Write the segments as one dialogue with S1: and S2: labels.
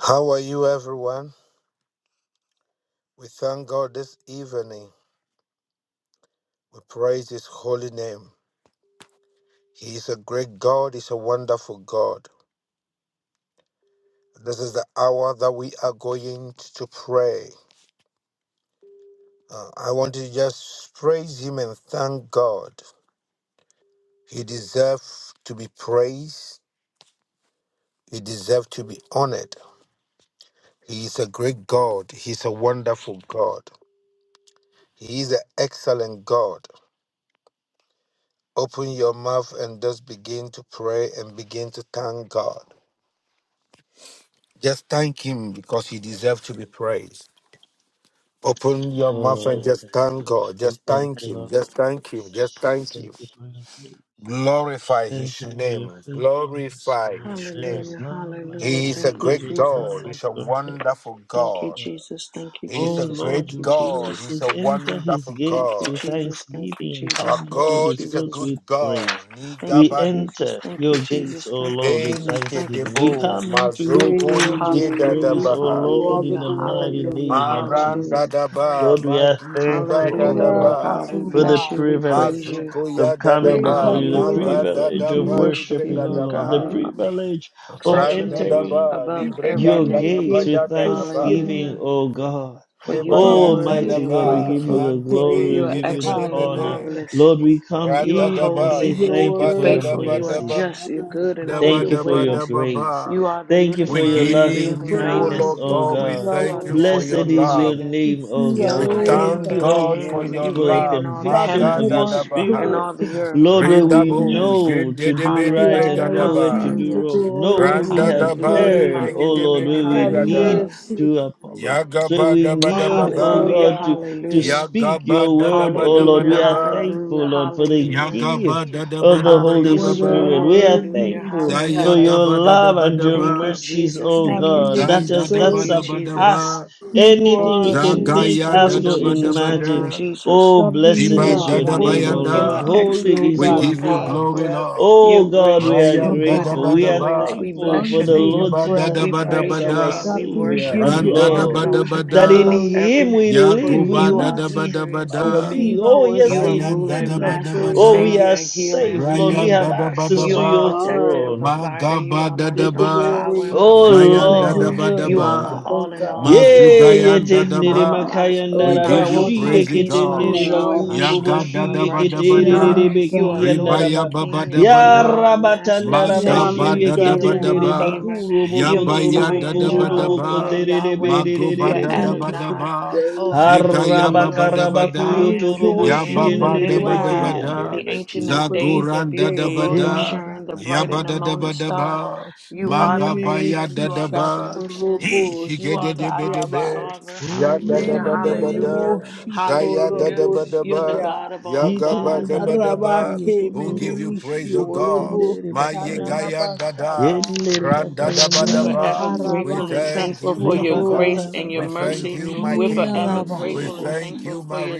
S1: How are you, everyone? We thank God this evening. We praise His holy name. He is a great God, He's a wonderful God. This is the hour that we are going to pray. Uh, I want to just praise Him and thank God. He deserves to be praised, He deserves to be honored. He is a great God, He's a wonderful God, He is an excellent God. Open your mouth and just begin to pray and begin to thank God. Just thank Him because He deserves to be praised. Open your
S2: Oh
S1: mouth
S2: Lord,
S1: and
S2: we
S1: just
S2: thank
S1: thank God.
S2: you.
S1: Just
S2: We thank
S1: thank
S2: you,
S1: Him.
S2: Lord, for
S1: Just thank
S2: your
S1: Him. Just
S2: mercies. We
S1: thank Him.
S2: thank you for your grace.
S1: Glorify
S2: Thank
S1: His
S2: you for your
S1: name.
S2: faithfulness, O
S1: Glorify
S2: Lord.
S1: His
S2: There
S1: name.
S2: is
S3: Hallelujah,
S2: none like
S3: hallelujah.
S1: He
S2: you,
S1: is a
S3: Thank
S2: Lord.
S3: you,
S2: There
S1: great
S2: is
S3: Jesus.
S1: God.
S2: none that
S1: He's a
S2: compares
S1: wonderful
S3: Thank you,
S2: with you.
S1: God.
S3: Jesus. Thank you,
S1: He's
S2: O
S1: a
S3: Jesus. Thank
S2: Lord,
S1: great
S3: you,
S2: your word
S1: God.
S3: Jesus.
S1: He's a
S2: says, enter his
S1: wonderful
S3: Thank
S2: gates
S3: you,
S2: with
S1: God.
S3: Jesus. Thank you,
S2: thanksgiving and
S3: Jesus.
S1: Our
S2: come
S3: Thank
S2: into
S3: you,
S1: God
S2: his
S1: is a
S2: courts
S1: good
S3: Jesus.
S2: with
S1: God.
S2: praise.
S3: Thank
S2: We
S3: you,
S1: Nigabadeni
S3: Jesus.
S2: enter
S3: Thank you,
S2: your gates,
S3: Jesus.
S2: O
S3: Thank you,
S2: Lord, with
S3: Jesus. Thank you,
S2: thanksgiving. We
S3: Jesus.
S1: kedebo
S2: come into
S4: We
S2: your
S4: give
S1: mazoko
S2: courts with
S3: Hallelujah,
S2: praise, O
S1: nigedadabaha.
S4: you
S2: Lord,
S4: all the
S2: in
S3: hallelujah,
S2: the
S4: glory
S2: mighty
S4: of
S3: hallelujah,
S4: the
S2: name of
S4: honor.
S1: Maranda
S2: Jesus.
S3: hallelujah.
S1: daba,
S2: Lord, we are
S1: mazuba
S2: thankful, O
S4: You
S3: Hallelujah,
S4: are
S2: God,
S3: Lord God.
S1: daba,
S3: We
S4: awesome
S2: for the
S3: bless
S4: God.
S3: you. We praise
S2: privilege
S3: you.
S1: mazuko ya
S2: of
S3: We
S2: coming
S4: Bring our
S3: honor
S2: before
S1: daba,
S2: you,
S3: you,
S2: the
S3: Lord.
S4: voices
S1: magada
S4: to
S2: privilege
S3: We
S2: of
S1: daba
S4: you
S3: worship you,
S4: because
S2: worshiping
S1: librega
S2: you,
S3: Lord
S4: you're
S2: Lord,
S3: God.
S2: the
S3: We
S1: daba,
S4: worthy.
S2: privilege of
S3: exalt your
S1: randa
S3: name ab-
S2: entering
S1: daba
S3: above
S4: We enter
S1: librega
S3: every
S2: your
S4: your
S1: daba
S3: name.
S2: gates
S4: gates
S2: with
S1: ya
S4: with
S1: dadaba
S2: thanksgiving,
S3: Hallelujah.
S4: thanksgiving.
S2: O God.
S3: For you
S4: We
S3: are
S1: kebayan
S4: enter your
S3: worthy
S2: Almighty
S3: and
S2: God, we
S4: courts
S1: daba,
S2: give you
S4: with
S3: wonderful.
S2: the glory,
S1: mandibe
S2: we
S3: You are
S2: give
S4: praise.
S2: you
S1: dedebe
S2: the
S3: excellent and
S2: honor.
S1: debebe,
S4: Hallelujah.
S3: marvelous.
S2: Lord, we come
S3: You
S1: randa
S3: are
S2: in and
S1: daba
S3: holy
S2: say
S4: You're
S3: and,
S2: thank you
S3: and
S1: igeba
S2: for your
S3: faithful.
S4: worthy
S1: dadaba
S3: You
S4: of
S3: are
S1: daba
S2: mercies.
S3: just.
S4: our
S3: You're
S4: honor. You're
S3: good in all
S1: daba
S4: worthy
S2: Thank
S3: your
S2: you
S4: of our
S2: for
S1: daba
S4: glory.
S2: your
S3: ways.
S1: daba
S2: grace.
S1: ba.
S3: You are the
S2: Thank you
S3: living
S4: We
S1: We
S2: for your
S3: word,
S4: see
S3: the
S4: our
S2: loving
S1: give
S3: living
S1: you, O
S3: God.
S4: praise.
S2: kindness,
S1: Lord
S4: We
S2: O
S1: God, we
S4: see
S2: God.
S4: our
S3: You are
S1: thank you
S3: the
S1: for
S4: worship.
S3: Alpha
S1: your
S3: and
S2: Blessed
S3: the
S2: is your
S1: love.
S3: Omega.
S4: We
S2: name, O
S4: see
S3: You're
S4: our
S1: We
S3: the
S2: God.
S3: I am
S2: Thank
S1: thank
S4: worship.
S3: that
S2: you,
S3: I
S2: O
S1: God for
S2: God,
S3: am.
S1: your
S3: You
S2: for the
S3: reign in
S1: love.
S3: all the
S4: God, we
S2: conviction of
S3: heavens
S2: your
S4: want to
S3: and
S1: Magadadabaha.
S2: spirit.
S3: all the
S4: worship
S3: earth.
S2: Lord, where we
S1: Redabo
S3: Hallelujah.
S4: you.
S2: know
S1: jende
S2: to
S1: de
S2: do
S1: beni
S4: We
S2: right
S3: Hallelujah.
S2: and
S4: honor,
S2: know where to
S1: bregadaba.
S4: receive
S2: do
S4: the
S3: Hallelujah.
S2: wrong.
S4: glory,
S2: Know where we
S1: Randa
S4: receive the
S2: have
S1: daba
S3: Hallelujah.
S1: ni
S2: erred,
S4: praise.
S2: O
S1: bregede
S3: Hallelujah.
S2: Lord,
S1: beni
S2: where
S4: Have
S2: we need
S1: bregada.
S3: Hallelujah.
S4: mercy
S2: to apologize. Where
S1: Yagaba
S2: we
S1: daba
S4: on
S1: daba
S2: need,
S4: us,
S1: ba.
S2: O
S4: O
S3: Hallelujah.
S2: God, to,
S4: God.
S2: to
S3: Hallelujah.
S2: speak
S1: Yagaba
S2: your word,
S1: dadaba
S2: O
S1: daba
S2: Lord.
S3: Hallelujah,
S2: We are
S1: daba.
S3: hallelujah,
S2: thankful, Lord, for the
S3: hallelujah,
S2: gift
S1: Yagaba dadaba
S2: of the
S1: daba
S2: Holy
S1: daba
S4: Whether
S3: hallelujah,
S4: in
S1: ba.
S2: Spirit.
S4: word
S2: We
S4: or
S2: are
S3: hallelujah,
S4: deed
S2: thankful
S4: we
S2: for
S4: have
S3: hallelujah.
S2: your
S1: Zayagaba
S2: love
S1: dadaba
S2: and your
S3: Thank you,
S1: daba.
S2: mercies,
S3: Jesus.
S2: oh
S4: not
S3: Thank you,
S2: God. That
S1: Zanda
S3: Jesus.
S2: is that
S3: Thank
S1: daba
S4: understood
S3: you,
S1: daba
S3: Jesus.
S2: surpass
S1: daba.
S4: who you
S3: Thank
S2: anything
S3: you,
S4: are
S2: we can
S4: in each
S3: Jesus.
S2: think,
S1: Zagaya
S3: Thank
S2: ask,
S3: you,
S2: or
S1: dadaba
S4: situation.
S3: Jesus.
S1: daba
S3: Thank you,
S2: imagine.
S3: Jesus.
S2: Oh,
S4: God,
S2: blessed
S4: we
S3: You
S4: are
S1: Iban
S2: is
S3: are
S2: your
S4: before
S2: name, O
S4: you,
S3: wonderful. You
S2: Lord.
S3: are
S1: dadabayanda.
S4: thanking you, O
S2: Holy
S3: excellent.
S2: is
S1: We
S3: You
S4: God,
S2: your
S3: are
S1: give you
S4: for our
S2: name.
S1: glory,
S3: powerful.
S4: breath.
S1: Lord.
S3: You're
S2: Oh God, we
S3: gracious.
S2: are
S3: You're
S4: Oh
S1: Ryan
S3: good in
S2: grateful.
S4: God,
S3: all
S2: We
S3: your
S2: are
S3: ways.
S1: dadabadaba.
S3: We
S4: as
S2: thankful
S3: bless
S4: long
S2: for
S3: your
S4: as
S2: the
S4: we
S3: name.
S2: Lord
S4: have
S1: Zigiba
S4: breath,
S2: Jesus
S3: We
S2: Christ,
S3: praise your
S2: our
S1: dadabadabada.
S3: name.
S4: God,
S3: We
S4: we
S2: Savior
S3: worship
S2: and
S4: give
S3: you.
S1: Ran
S4: you
S3: We
S2: Lord,
S4: honor
S3: exalt your
S4: and
S2: that
S3: name
S2: in
S1: dadabadabada.
S3: above
S4: glory and
S3: every
S4: give
S2: Him we
S3: name.
S4: you
S2: live, we
S1: Yaguba
S3: You are
S2: move,
S4: praise.
S2: we
S3: superior and
S2: have our
S1: dadabadabada.
S2: being.
S4: Receive
S3: supreme.
S4: our
S2: Oh, yes,
S3: You
S4: worship,
S3: are
S2: in
S1: Zayan
S3: ruler and
S4: receive
S2: Him.
S4: our
S3: master and
S2: Oh, we
S1: dadabadabada.
S3: savior
S2: are
S4: praise,
S3: and healer and
S2: safe, Lord. We
S1: Ryan
S2: have
S3: redeemer.
S2: access
S3: You
S2: to
S4: your
S3: are
S2: your
S1: dadabadaba.
S3: protector
S4: honor,
S3: and
S2: throne.
S3: provider. You
S1: Magaba
S3: are my
S4: your
S3: strong
S1: dadaba.
S3: tower and
S4: glory
S3: my
S2: Oh,
S3: resting
S1: Zayan
S4: is
S3: place.
S2: Lord,
S3: You
S2: you
S3: are
S2: are
S4: deserved,
S1: dadabadaba.
S3: my
S2: God.
S4: oh
S3: all in all,
S4: God.
S3: my
S2: Yea,
S3: comforter,
S1: Mazugayan
S4: Receive,
S2: yetendere
S3: my
S1: Dadaba,
S3: my
S1: we
S4: oh
S3: my
S2: makayandaraba,
S4: God,
S1: give you
S3: hope, my
S4: worship
S1: praise,
S3: peace, my
S1: God.
S2: shiyeketendere
S3: joy,
S4: now,
S3: my
S4: God.
S2: bakurobo,
S1: Yaga
S3: strength, my
S1: Dadaba
S4: We
S3: righteousness.
S4: honor
S2: shiyeketerere
S1: Dabada,
S4: you,
S3: You
S4: God.
S3: are Lord
S1: Ribaya
S3: and
S2: bekiyandaraba.
S1: Baba
S3: King and ruler
S1: Dabada,
S3: and master and
S4: We
S2: Yarabatandaraba,
S4: honor
S3: savior
S1: Magaba
S4: you,
S3: and
S4: God,
S1: Dadaba
S3: healer and
S4: now.
S2: shiyeketendere
S1: Daba,
S3: redeemer.
S2: bakurobo,
S3: You're
S4: Worship
S1: Yabaya
S3: Messiah
S2: kotorobo,
S4: you
S3: and
S1: Dadaba
S4: now.
S2: korodobo,
S3: Jehovah. You're
S1: Daba,
S2: koterere
S3: Yahweh.
S1: Magoba
S3: You're
S4: Thank you
S1: Dadaba
S2: berererererere.
S4: for this
S3: Adonai.
S1: Daba,
S4: day
S3: Oh,
S4: that you
S3: hallelujah.
S1: Zigaya
S3: You
S4: made.
S1: Baba
S3: are the great I
S1: Dabada,
S2: Harabakarabakuyo
S4: We
S3: am that
S2: torobo,
S3: I
S4: rejoice and
S3: am, the
S4: we
S1: Yababa
S4: are
S2: shiyendere
S3: living
S1: Daba
S3: word,
S4: glad
S3: the
S1: Dabada,
S2: bekiyendere
S3: ancient of
S4: for
S3: days,
S4: this
S3: the
S1: Zaguran
S3: beautiful
S4: day,
S3: rose
S4: God.
S3: of
S2: Rebekete
S1: Dadabada,
S3: Sharon, the bright and the
S1: Yabada
S3: morning star.
S1: Dabadaba,
S3: You
S4: No
S3: are
S4: me
S3: the
S4: me me
S1: Magabaya
S3: answer. You are the
S4: kisha
S1: Dadaba,
S3: solution.
S4: torobo
S1: he
S3: You
S1: get the
S3: are the
S4: shita
S3: problem
S1: the
S3: solver.
S1: Ya Ya da
S4: Ne
S1: da
S3: Hallelujah.
S4: ne
S1: da da.
S4: ne
S1: ba
S4: ne
S3: Hallelujah.
S1: da
S4: bo shito
S1: zaya da da
S3: Hallelujah.
S1: ba ba
S3: You're the
S1: ba
S3: God
S4: shia.
S3: of
S1: ya
S3: all
S1: ga ba. Zaya
S3: gods.
S1: da ba da
S4: Araba
S1: ba.
S4: me
S1: Who
S4: me
S1: give you
S4: me shi
S1: praise, O God?
S4: orobo
S1: My ye gayan da da. ran da da Ran ba
S3: We're
S1: da
S4: Ni
S3: forever
S1: ba. We
S3: grateful
S4: karaba
S3: and
S1: thank
S3: thankful
S1: you,
S3: for your
S1: Jehovah.
S3: grace
S4: shatoro.
S3: and your
S1: We thank
S3: mercy.
S1: you, my
S3: We're
S4: Ni na
S1: King.
S3: forever
S1: We
S3: grateful and
S1: thank
S3: thankful
S1: you,
S3: for
S1: my
S3: your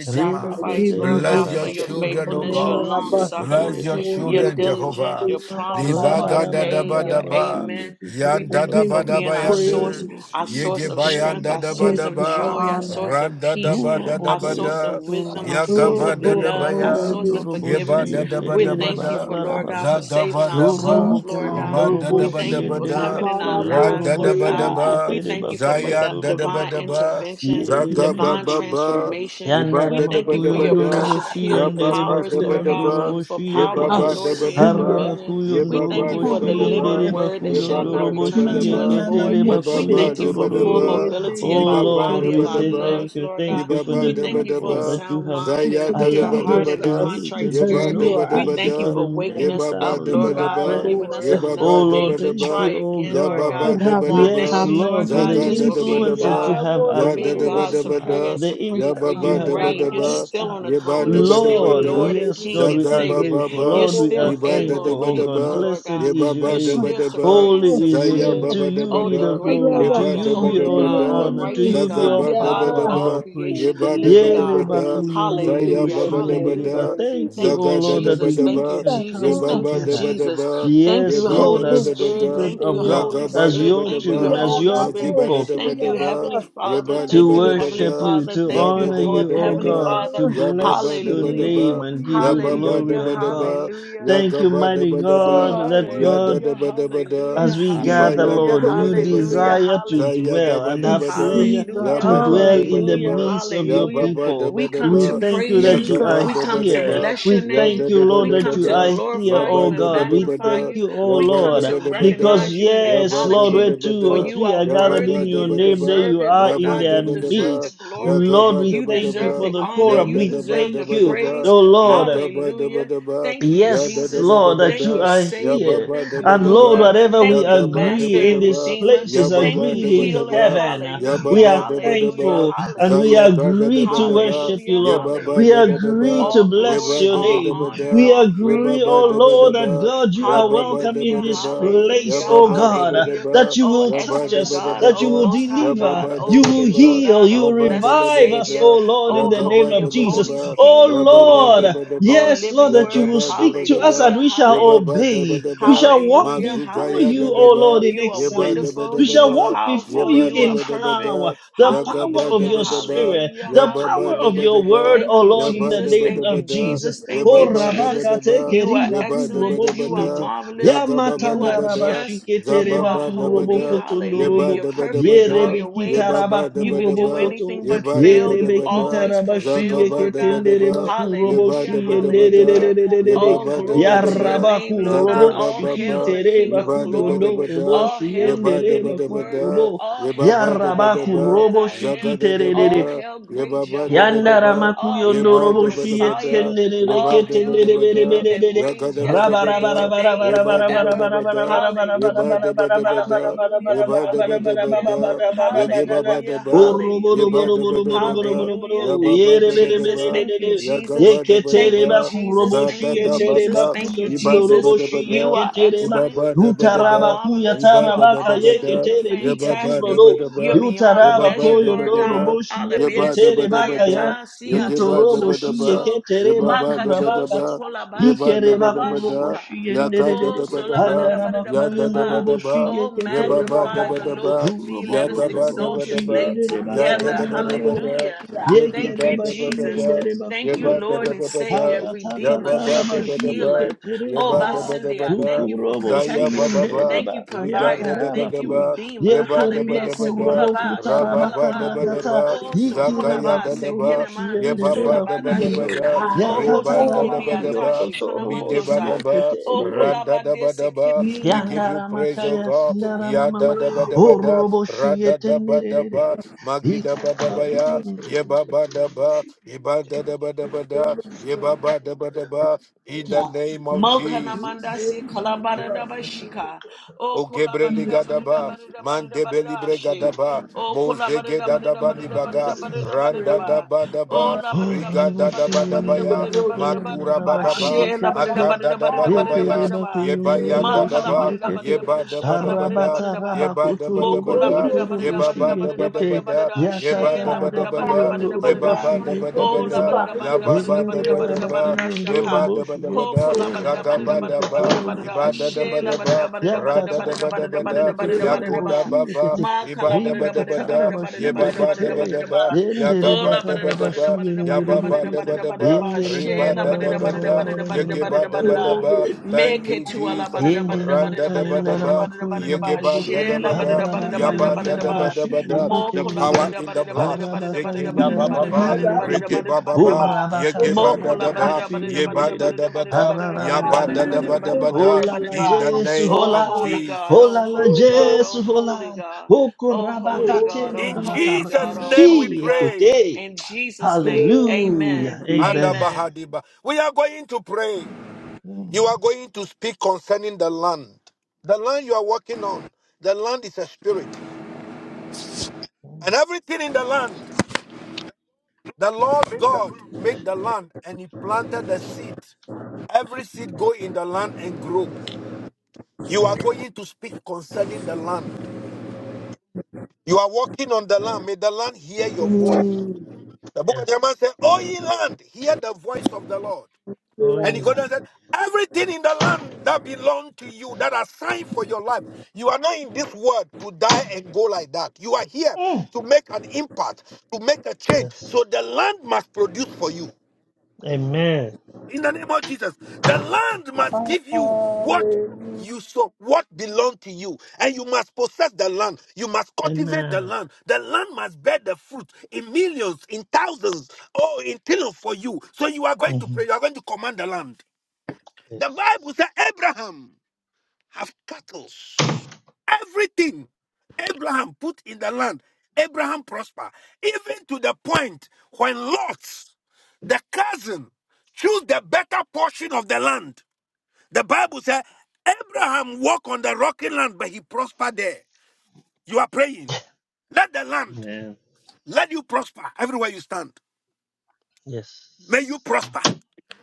S4: I
S3: sacrifice,
S4: give you
S3: Lord
S1: Bless
S3: God,
S1: your
S3: for your
S4: worship.
S2: rebarabakuyo
S1: children, O
S4: Ne
S3: faithfulness, your
S4: na
S1: God.
S4: na
S2: ndoroboshi
S3: long
S2: ekete
S1: Bless
S3: suffering,
S1: your
S3: your
S2: rebakuyo
S1: children,
S2: kotoro
S3: diligence,
S1: Jehovah.
S3: your
S4: mama
S1: Liba
S3: promises,
S4: mama
S3: your
S1: da da da
S3: yea
S1: ba
S3: and
S4: shia.
S1: da
S3: your
S1: ba.
S2: Rabarabarabarabashi,
S3: amen. We
S4: I
S2: Ketere
S1: Yanda
S3: thank
S1: da
S3: you
S4: give
S1: ba
S3: for
S1: da
S4: you
S1: ba
S3: being
S2: Bakuya,
S3: our
S1: yanda,
S4: praise.
S2: Kotoro
S3: source, our
S2: Boshi,
S1: yege
S3: source of
S1: ba
S2: Ketere
S3: strength,
S1: yanda
S3: our
S1: da ba
S3: source
S2: Bakaya,
S4: Give
S1: da
S3: of
S4: you
S1: ba,
S3: joy,
S2: Katara
S3: our
S2: Baraba,
S4: honor.
S3: source of
S1: randa da
S3: peace
S1: ba
S2: Yuro
S1: da da
S3: our
S1: ba
S2: Bokoyo,
S3: source of
S1: da,
S2: Kotoro
S3: wisdom, our
S1: yaga
S2: Boshi,
S3: source
S1: ba
S3: of
S1: da
S4: Robo
S2: Nere
S1: da ba
S3: love, our
S2: Bakuyo,
S1: ya,
S3: source of
S2: Ndoro
S4: korebeke
S1: yeba
S3: forgiveness.
S1: da
S2: Boshi,
S1: da ba
S3: We
S1: da
S2: Ketere
S1: ba
S3: thank you
S1: da,
S3: for,
S2: Barabara
S4: nenenesia.
S3: Lord God, for
S2: Baba,
S1: zaga
S3: saving
S1: ba
S3: our
S1: da
S2: Yuro
S1: ba,
S3: souls, Lord
S2: Bokoyo,
S4: Ika
S3: God.
S1: iba
S2: Ndoro
S1: da da
S3: We
S4: robo
S1: ba
S2: Boshi,
S3: thank
S1: da
S3: you
S1: ba
S3: for
S2: Nere
S1: da,
S3: coming in our
S4: shikabara
S2: Bakuyo, Ndoro
S3: lives,
S1: randa da
S3: Lord
S1: ba da
S2: Boshi,
S3: God.
S4: boshia.
S1: ba,
S3: We
S2: Ketere
S3: thank you for, for
S2: Bakuyo,
S3: di-
S1: zayan da
S2: Ndoro
S1: da ba
S3: divine
S1: da
S2: Dodo,
S1: ba,
S3: intervention.
S4: Thank you
S1: zaga
S4: for
S1: ba
S3: Divine
S1: ba ba,
S4: being,
S3: transformation.
S1: iba
S2: Yandara
S3: We
S1: da da
S3: thank
S1: ba
S3: you
S1: da
S3: for
S1: ba
S3: your
S4: oh
S2: makuyunduru
S1: da,
S3: precious
S4: God,
S2: boshi
S4: our
S1: ya
S3: healing
S1: ba
S2: yendere
S1: ba
S3: powers,
S1: da ba
S4: protector,
S3: Lord
S1: da
S3: God,
S2: bakuyunduru
S1: ba,
S2: boshi
S3: for power,
S1: yeba
S4: our
S1: ba
S2: yekete
S1: da ba
S3: authority,
S1: da
S3: and
S2: harra
S1: ba.
S4: savior,
S3: dominion.
S1: Ye
S3: We
S1: ba
S2: bakuyunduru
S3: thank you
S1: da
S4: our
S3: for
S2: boshi
S1: ba
S3: the
S1: da
S3: living
S2: yendere
S1: ba.
S4: Lord.
S3: word that
S1: Ye ba
S3: shall
S2: bakuyunduru
S3: not
S1: da ba
S3: return
S2: boshi
S4: Na
S1: da
S3: unto
S4: na
S3: us
S1: ba.
S4: na
S2: yekete
S4: na
S3: void.
S2: re
S1: Ye ba
S3: We
S4: Moshe.
S3: thank you
S1: da ba
S3: for
S1: da
S3: full
S2: bakuyotororororo.
S4: Hey,
S1: ba.
S3: mobility
S4: Thank
S1: Ye
S3: of
S4: you
S2: Oh
S3: our
S1: ba
S4: for
S2: Lord,
S1: da
S3: body, of
S2: we
S1: ba
S3: our
S1: da
S2: say
S4: contending
S1: ba.
S3: limbs,
S2: thank you.
S3: Lord
S1: Ye
S2: Thank
S4: with
S3: God.
S2: you
S1: ba
S2: for
S3: We
S2: the
S1: da
S3: thank
S1: ba
S3: you
S1: da
S4: anyone
S3: for a
S2: people
S1: ba.
S2: that you
S3: sound
S2: have
S4: who
S3: mind and
S1: Zaya
S3: a
S1: da da
S3: pure
S1: ba
S4: contends
S2: allowed
S1: da
S3: heart
S2: us
S1: ba
S4: with
S3: and a
S2: to
S1: da.
S4: us
S2: meet
S3: contrite
S1: Ye
S2: and
S4: because
S2: to
S1: ba
S3: spirit.
S1: da
S4: you
S1: ba
S4: are
S2: know.
S1: da
S3: We
S4: our
S1: ba
S2: Thank you
S3: thank you
S2: for
S1: da.
S3: for
S2: the
S4: savior.
S1: Ye
S3: waking
S2: many
S3: us
S1: ba
S3: up,
S1: da
S2: families
S1: ba
S3: Lord
S4: You are
S1: da
S2: and
S3: God,
S4: our
S3: for
S1: ba.
S3: giving
S2: friends.
S3: us
S1: Ye
S4: Lord.
S1: ba
S3: another
S2: Oh
S1: da
S3: day
S2: Lord,
S1: ba da
S3: to
S2: thank
S3: try
S1: ba.
S2: you, oh
S3: again,
S1: Ya
S3: Lord
S1: ba
S2: God.
S3: God.
S1: ba da ba
S3: We
S1: da
S3: thank
S2: Yes,
S1: ba.
S3: you,
S2: Lord,
S3: Lord
S2: for
S3: God,
S2: the
S1: Zaga
S3: just
S1: da
S3: for
S1: da ba da
S3: being
S2: influence that
S1: ba.
S2: you
S3: God.
S2: have
S3: For
S1: Ya
S4: Rabakamanirishiyaraboshe,
S1: da
S3: being
S1: da
S2: allowed
S1: ba
S3: God
S2: us
S1: da
S2: to
S1: ba
S2: have,
S3: superior
S1: da.
S3: and
S2: the
S1: Ya
S3: supreme,
S2: impact
S3: for
S1: ba
S2: you
S1: ba
S3: you
S1: da
S2: have
S1: ba
S3: reign.
S1: da
S3: You're
S2: allowed
S1: ba.
S2: us to
S3: still on
S2: have.
S3: the
S1: Ye ba
S3: throne.
S1: da
S3: You're
S1: ba da
S3: still
S1: ba
S2: Lord,
S1: da.
S3: Lord and
S2: yes,
S3: King
S2: God,
S3: and
S2: we
S1: Zaga
S2: are
S1: ba
S3: Savior.
S1: ba
S2: grateful.
S3: You're
S1: ba.
S2: Lord, we
S3: still
S2: are
S1: Iba
S4: karabasaturebererebishiyoroboshi.
S1: da
S3: able
S1: da
S3: and
S2: thankful.
S1: ba
S2: Oh
S1: da
S2: God,
S3: capable,
S1: ba,
S3: Lord
S2: blessed
S3: God.
S1: ye ba
S2: is your
S1: ba
S3: You're
S1: da
S2: name.
S1: ba
S3: still
S1: da ba,
S3: superior and
S2: Holy is your
S1: zaya
S2: name.
S3: supreme
S1: ba
S4: Asaboso,
S2: To
S1: ba da
S2: you
S1: ba
S3: Oh,
S2: be
S3: the
S2: the
S1: da,
S3: great
S1: ye
S2: glory. To
S3: God,
S1: ba
S3: the
S1: da
S2: you
S1: ba
S2: be
S1: da
S3: holy
S2: all
S1: ba
S2: the
S3: God, the
S1: da,
S2: honor. To
S3: righteous
S2: you be
S1: zaga
S3: God,
S2: all
S1: ba
S3: the
S4: rabakamanirishiyá.
S1: da
S3: God
S1: ba
S3: of
S1: da
S2: power and
S3: all
S1: ba,
S2: all praise.
S1: ye
S4: Thank
S3: creation, the
S1: ba
S4: you
S1: da ba
S3: living
S4: for
S1: da
S2: Yere
S1: ba
S3: God.
S1: da,
S4: praying. Thank
S1: zaya
S3: Hallelujah,
S1: ba
S4: you
S1: ba da
S4: for
S1: ba
S3: hallelujah.
S1: da,
S4: praying.
S2: Thank you,
S3: Thank
S2: oh
S3: you,
S1: zaga da
S2: Lord,
S1: da
S2: that
S1: ba
S3: Jesus.
S2: we
S1: da
S3: Thank you,
S1: ba,
S2: can
S1: ye
S3: Jesus.
S2: come
S1: ba
S4: Nishata.
S3: Thank
S1: ba
S3: you,
S1: da
S2: together.
S1: ba da
S3: Jesus.
S1: ba,
S3: Thank
S1: ye
S2: Yes,
S3: you,
S1: ba
S4: Oh,
S2: Lord,
S1: da
S3: Holy
S1: ba
S2: as
S1: da
S4: oh,
S1: ba
S3: Spirit.
S1: da,
S2: children
S3: Thank you,
S2: of
S1: ya
S4: Shia.
S1: ga
S3: Holy
S2: God,
S1: ba
S2: as
S1: da
S3: Spirit.
S1: ba
S2: your
S1: da
S3: Thank you,
S2: children,
S1: ba,
S2: as
S3: Holy
S1: ma
S2: your
S1: zi
S3: Spirit.
S1: ba
S4: Yarabo,
S1: da
S2: people,
S1: da ba
S3: Thank
S1: da
S4: Shia,
S3: you,
S1: ba,
S3: Heavenly
S4: Rabasa,
S1: ye
S3: Father.
S1: ba da
S3: Thank
S2: to
S1: ba
S4: Kana.
S3: you,
S1: da ba
S3: Heavenly
S2: worship
S1: da,
S2: you,
S3: Father.
S2: to
S3: Thank
S1: ya
S3: you,
S1: da
S2: honor
S1: da ba
S2: you,
S1: da ba
S2: O
S4: What
S3: Heavenly
S4: an
S1: da,
S2: God,
S3: Father.
S2: to
S4: honor.
S1: ya ba
S2: bless
S1: ba
S4: We
S1: da
S2: your
S1: ba da
S3: Hallelujah.
S2: name
S4: worship
S1: ba,
S2: and give
S1: ya
S2: you
S1: ba
S4: you.
S1: ba da
S2: glory,
S3: Hallelujah.
S1: ba
S2: O
S1: da ba.
S2: God.
S3: Hallelujah.
S1: Ya
S2: Thank you,
S1: gaba da
S2: mighty
S1: ba da
S2: God,
S4: Receive
S1: ba,
S4: our
S2: that
S1: ya
S2: God
S1: da
S4: worship.
S1: da
S3: Hallelujah,
S1: ba da ba da,
S3: hallelujah,
S2: as we
S1: riba
S4: Receive
S2: gather,
S4: our
S1: ya
S3: hallelujah,
S1: da
S2: Lord.
S1: da ba
S2: You
S1: da ba
S4: praise.
S1: da,
S3: hallelujah,
S2: desire to
S1: za ya
S3: hallelujah.
S2: dwell
S1: gaba
S2: and
S1: da
S2: have
S1: ba da,
S2: pleasure
S4: Receive our
S1: ya
S3: Hallelujah,
S2: to
S1: ba ba
S4: honor.
S1: da
S2: dwell
S1: ba
S2: in
S1: da
S2: the
S3: hallelujah,
S1: ba,
S2: midst of
S1: ya
S2: your
S1: ba
S3: hallelujah.
S1: ba da
S2: people.
S1: ba
S3: We
S1: da
S3: come
S2: We
S3: to
S1: ba,
S2: thank you
S3: praise
S1: ya
S2: that
S4: Receive
S3: you.
S2: you are
S1: gaba
S4: God.
S3: We
S1: da ba
S3: come
S1: da
S3: to
S2: here.
S1: ba,
S3: bless your
S2: We
S1: ya
S3: name.
S2: thank
S1: da
S2: you,
S1: da ba
S2: Lord,
S3: We
S1: da
S2: that
S1: ba
S3: come
S2: you
S3: to
S2: are
S1: da,
S2: here,
S1: ya
S3: glorify
S1: ba
S3: you
S2: oh
S1: da
S3: and
S1: ba
S2: God.
S1: da
S2: We
S1: ba
S3: magnify
S2: thank
S1: da,
S3: you.
S2: you, oh
S1: ya
S3: We
S1: ba
S3: come
S1: da
S2: Lord,
S3: to
S1: ba da ba da,
S2: because
S3: recognize you and
S1: ya
S2: yes,
S1: ba da
S3: acknowledge
S2: Lord,
S1: ba
S3: you,
S1: da
S2: where
S1: ba da,
S2: two
S3: for
S2: or
S3: you
S2: three
S3: are
S2: are
S1: ya ba
S2: gathered
S3: worthy.
S1: ba
S2: in
S1: da
S2: your
S3: You
S1: ba da
S2: name, there
S1: ba,
S3: deserve
S2: you
S3: it,
S2: are
S1: ya
S3: Lord
S2: in
S1: ba
S3: God.
S1: da
S2: their
S3: You
S1: ba da
S3: deserve
S1: ba,
S3: the
S2: midst.
S1: ya
S3: glory.
S2: Lord,
S1: gaba da
S2: we
S3: You
S1: ba da
S2: thank you
S3: deserve
S1: ba,
S2: for
S3: the
S2: the
S3: honor.
S1: ya
S2: quorum.
S3: You
S1: da
S2: We
S1: da ba
S3: deserve
S1: da
S3: the
S2: thank
S1: ba da
S2: you,
S1: ba,
S3: praise.
S2: oh
S1: ya
S2: Lord.
S1: gaba da ba
S3: Hallelujah.
S1: da ba
S3: Thank you,
S1: ya da
S2: Yes,
S1: da
S3: Jesus.
S1: ba da
S2: Lord,
S1: ba
S2: that
S3: Thank
S2: you
S3: you,
S1: da,
S2: are
S1: ya ba
S3: Savior.
S2: here.
S1: ba
S3: Thank
S1: da
S3: you,
S1: ba
S2: And
S1: da
S2: Lord,
S3: Ruler.
S1: ba,
S2: whatever
S3: Thank
S1: ya
S2: we
S3: you,
S1: ga ba da
S3: Master
S1: ba
S2: agree in
S1: da
S3: and
S2: this
S1: ba,
S3: Redeemer.
S2: place
S1: ya
S2: is
S1: ba
S3: Thank
S1: ba
S3: you,
S2: agreed
S1: da ba
S2: in
S1: da
S3: healer.
S1: ba,
S2: heaven.
S1: ya ba
S3: Hallelujah,
S2: We are
S1: ba da ba da
S3: hallelujah,
S1: ba,
S2: thankful and
S1: za
S2: we
S1: ya
S3: hallelujah,
S1: ga da da
S2: agree
S1: ba
S2: to
S1: da ba,
S2: worship you,
S3: hallelujah,
S1: ya
S2: Lord.
S1: ba ba
S2: We
S1: da ba
S3: hallelujah.
S1: da
S2: agree
S1: ba,
S2: to
S3: All
S1: ya
S3: glory
S2: bless
S3: and
S1: ba
S2: your
S1: da ba
S3: all
S1: da ba
S2: name.
S3: honor and
S1: da,
S2: We
S3: all
S1: ya
S3: praise
S1: ba
S2: agree,
S1: ba
S2: oh
S1: da
S3: belong
S1: ba
S3: to
S1: da
S2: Lord, that
S3: you.
S1: ba,
S2: God, you
S1: ya
S2: are
S1: ba ba
S2: welcome
S1: da ba
S2: in
S3: Hallelujah,
S1: da
S2: this
S1: ba, ya
S2: place,
S3: hallelujah,
S1: ba
S2: oh
S1: ba da
S2: God,
S1: ba da
S3: hallelujah.
S2: that
S1: ba,
S2: you
S3: Oh,
S2: will
S1: ya ba
S2: touch
S1: da
S3: excellent
S1: ba
S2: us,
S1: da
S3: God.
S1: ba
S2: that
S3: Oh,
S2: you
S1: da,
S2: will
S3: most high
S1: ya ba
S2: deliver,
S3: God.
S1: ba da
S3: Oh,
S2: you
S1: ba
S2: will
S1: da
S3: beautiful
S1: ba,
S2: heal,
S3: God.
S2: you
S1: ya
S2: will
S3: Oh,
S1: ba da
S3: blessed
S1: ba da
S2: revive
S1: ba
S2: us,
S3: Savior.
S1: da,
S2: oh Lord,
S1: ya
S2: in
S3: Oh,
S2: the
S1: ga
S2: name
S1: ba
S3: holy
S1: da
S2: of
S3: of
S1: ba da
S2: Jesus.
S3: holies,
S1: ba,
S2: Oh
S3: King
S1: ya
S3: of
S1: ba ba da
S3: glory.
S2: Lord,
S1: ba da
S3: Oh,
S1: ba.
S2: Yes, Lord,
S3: living
S2: that you
S3: word.
S2: will
S1: Yagaba
S2: speak
S1: daba
S2: to us
S1: daba,
S2: and
S3: Hallelujah,
S2: we shall
S1: yebaba
S3: hallelujah,
S1: daba
S2: obey. We
S1: daba,
S2: shall walk
S3: hallelujah,
S2: before
S1: mazugaya da
S2: you, O
S3: hallelujah.
S2: Lord,
S1: daba,
S2: in
S3: You are
S1: yeba
S2: excellence.
S1: daba
S3: wonderful.
S2: We
S1: daba
S3: You
S2: shall
S3: are
S1: da,
S2: walk before
S3: powerful.
S2: you
S1: yeba
S3: You
S2: in
S3: are
S1: daba daba
S3: perfect.
S2: power,
S1: da,
S2: the power
S1: yagaba
S2: of
S3: Hallelujah.
S1: daba
S2: your
S1: daba,
S2: spirit,
S3: Hallelujah.
S2: the
S1: yababa
S2: power of
S1: daba
S3: Hallelujah.
S2: your
S1: daba,
S2: word,
S3: Thank
S2: O
S3: you,
S2: Lord, in
S1: yaba
S2: the
S3: Jesus.
S1: daba
S2: name
S3: Thank
S1: daba
S3: you,
S2: of
S1: da,
S2: Jesus.
S3: Jesus. Thank
S2: O
S3: you,
S1: yebaba daba
S3: Jesus.
S2: rabakate
S1: daba,
S3: You are
S2: keriba
S1: yeba
S3: excellent.
S1: daba daba
S3: You are
S1: da,
S2: kuroboshikete.
S3: marvelous.
S1: yagaba ba
S3: You are
S2: Yamatanda
S1: daba da,
S3: just.
S2: rabashikete
S3: You are
S2: reba
S1: zababa daba
S3: holy.
S1: da,
S2: kuroboko
S3: Hallelujah.
S1: yeba
S2: tondorobo.
S3: You're
S1: daba
S3: perfect
S1: daba
S3: in all
S1: da,
S3: your
S2: Yerebikita
S3: ways.
S1: yebaba
S3: You
S1: daba
S3: can do
S1: daba,
S2: rabakurobokoto.
S3: anything but
S1: yeba daba
S3: fail. You
S1: daba da,
S3: always
S2: Yerebekitarabashi
S3: prevail,
S1: zagaba
S3: Lord
S1: daba
S3: God.
S1: daba. Yeba
S3: Hallelujah.
S1: da ba da ba da,
S3: Hallelujah.
S1: yeba
S3: All
S1: ba da ba
S3: glory
S1: da
S3: to your
S1: ba,
S3: name, Lord
S1: zaga
S3: God.
S2: Yarabakurobo
S1: ba
S3: All
S1: ba
S3: hail
S1: ba,
S3: the
S2: Shikite
S3: King of
S1: yeba
S2: Rebaku
S1: da ba da
S3: glory.
S1: ba
S2: Yondo Robo
S1: da,
S3: All hail the
S2: Shiende
S1: yeba da ba da
S3: living
S1: ba
S2: Rebaku
S3: word.
S1: da,
S2: Robo
S3: All
S1: yeba
S3: hail
S1: ba
S3: the
S1: da
S3: I
S1: ba da
S3: am
S1: ba,
S3: that
S2: Yarabakurobo
S3: I
S1: zaga
S3: am.
S1: da da ba
S3: All
S2: Shikite
S1: da,
S3: hail great
S1: yeba ba da ba da
S3: Jehovah.
S1: ba,
S3: All
S1: yeba
S3: hail the
S1: da ba da ba
S3: Messiah.
S1: da, yeba
S3: All
S1: da ba
S3: hail
S1: da
S3: the
S1: ba da,
S3: King that
S1: yaga
S3: reigns
S1: da ba da ba
S3: yesterday,
S1: da,
S3: today, and
S1: yeba da ba
S3: forever.
S1: da ba da, yeba
S3: Hallelujah.
S1: da ba da ba da,
S3: Hallelujah.
S1: yeba da ba da ba
S3: Hallelujah.
S1: da, yege ba ba da
S3: Hallelujah.
S1: ba, yeba
S3: Hallelujah.
S1: da ba da ba da,
S3: Hallelujah.
S1: yaba
S3: Thank
S1: ba
S3: you,
S1: da ba da
S3: Jesus.
S1: ba.
S3: Thank you, Jesus.
S1: Yagaba daba
S3: Thank you,
S1: daba,
S3: Jesus. Thank
S1: zada
S3: you,
S1: daba
S3: Jesus.
S1: da,
S3: Thank you,
S1: iba daba
S3: Jesus.
S1: daba da,
S3: You are
S1: iba
S3: excellent.
S1: ba daba
S3: You are
S1: daba,
S3: marvelous.
S1: iba
S3: You are
S1: daba daba
S3: awesome.
S1: da,
S3: You're
S1: yaba ba
S3: fantastic.
S1: daba
S3: You're
S1: daba,
S3: beyond
S1: yaba
S2: Yutaraba
S1: ba
S3: measure,
S1: daba
S3: Lord
S2: koyondoro
S3: God.
S1: daba,
S2: boshi
S3: Alabia
S1: yaba daba
S2: yeketere
S1: daba
S2: bakaya.
S1: da,
S3: sumbayata
S1: yageba
S3: siato
S2: Yutorobo
S3: so
S1: daba
S3: so
S2: shi
S1: daba,
S3: so
S2: yeketere
S1: yaba ba
S2: bakura
S1: daba
S3: makato so
S2: bakata.
S1: daba, yaba
S3: kolabashi
S2: Dikere
S1: daba daba
S2: bakuro
S1: da,
S3: kalabashika.
S2: boshi
S1: yaka da
S2: yenderere.
S3: Oh,
S1: daba
S3: so la ba
S1: daba,
S3: da da ba da
S2: Handaraba
S3: da ba da da
S1: yada
S2: koyondoro
S1: daba
S3: ba.
S2: boshi
S1: daba,
S3: Oh,
S4: Every
S1: yaba
S2: yeketere
S1: ba
S4: one
S3: magnify
S1: daba
S3: the
S2: bakata.
S3: Lord
S1: daba,
S3: with me.
S2: Yurobo
S3: Let us
S1: yaga
S2: kotoro
S1: daba
S3: exalt
S2: boshi
S3: his
S1: daba,
S3: name
S2: yendere
S1: yada
S2: bakaya
S3: together.
S1: daba daba
S2: ndarararara.
S1: da.
S3: Hallelujah.
S1: You give
S3: Thank
S2: Yekere
S1: back
S3: you,
S1: the
S2: bashi
S3: Jesus.
S1: baba,
S2: yendere
S1: you
S3: Thank you,
S1: back
S2: bakuyoko.
S1: the
S3: Lord and Savior
S1: baba,
S3: and
S1: you
S3: Redeemer.
S2: Hakatakatara
S1: baba
S3: Thank
S1: the
S3: you,
S2: bashi
S3: Healer.
S1: baba,
S2: yeketere
S1: you
S3: Oh,
S1: back
S2: kita.
S1: the
S3: Basindia, thank
S1: baba,
S3: you for
S2: Dukurobo shi
S1: Zaya
S3: protector.
S1: baba
S2: yendere
S1: ba,
S3: Thank you,
S2: bakaya
S1: liga da
S3: provider.
S1: da ba
S3: Thank
S1: da
S2: tarabaku.
S3: you,
S1: ba,
S3: redeemer.
S1: yeba da ba
S2: Yekerima
S3: Hallelujah.
S1: da ba
S3: So
S1: da,
S2: kurobo
S3: kolaba, she
S1: raba
S2: kutaraba
S1: ba
S3: kolaba.
S1: da ba da
S2: karakata.
S1: ba,
S3: Oh, so
S1: zakaya
S2: Dikiraba
S3: kolaba,
S1: da da
S3: se
S2: kurobo
S1: ba,
S3: kenemando,
S1: yeba ba
S2: shiendereba
S1: da ba da ba
S3: solabadashi.
S2: kuyundo.
S1: da,
S3: Oh, ho se
S1: riban da da
S2: Yakataraba
S3: kendi
S1: ba da ba,
S2: kuyoko
S3: kendiatashi,
S2: torobo
S1: mide ba da
S3: kanamandosa.
S1: ba,
S3: Oh,
S2: shieketerere.
S1: randa
S3: kolaba
S1: da
S3: de
S1: ba da
S3: se
S1: ba. We give you
S2: Yandarama
S1: praise, O
S2: kaya
S1: God.
S2: sandarama
S1: Ya da
S2: mama.
S1: da ba da ba da,
S2: Orobo
S1: ra da da ba da
S2: shietenderere.
S1: ba, magi da ba da
S2: Itaraba
S1: ba ya
S2: kuyundo.
S1: ye ba ba da
S2: Tuturubu
S1: ba, ye ba
S2: shieketerere.
S1: da da ba da ba da, ye ba ba da ba da ba. In the name of Jesus.
S3: Mokanamanda si
S4: of us
S3: kolabarabashika. O
S1: O
S4: in
S1: Gebreli
S4: this
S1: Gadaba,
S4: room.
S1: Mandebeli
S3: kolabarabarabarabarabarabarashi.
S1: Bregadaba,
S3: O
S1: Mozege Dadaba Nibaga, Randa
S3: kolabarabarabarabarabarabarabaraba.
S1: Daba Daba,
S3: O
S2: Yakatara bakuyo
S1: Riga Dadaba Dabaya, Makura
S3: labarabarabarabarabarabarabarabarabaraba. She
S1: Bababa, Akada Daba Dabaya,
S3: labarabarabarabarabarabarabaraba.
S1: Yeba
S3: Ma
S1: dadaba, Daba, Yeba
S3: kolabarabarabarabarashi
S1: Daba Daba Da,
S3: kolabarabaraba.
S1: Yeba Daba
S3: Mo
S1: Daba Da, Yeba Ba Daba Daba Da,
S3: kolabarabarabarabarabarabarabaraba.
S1: Yeba
S3: She
S1: Daba Daba Yeba
S3: labarabarabarabarabarabarabaraba.
S1: Daba Daba
S3: O
S1: Da, Daba
S3: labarabarabarabarabarabarabaraba
S1: Daba,
S3: badada badada
S1: Yeba
S3: shaka.
S1: da ba da ba
S3: Koko
S1: da,
S3: la badada
S1: zaga
S3: badada
S1: ba da
S3: badada
S1: ba,
S3: badada
S1: iba
S3: badada.
S1: da da
S3: She
S1: ba
S3: la
S1: da
S3: badada
S1: ba,
S3: badada
S1: ra
S3: badada
S1: da da
S3: badada
S1: ba da
S3: badada
S1: ba
S3: badada
S1: da,
S3: badada
S2: kotoro
S1: yago
S3: badada
S1: da
S3: ba.
S1: ba ba,
S2: boshiyekete
S3: Maka
S1: iba
S3: la
S1: da
S2: riba
S1: ba
S3: badada
S1: da ba
S3: badada
S2: katara
S1: da,
S3: badada badada
S1: yeba
S3: badada
S1: ba da
S3: badada
S1: ba
S2: bashiyekete
S1: da
S3: badada ba.
S1: ba, yaga
S2: Yendere
S3: O
S1: ba
S3: la
S1: da ba
S3: badada
S2: bakara
S1: da
S3: badada
S2: başı
S1: ba,
S3: badada badada
S1: yaba
S2: yendere
S1: ba
S3: badada
S2: beke.
S1: da ba
S3: badada
S1: da
S3: badada
S1: ba,
S3: ba.
S2: Yendere
S3: She
S1: riba
S2: bara
S3: la
S1: da
S2: bara
S1: da
S3: badada
S2: bara
S1: ba
S3: badada
S2: bara
S1: da,
S3: badada
S2: bara bara
S3: badada
S1: yege ba
S3: badada
S2: bara
S1: da
S2: bara
S1: ba da
S2: bara
S3: badada.
S2: bara.
S1: ba. Thank
S3: Make
S1: you,
S3: it to la
S1: Jesus.
S3: badada badada
S2: Yendere
S1: Ran da
S3: badada
S2: maka
S1: da ba
S3: badada
S1: da
S2: yendere
S3: badada
S1: ba,
S2: mako
S3: badada badada
S1: yege
S3: ba.
S2: yonduru
S1: ba
S2: bu.
S1: da
S3: She
S1: da
S3: la
S1: ba da.
S3: badada
S2: Harra
S3: badada
S2: baka
S3: badada
S1: Yaba da
S3: badada
S1: da da ba
S3: ba.
S1: da
S2: başı
S1: ba da,
S2: yeke
S1: The
S3: Moko la
S2: tendere
S1: power
S2: be.
S3: badada
S1: in the
S3: badada
S1: blood.
S3: badada
S2: Harra
S3: badada
S2: baka
S1: Yeke
S3: badada
S1: ya
S3: badada
S1: ba
S2: yendere
S1: Seke
S3: badada
S2: başı
S1: yabababa,
S3: badada
S2: yeke
S3: badada
S1: rege
S2: te.
S3: badada badada
S1: bababa,
S2: Hurra
S3: ba.
S2: baka
S1: yege ba da
S3: Mokola
S1: da
S2: tendere
S1: ba
S3: badada
S2: başı
S3: badada
S1: Ye ba
S3: badada
S2: yendere
S1: da.
S2: de.
S1: da
S3: badada
S1: ba
S3: badada
S1: da.
S2: Harra
S3: badada
S2: ra ra
S3: badada
S2: ra ra
S1: Yaba da
S3: badada
S2: ra
S1: da
S3: badada
S1: ba
S2: ra ra.
S1: da
S2: ra.
S3: badada
S1: ba da.
S2: Hola
S3: badada
S2: la
S1: In
S3: badada.
S1: the
S2: Jesu
S1: name
S3: Oh
S1: of
S2: hola
S3: holy
S2: la.
S3: God,
S1: Jesus.
S3: oh
S2: Hola la
S3: holy God,
S4: Hallelujah.
S3: oh
S2: Jesu hola
S3: holy
S2: la.
S3: God,
S2: Oku
S3: oh holy
S2: rabaka te
S3: God, oh
S1: In
S4: Glory,
S2: rabaka
S3: holy God,
S1: Jesus'
S3: oh
S2: rabashi
S1: name we
S3: holy
S2: yeke
S3: God.
S1: prayed.
S2: te.
S3: In Jesus' name,
S4: glory,
S2: Hallelujah.
S3: amen.
S2: Amen.
S3: Amen.
S1: Adabahadiba. We are going to pray.
S2: Mm,
S1: You are going to speak concerning the land. The land you are working on. The land is a spirit. And
S2: mm,
S1: everything in the land. The Lord God made the land and he planted the seed. Every seed go in the land and grow. You are
S2: mm.
S1: going to speak concerning the land. You are walking on the land. May the land hear your voice.
S4: mm,
S1: The book of Jeremiah
S2: Yes.
S1: said, O ye land, hear the voice of the Lord.
S4: you
S2: Oh
S1: And
S4: are
S1: he
S2: to
S1: goes and said, Everything in the land that belong to you, that are signed for your life, you are not in this world to die and go like that. You are here
S2: Mm.
S1: to make an impact, to make a change.
S2: Yes.
S1: So the land must produce for you.
S2: Amen.
S1: in the name of Jesus. The land must give you what
S4: hallelujah.
S1: you sow, what belong to you, and you must possess the land. You must cultivate the
S2: Amen.
S1: land. The land must bear the fruit in millions, in thousands, or in trillions for you. So you are going to
S2: hmm
S1: pray. You are going to command the land. The
S2: Yes.
S1: Bible says Abraham have cattle, everything Abraham put in the land. Abraham prosper, even to the point when Lot, the cousin, choose the better portion of the land the Bible said Abraham walked on the rocky land, but he prospered there. You are praying. Let the land
S2: Amen.
S1: let you prosper everywhere you stand. May you
S2: Yes.
S1: prosper.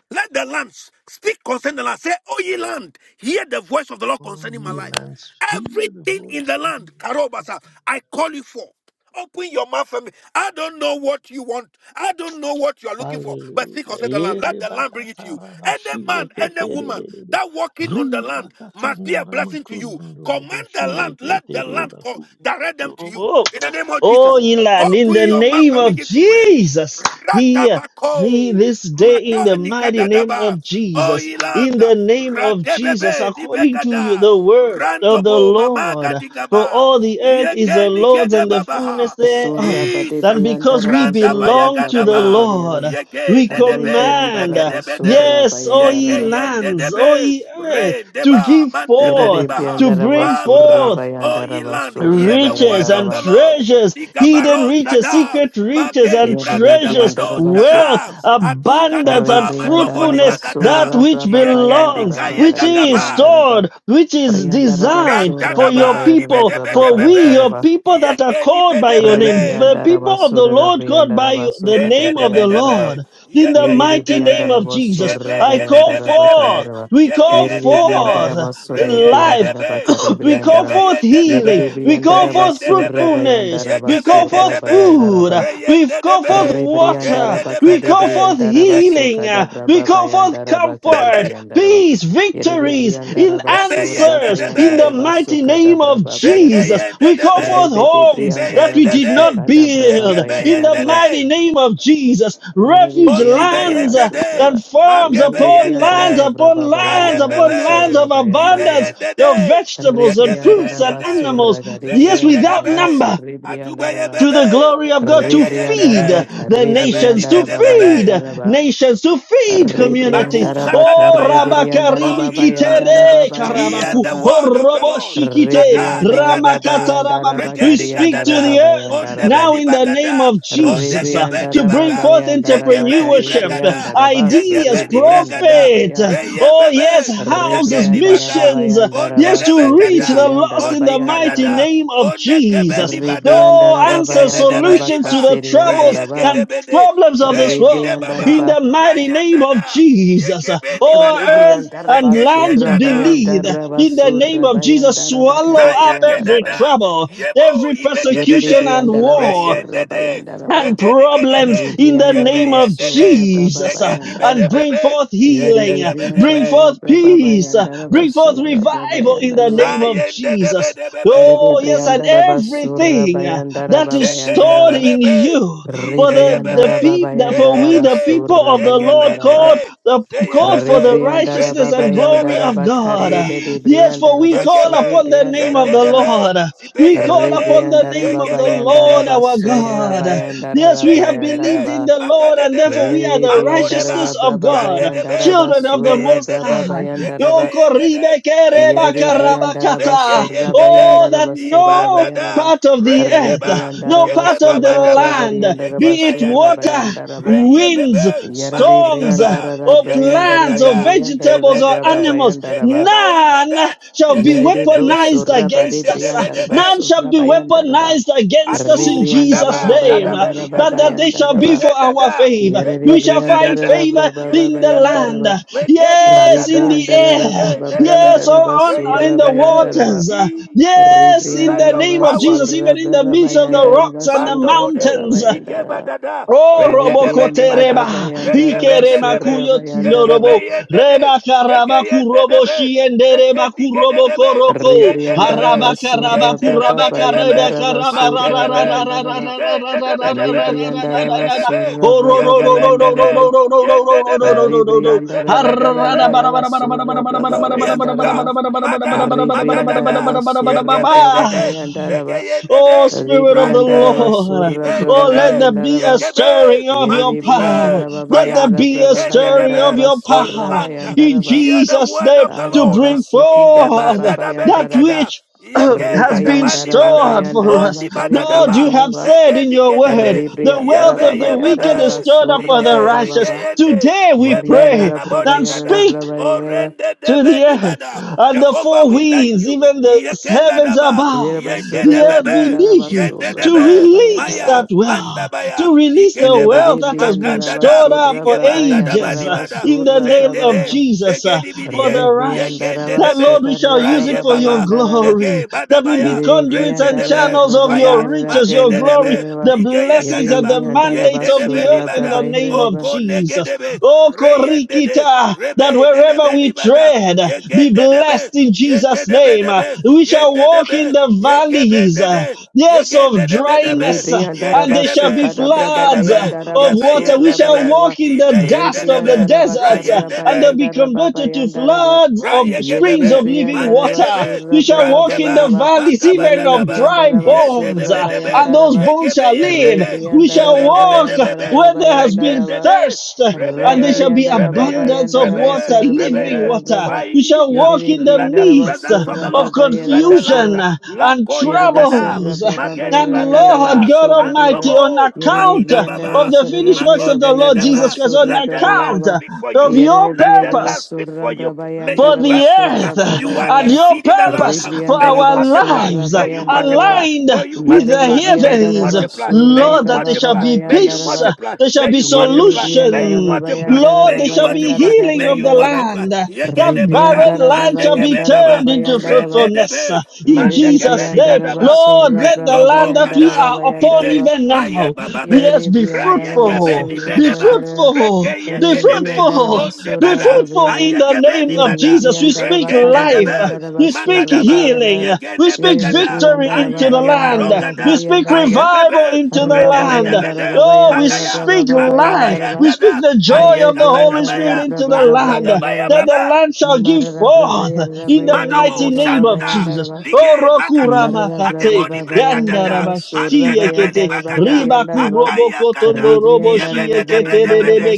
S1: Let the lands speak concerning the land. Say, O ye land, hear the voice of the Lord
S2: Oh,
S1: concerning my
S2: ye
S1: life.
S2: lands, hear the
S1: Everything in
S2: voice
S1: the
S2: of the
S1: land, Karobasa,
S2: Lord.
S1: I call you for. Open your mouth for me. I don't know what you want. I don't know what you are looking for. But speak
S2: Hallelujah.
S1: concerning the land. Let
S2: Ere
S1: the land bring it
S2: bakata
S1: to you. Any man,
S2: rabashiye
S1: any woman
S2: ketererere.
S1: that walking on the
S2: Ri
S1: land
S2: bakata
S1: must be a blessing to you.
S2: naramakuyundu
S1: Command the land.
S2: roboshiye
S1: Let the
S2: ketere
S1: land co-
S2: bakuyu
S1: direct them to you.
S2: kutorobo.
S1: In the name of Jesus.
S2: Oh, Elon, in
S1: Open
S2: the
S1: your mouth
S2: name
S1: and
S2: of
S1: begin to pray.
S2: Jesus, hear me
S1: Ratabako,
S2: this day in the
S1: Makani
S2: mighty name
S1: Kadadaba,
S2: of Jesus. In
S1: Oilanda,
S2: the name of Jesus,
S1: Radebebe,
S2: according to you,
S1: Nibegada,
S2: the word of the
S1: Randobo, Mamaga
S2: Lord, for
S1: Digaba,
S2: all the earth is the
S1: Yegeni
S2: Lord's and the
S1: Gedebabaha,
S2: fullness thereof
S5: Surra bade
S2: that
S1: Jesus,
S5: brianda
S2: because we
S5: raba surra
S2: belong to the
S5: brabayara
S1: Randabayagadaba,
S2: Lord,
S5: bariara.
S1: Yege,
S2: we
S5: Re
S1: Nenebe,
S5: brianda
S2: command,
S5: raba
S1: Nibregedebede,
S5: surra
S2: yes, O
S5: bayanda
S1: Yege,
S2: ye
S5: raba.
S2: lands, O
S1: Yendebe,
S2: ye earth, to
S1: Rendeba,
S2: give
S5: Yere re
S2: forth,
S1: Mantebelibaha,
S2: to
S5: brianda raba
S2: bring
S5: surra
S1: Father,
S2: forth
S5: bayanda raba
S1: Oiland, hear
S5: surra
S1: the
S2: riches
S1: word
S5: bayanda
S1: of
S2: and
S1: the
S5: raba.
S1: Lord.
S2: treasures, hidden
S1: Digabaro
S2: riches,
S1: Shada,
S2: secret riches
S1: Makeni
S2: and
S5: Yere re
S1: bragada
S2: treasures,
S1: bado
S5: raba so.
S2: wealth,
S1: shada aguga
S2: abundance
S5: Re
S2: and
S1: gaba
S5: brianda
S1: matoboli
S5: raba
S2: fruitfulness,
S1: bagada
S2: that
S5: surra
S2: which
S5: braba
S1: yekeni
S5: bayanda
S2: belongs,
S5: raba
S2: which
S1: kayega
S5: gari
S2: is
S1: gaba
S5: brianda raba.
S2: stored, which is
S5: Brianda raba
S2: designed
S1: ranta
S5: surra
S2: for your
S1: daba ni
S5: brabayara
S2: people,
S1: bede
S5: raba
S1: bede
S2: for we,
S5: brabayanda
S2: your
S1: bebe
S5: raba.
S2: people that are
S1: yekeni
S2: called by
S1: bede
S2: your
S5: Re
S2: name, the
S1: bebe
S5: brianda raba
S2: people of the
S5: surra
S2: Lord called
S5: brianda
S2: by
S5: raba
S2: you, the
S5: sukata
S1: Yende
S2: name
S1: de
S2: of
S1: be
S2: the
S5: brianda
S1: de be,
S5: raba.
S2: Lord, in the
S1: yege
S5: Yerere
S1: yende
S2: mighty name
S1: de,
S5: briandara
S2: of Jesus,
S1: yebe
S5: basura
S2: I
S1: yende
S2: call
S1: de
S5: bayandara
S1: be de be,
S2: forth,
S5: bakandara.
S2: we
S1: yege
S2: call
S5: Yerere
S1: yende de be,
S2: forth
S5: briandara
S1: re
S5: basura
S1: yende
S2: life,
S1: de
S5: briandara
S1: be,
S5: bakare
S2: We
S1: yege
S2: call
S1: be
S5: briandara.
S2: forth
S1: yende de be,
S2: healing.
S5: Yerere
S2: We
S1: re
S2: call
S5: briandara
S2: forth
S1: yende de be,
S5: basura
S2: fruitfulness.
S5: bayandara
S1: yege
S2: We
S1: be
S2: call
S1: de
S5: basura
S2: forth
S1: de be,
S5: bayandara
S2: food.
S5: ba.
S1: re
S2: We
S1: yende de
S2: call
S1: be,
S2: forth
S5: Re briandara
S2: water.
S1: yende de be
S2: We
S1: de
S5: bakade
S2: call
S1: be,
S2: forth
S5: briandara
S1: yege
S2: healing.
S5: basuka dabra
S2: We
S5: ba
S2: call forth
S5: bayandara
S1: be
S5: bakare
S1: be,
S2: comfort,
S5: briandara ba.
S2: peace,
S5: Yerere
S2: victories, in
S5: briandara
S1: re be
S5: basura
S1: yende
S2: answers
S1: de
S2: in the
S1: be,
S5: bayandara
S2: mighty
S5: basuka
S2: name
S5: dabra
S2: of
S5: ba
S2: Jesus.
S1: zeke
S5: bayandara
S2: Jesus.
S5: ba.
S1: yende
S2: We
S1: de
S2: call
S1: be,
S2: forth
S5: Rebede
S2: homes
S1: zibe
S2: that
S5: briandara
S2: we
S1: yende
S2: did
S1: de,
S2: not
S5: basuka dabra ba
S1: yege
S2: build
S1: be
S2: in the
S1: yende
S5: bayandara
S1: de,
S2: mighty name of Jesus.
S5: Yerere
S2: Refuge
S5: Briandara
S2: lands uh,
S1: Ozibeyendede,
S2: that
S5: Basuraba,
S2: farms
S5: Yerere
S2: upon lands
S5: Briandara
S1: Mangebeyendede,
S2: upon
S5: Braba
S2: lands
S5: Bayandara
S2: upon lands
S1: Rayebebe,
S5: Basura
S2: of abundance,
S5: Bayandaraba,
S2: the
S1: Ibeyendede,
S2: vegetables and fruits
S5: Rebriandara
S2: and
S1: Yegebeyendede,
S2: animals,
S5: Basura
S2: yes, without
S5: Garibriandara
S1: Zeyendedebe,
S5: Basur
S2: number
S5: Rebriandaraba,
S2: to the
S1: Adubeyebebe,
S2: glory of God to feed
S5: Rebriandaraba
S1: Zegeyendede,
S2: the nations, to
S5: Carebriandaraba
S1: Zebendibedebebe,
S2: feed
S5: Bayandaraba,
S2: nations, to feed communities.
S1: Barusa
S5: Rebriandaraba
S2: Oh,
S1: kadabaya. O
S5: Carebriandaraba
S2: Rabakaribi
S1: inland,
S5: Bayandaraba
S2: Kitere
S1: hear
S2: Karabaku,
S1: the
S5: Bayandaraba,
S1: word of the
S2: oh,
S1: Lord.
S2: Roboshikite,
S1: Naga
S5: Rebriandaraba
S1: nigadada,
S2: Ramakatarabam.
S5: Bayandaraba
S2: We
S1: regeni
S2: speak to
S1: gadada,
S5: Gariandaraba
S2: the earth
S5: Bayandaraba.
S2: now
S1: ondebeni
S2: in the name
S1: bagada,
S2: of Jesus uh,
S5: Rebrianda
S1: ondegebeni
S2: to bring
S1: baga,
S2: forth
S5: Rabayanda Rabaka
S1: yegebeni
S5: de
S2: entrepreneurship, uh,
S1: bregada,
S5: Brianda Rabaso
S2: ideas,
S1: yegebeni
S5: Rebrianda
S1: bregada,
S2: profit. uh,
S5: Rabaya
S2: Oh, yes yes,
S1: reyebebe,
S2: houses,
S1: yegeni
S5: Rebrianda
S1: baga,
S2: missions,
S5: Rabayanda
S2: yes,
S5: Rabaso
S2: to reach
S1: ondedebekada,
S2: the
S5: Rebrianda
S2: lost in the
S5: Rabayanda
S2: mighty
S1: ondikadada,
S5: Raba
S2: name of Jesus.
S1: ondegebeni bada,
S2: Oh,
S5: Rebrianda
S2: answer,
S5: Rabayanda
S1: yegenebeni
S2: solutions
S5: Rabaka
S2: to
S1: ba,
S2: the
S5: Serianda
S2: troubles
S5: Raba
S2: and
S1: reyegedebede,
S2: problems of this world
S1: legide
S5: Rebrianda
S1: baba,
S2: in
S5: Raba
S2: the mighty name of
S1: rayandada,
S2: Jesus.
S1: Yekebeni
S2: Oh,
S1: bada,
S2: earth
S5: Rebrianda
S2: and
S1: zekeri
S5: Rabaso
S2: land
S1: endada,
S5: Rabayanda
S2: beneath, in the
S5: Rabaso
S2: name of Jesus,
S5: Rabayanda Rabaka
S2: swallow
S5: de
S2: up
S1: zaya
S5: Brianda
S2: every
S5: Raba
S1: gedada,
S2: trouble,
S1: yebo
S2: every
S5: Yede de
S2: persecution
S1: ibegedede,
S2: and
S5: Brianda
S2: war
S5: Rabaso
S1: reyendede,
S5: Rabayanda
S2: and
S5: Raba
S1: yegedi
S2: problems
S1: bedede,
S2: in the
S5: Rebrianda
S1: yebe
S2: name of
S5: Rabaso
S1: yendede,
S2: Jesus uh,
S1: zegeni
S5: Rababayanda
S2: and bring
S1: bedebebe,
S2: forth healing,
S5: Yerere
S2: uh,
S1: yendede
S2: bring
S5: briandara
S1: bedebe,
S5: da
S2: forth
S5: braba
S2: peace, uh,
S5: bayandara
S2: bring forth
S5: basura braba
S2: revival in the
S5: yandara ba.
S2: name of
S1: zayendede
S2: Jesus.
S1: bedebebe.
S5: Yerere
S2: Oh, yes, and
S5: briandara basura
S2: everything uh,
S5: bayandara
S2: that
S5: ba
S2: is
S1: Zeke ye
S5: bayandara
S2: stored
S5: ba.
S2: in
S1: bebebe,
S2: you.
S5: Re
S2: For
S1: inde
S2: the,
S1: ye
S2: the
S5: briandara
S1: bebe,
S5: ba
S2: people, for
S1: yende
S5: bayandara
S2: we the
S1: debe,
S2: people
S5: basura
S2: of the
S1: yege
S2: Lord
S5: bayandara
S1: bende
S2: called
S5: ba.
S1: de,
S2: the
S1: zeye
S2: called for
S5: Re
S2: the
S1: bebe,
S5: briandara
S2: righteousness
S5: ba
S1: rendi
S2: and
S1: bede
S2: glory
S5: bayandara
S1: bebe,
S2: of
S5: ba
S2: God.
S5: karre bede
S2: Yes,
S1: Jesus,
S2: for
S5: briandara
S2: we
S1: yege
S2: call
S5: basura
S1: be,
S2: upon the name
S5: briandara
S2: of
S1: yende
S5: ba
S2: the
S5: ya.
S1: debe,
S2: Lord.
S1: ibe
S2: We
S1: yende
S2: call
S5: Re
S1: de,
S2: upon the
S5: briandara
S2: name
S5: ba
S2: of
S1: yege
S2: the
S1: bende
S5: bayandara
S2: Lord
S1: de,
S2: our
S5: basura
S1: zeyende
S2: God.
S1: de,
S5: bayandara
S2: Yes,
S5: da
S1: ibe
S2: we have
S1: yende
S5: briandara
S2: believed
S1: de,
S2: in
S5: ba.
S2: the Lord,
S1: makade
S2: and therefore
S1: debe,
S2: we are
S5: Yerere
S2: the
S5: briandara da
S1: makodeba,
S2: righteousness of
S5: braba
S2: God,
S1: yande
S5: bayandara
S1: debe,
S2: children of
S1: ibe
S2: the
S5: basura
S2: Most
S1: yende
S5: braba
S1: de,
S2: High.
S1: yege
S5: bayandara ba.
S1: be
S2: Oh,
S1: yende de, yende
S5: Yerere
S1: debe,
S5: Briandaraba
S1: zege
S5: Surra
S1: yende de,
S2: Oh, that
S5: Bayandaraba Surra
S2: no
S1: ibanda da,
S5: Bayaraba
S2: part of the
S5: Re
S1: regedeba,
S2: earth, no
S5: Briandaraba
S1: Yege
S2: part of the
S1: Baba
S5: Surra
S1: babadaba,
S2: land,
S1: yege
S5: Bravariandaraba
S2: be it
S5: Surra
S1: Bayanda Da,
S2: water,
S5: Bayandaraba
S1: reye
S2: winds,
S1: bebe,
S5: Yerere
S2: storms,
S1: mandigaba,
S5: Briandara
S2: or
S1: yege
S5: Briandara
S1: Yenda
S2: plants, or
S1: Da,
S5: Yeriandara
S2: vegetables,
S1: yende
S2: or
S5: Brava
S1: debe,
S2: animals,
S1: yege
S5: Bayandaraba
S1: Bayanda
S2: none
S1: Da,
S2: shall be
S1: yege
S5: Yerere Bro
S1: dedebe,
S2: weaponized
S5: Surra Bade
S2: against
S1: rende
S2: us.
S1: debe
S5: Briandaraba
S2: None
S1: debe.
S2: shall
S5: Surra
S2: be
S5: Bayandaraba
S2: weaponized against us
S5: Re
S2: us in
S1: Adu
S2: Jesus'
S5: Briandaraba
S1: madaba,
S2: name,
S1: dada
S2: uh,
S5: Bayandaraba
S2: that, that
S1: beligada,
S2: they shall be
S5: Bayandaraba
S2: for
S1: yege
S2: our
S1: dada,
S2: favor.
S5: Yerere
S2: We
S1: yege
S2: shall
S1: yega
S2: find
S1: dada,
S5: Briandara
S2: favor
S5: Brava
S2: in
S1: yende
S2: the
S1: debe,
S2: land.
S5: Bayandaraba
S2: uh,
S1: wege di
S5: Re
S2: Yes, in
S1: badada,
S2: the
S5: Briandara
S2: air.
S1: yege
S5: Brava
S2: Yes,
S1: nedebe,
S2: on,
S5: Bayandaraba
S2: uh,
S1: reye
S2: in
S5: Surra
S2: the
S1: dede,
S5: Bayandaraba
S2: waters. Uh,
S1: Jesus,
S2: Yes, in
S1: let
S2: the
S1: your
S2: name
S5: Ribriandaraba
S2: of
S1: power
S2: Jesus,
S1: be
S5: surra
S2: even in
S1: seen.
S2: the
S5: braba
S2: midst of the
S1: Ike
S2: rocks
S5: bayandaraba
S2: and the
S1: bando
S5: surra
S1: bode,
S5: braba
S2: mountains. uh,
S1: Ike
S5: bayandaraba.
S1: badada, rende de beni
S5: Ribriandaraba
S1: bada, yeke
S5: bayandaraba
S1: bende debe,
S5: surra
S1: yeke
S5: bayandaraba.
S1: be yende de, yeke yende debe, zeke dike de debe, yende
S5: Ribriandaraba
S1: debe,
S5: surra
S1: yende
S5: braba
S1: debe debe be,
S5: bayandaraba
S1: mande
S5: surra
S1: debe,
S5: bayandaraba.
S1: Ike de debe debe,
S5: Ribriandaraba
S1: yende debe,
S5: surra braba
S1: yeke bende de,
S5: bayandaraba.
S1: yende debe, yende
S5: Ribriandaraba
S1: debe debe be.
S5: bayandaraba surra braba
S1: Glorious God.
S5: bayandaraba.
S1: Maga, Magadada,
S5: Ribriandaraba surra braba
S1: Yegebendede,
S5: bayandaraba.
S2: Oh,
S1: Zegeyendede,
S2: Spirit of the
S5: Ribriandaraba
S1: Rande,
S2: Lord.
S5: surra braba
S2: Oh, let
S1: Ibendede,
S2: there be
S5: bayandaraba.
S2: a
S1: Yekebe,
S2: stirring of your
S5: Yeribri
S2: power.
S1: Mandube,
S5: andaraba
S2: Let there
S1: Fire,
S5: bayarra
S2: be a
S5: braba
S2: stirring of
S1: Ikendedebe,
S5: bayandaraba
S2: your
S1: O
S5: surra
S2: power
S1: land,
S2: in
S5: bayandaraba
S1: hear the
S2: Jesus'
S1: word
S2: name
S1: of the
S2: to
S1: Lord.
S5: araba
S2: bring
S5: suka da
S1: Ikeba,
S2: forth
S5: braba
S1: Dada
S2: that
S5: bayandaraba
S1: Benigada,
S2: which
S1: Yege,
S2: has
S1: Dada
S2: been
S5: ribayandaraba
S1: Banibada,
S2: stored for us.
S5: bayandaraba karibri
S2: Lord,
S1: Onibadadaba,
S2: you have
S5: andaraba
S2: said in your word,
S1: Zekenikede,
S5: ribri
S2: the
S1: Yebe,
S2: wealth
S5: andaraba
S2: of the wicked is
S5: bayandaraba
S1: Yebebe,
S2: stored up
S5: surra
S2: for the
S1: Ride,
S5: braba
S2: righteous.
S5: baba
S1: Rigeyende,
S2: Today we
S1: Yebe,
S2: pray
S5: variandara braba
S2: and
S5: yarara
S1: Nanabonigada,
S2: speak
S5: braba
S1: Oh,
S5: yaraba
S1: rende de
S2: to the earth,
S1: benibada.
S2: and the
S1: Jehovah,
S2: four
S1: we thank
S2: winds,
S1: you.
S2: even the
S1: Yekenda
S2: heavens
S1: daba.
S2: above,
S5: yaraba surra
S2: the
S1: Yekede
S5: da
S2: earth
S1: bebe.
S2: beneath
S5: briandaraba
S2: it,
S1: Yende
S5: surra
S2: to
S1: debe.
S5: braba
S2: release
S1: Maya.
S2: that
S5: bayandaraba
S2: wealth,
S1: Mandabaya.
S2: to release the
S1: Ikedeba.
S2: wealth that
S5: yeribri
S2: has been
S5: andaraba
S1: Magandada.
S2: stored up
S5: surra
S2: for
S5: braba
S1: Igebanda daba
S2: ages uh,
S5: yandaraba
S1: nibada.
S2: in the
S5: surra
S2: name
S1: Zende
S2: of
S1: de.
S5: braba
S2: Jesus uh,
S1: zegeni
S2: for
S1: bidiye.
S2: the righteous.
S1: Yegende
S5: Rebriandaraba
S2: That
S1: debe.
S2: Lord, we shall
S5: sukarla
S2: use it
S1: Raye
S5: braba
S2: for your
S1: baba.
S5: bayandaraba.
S2: glory,
S1: Nege
S2: that we be
S1: badabaya.
S5: Yeri
S2: conduits
S1: Rende
S2: and
S5: rebriandaraba
S1: debe.
S2: channels of
S5: braba
S1: Fire.
S2: your
S5: bayandaraba
S2: riches, your
S1: Magede
S5: derira
S2: glory,
S1: debe.
S5: briandaraba.
S2: the
S1: Igeye
S5: Yeri
S2: blessings and
S1: gadaba.
S2: the
S5: rebriandaraba
S2: mandates
S1: Yende
S2: of
S1: debe
S2: the earth
S5: surra
S2: in
S1: nibada.
S5: braba
S2: the name of
S5: yandaraba.
S1: Oko
S2: Jesus.
S1: negedebe.
S2: Oh,
S1: Reyende de.
S2: Korikita, that
S1: Rebe
S2: wherever
S1: Nenebe
S2: we
S1: Libada
S2: tread, be
S1: Yekende Debe
S2: blessed in
S1: Yende
S2: Jesus'
S1: Debe
S2: name.
S1: Debe
S2: We shall
S1: Yende
S2: walk in
S1: Debe
S2: the
S1: Yekebe
S2: valleys, uh,
S1: Dede
S2: yes, of
S1: Yegende Debe Debe
S2: dryness, uh, and
S1: Yende
S5: Rebriandaraba
S2: there shall
S1: Debe
S2: be
S5: sukarla braba
S2: floods uh,
S1: Yegedebe
S2: of
S5: bayandaraba
S1: Yebe
S2: water. We
S1: Yende
S5: surra
S2: shall
S1: Debe
S5: bayandaraba.
S2: walk in the
S1: Ibe Yende
S2: dust of the
S1: Debe
S5: Rebriandaraba
S2: deserts, uh,
S5: karra
S1: Rayende
S2: and
S1: De.
S2: they'll be
S5: bayandaraba
S2: converted to
S5: bayandaraba.
S2: floods of
S5: Yeri
S2: springs of
S1: Rayegebebe,
S2: living
S5: rebriandaraba
S2: water.
S1: Mandedebe,
S2: You
S5: surra
S2: shall
S5: braba
S2: walk in the
S1: Randeba,
S5: bayandaraba.
S2: valleys
S5: Yeri
S2: even of
S1: Magabadadaba,
S2: dry
S5: rebriandaraba
S2: bones,
S5: surra
S2: uh,
S1: Yendebedebe,
S2: and those
S5: bayandaraba.
S2: bones
S1: Yegebe
S2: shall live.
S1: Yendede,
S2: We shall
S5: Rebriandaraba
S2: walk
S1: Yebedebedebebe,
S5: bayandaraba
S2: where there has been
S5: bayandaraba.
S1: Rekendede,
S2: thirst, uh, and there
S1: Rebeye,
S2: shall be
S5: Rabariandarababa
S1: Rebeye,
S2: abundance of
S1: Rebeye,
S2: water, living
S1: Rebeye,
S2: water. We shall
S1: Fire,
S2: walk
S5: Yere
S2: in the
S1: let the
S2: midst uh,
S1: presence of the
S5: Briandarabasura
S2: of
S1: Lord,
S5: Braba
S1: let the land,
S2: confusion
S5: Yerabasura
S2: uh, and
S1: Lakoya Gada,
S5: Yerebasara
S2: troubles. uh,
S5: Braba
S1: Mageni
S2: And
S5: Yeraba
S2: Lord
S1: Bagadaba,
S2: God
S5: Yerabasura Briera
S2: Almighty, on
S1: Andobo,
S5: Yere
S2: account uh, of
S1: Magidababa,
S2: the
S5: Briandarabasura
S2: finished works
S5: Briera
S2: of the
S1: Magode
S2: Lord Jesus
S1: Gadaba,
S2: Christ, on
S5: Yerabasura
S1: let the
S5: Braba
S1: land
S2: account
S5: Yeraba
S2: uh,
S1: speak for
S2: of
S1: you.
S5: Yere
S2: your
S1: Let the land
S2: purpose
S1: speak
S5: Briandarabasura
S1: for you.
S5: Braba
S1: May you
S2: for
S1: bear
S2: the
S1: fruit. uh,
S2: earth
S5: Yandarabasura
S2: uh,
S5: Braba
S1: You are the
S2: and
S5: Yera
S2: your
S1: seed in the land.
S2: purpose
S1: uh,
S2: for
S1: May you
S2: our
S1: multiply.
S5: Ribriandarabasura
S2: lives uh,
S1: May you
S5: Bayandaraba
S1: multiply.
S2: aligned
S1: May you
S2: with the
S5: Yere
S1: multiply. May you
S2: heavens.
S1: multiply. May
S5: Briandarabasura
S1: you
S2: Lord, that there
S5: Braba
S2: shall
S1: multiply.
S2: be
S1: May you
S2: peace,
S5: Bayandaraba
S2: uh,
S1: multiply.
S2: there shall
S1: May
S2: be
S1: you
S5: Yerere
S1: multiply. May you
S5: briandara
S2: solution.
S5: baba
S1: multiply.
S5: yandara
S2: Lord,
S1: May
S2: there
S5: baba
S1: you
S2: shall be
S1: multiply.
S5: yandara kari
S2: healing
S1: May
S2: of
S1: you
S2: the
S5: yandara ba.
S1: multiply.
S2: land. That
S1: Yegenebaka
S2: barren
S5: Ribriandara
S2: land
S5: baba
S2: shall be
S5: yandara
S1: andegebekaba
S2: turned
S5: baba
S2: into
S5: yandara ba.
S1: rende
S2: fruitfulness
S1: debe
S2: uh, in
S5: Yerere
S2: Jesus'
S1: mandegebeli
S2: name.
S5: briandara ba
S1: dadaba
S2: Lord,
S5: surra
S2: let
S5: bra
S2: the
S1: rendo
S5: baba
S2: land that we
S5: yandara
S1: bokada
S2: are
S5: baba
S2: upon
S5: yandara
S1: ite
S5: ba.
S2: even
S1: maye
S2: now,
S1: bababe
S2: yes,
S5: Yerere
S2: be
S1: raye
S5: briandara ba
S2: fruitful,
S1: gebeni
S5: surra
S2: be
S5: bra
S1: bedeba
S5: garara.
S2: fruitful,
S1: rekeye
S2: be
S5: Yerere
S1: gedebe
S5: briandara
S2: fruitful,
S5: ba
S1: onde
S2: be
S5: surra
S1: bada
S2: fruitful
S5: bra
S2: gospel in
S5: bayara.
S2: the
S1: ayegebe
S2: name
S1: ni
S2: of
S5: Yerere
S1: bada
S2: Jesus. We
S5: briandara
S2: speak
S5: ba
S1: rekende
S5: kari
S2: life.
S1: debe
S5: briandara ba
S2: We speak
S5: surra
S1: magadaba
S5: bayana.
S2: healing. We
S1: yegene
S2: speak
S5: Yerere
S1: begada
S2: victory
S5: briandara
S2: into the
S5: baba
S1: ayegeba
S2: land.
S5: yandara ba
S2: We
S1: rogada
S5: kari
S2: speak
S5: yandara ba.
S2: revival
S1: ayebebe
S2: into the
S1: redebe
S5: Rabari
S2: land.
S5: yandara
S1: debede
S5: baba
S2: Oh, we
S5: yandara bra
S1: magaya
S2: speak
S5: baba
S2: life.
S5: yandara ba.
S2: We
S1: makabayanda
S2: speak
S1: da makabayandada
S2: the joy
S5: Yere
S2: of the Holy Spirit
S5: Briandara
S1: ayekabadabaya
S2: into the
S5: Baba
S2: land.
S1: andadabaya
S2: That
S5: Yandara
S2: the
S1: baba
S2: land shall give forth in the
S1: Madobo,
S2: mighty name of
S1: Shanda,
S2: Jesus. Oh,
S1: Lige, Lagadu,
S2: Rokuramakate.
S1: Adeboni Bregadada, Ande de Beni
S2: Yandarabashiekete.
S1: Bagada, Akayakada, Yebede de Bede Bede,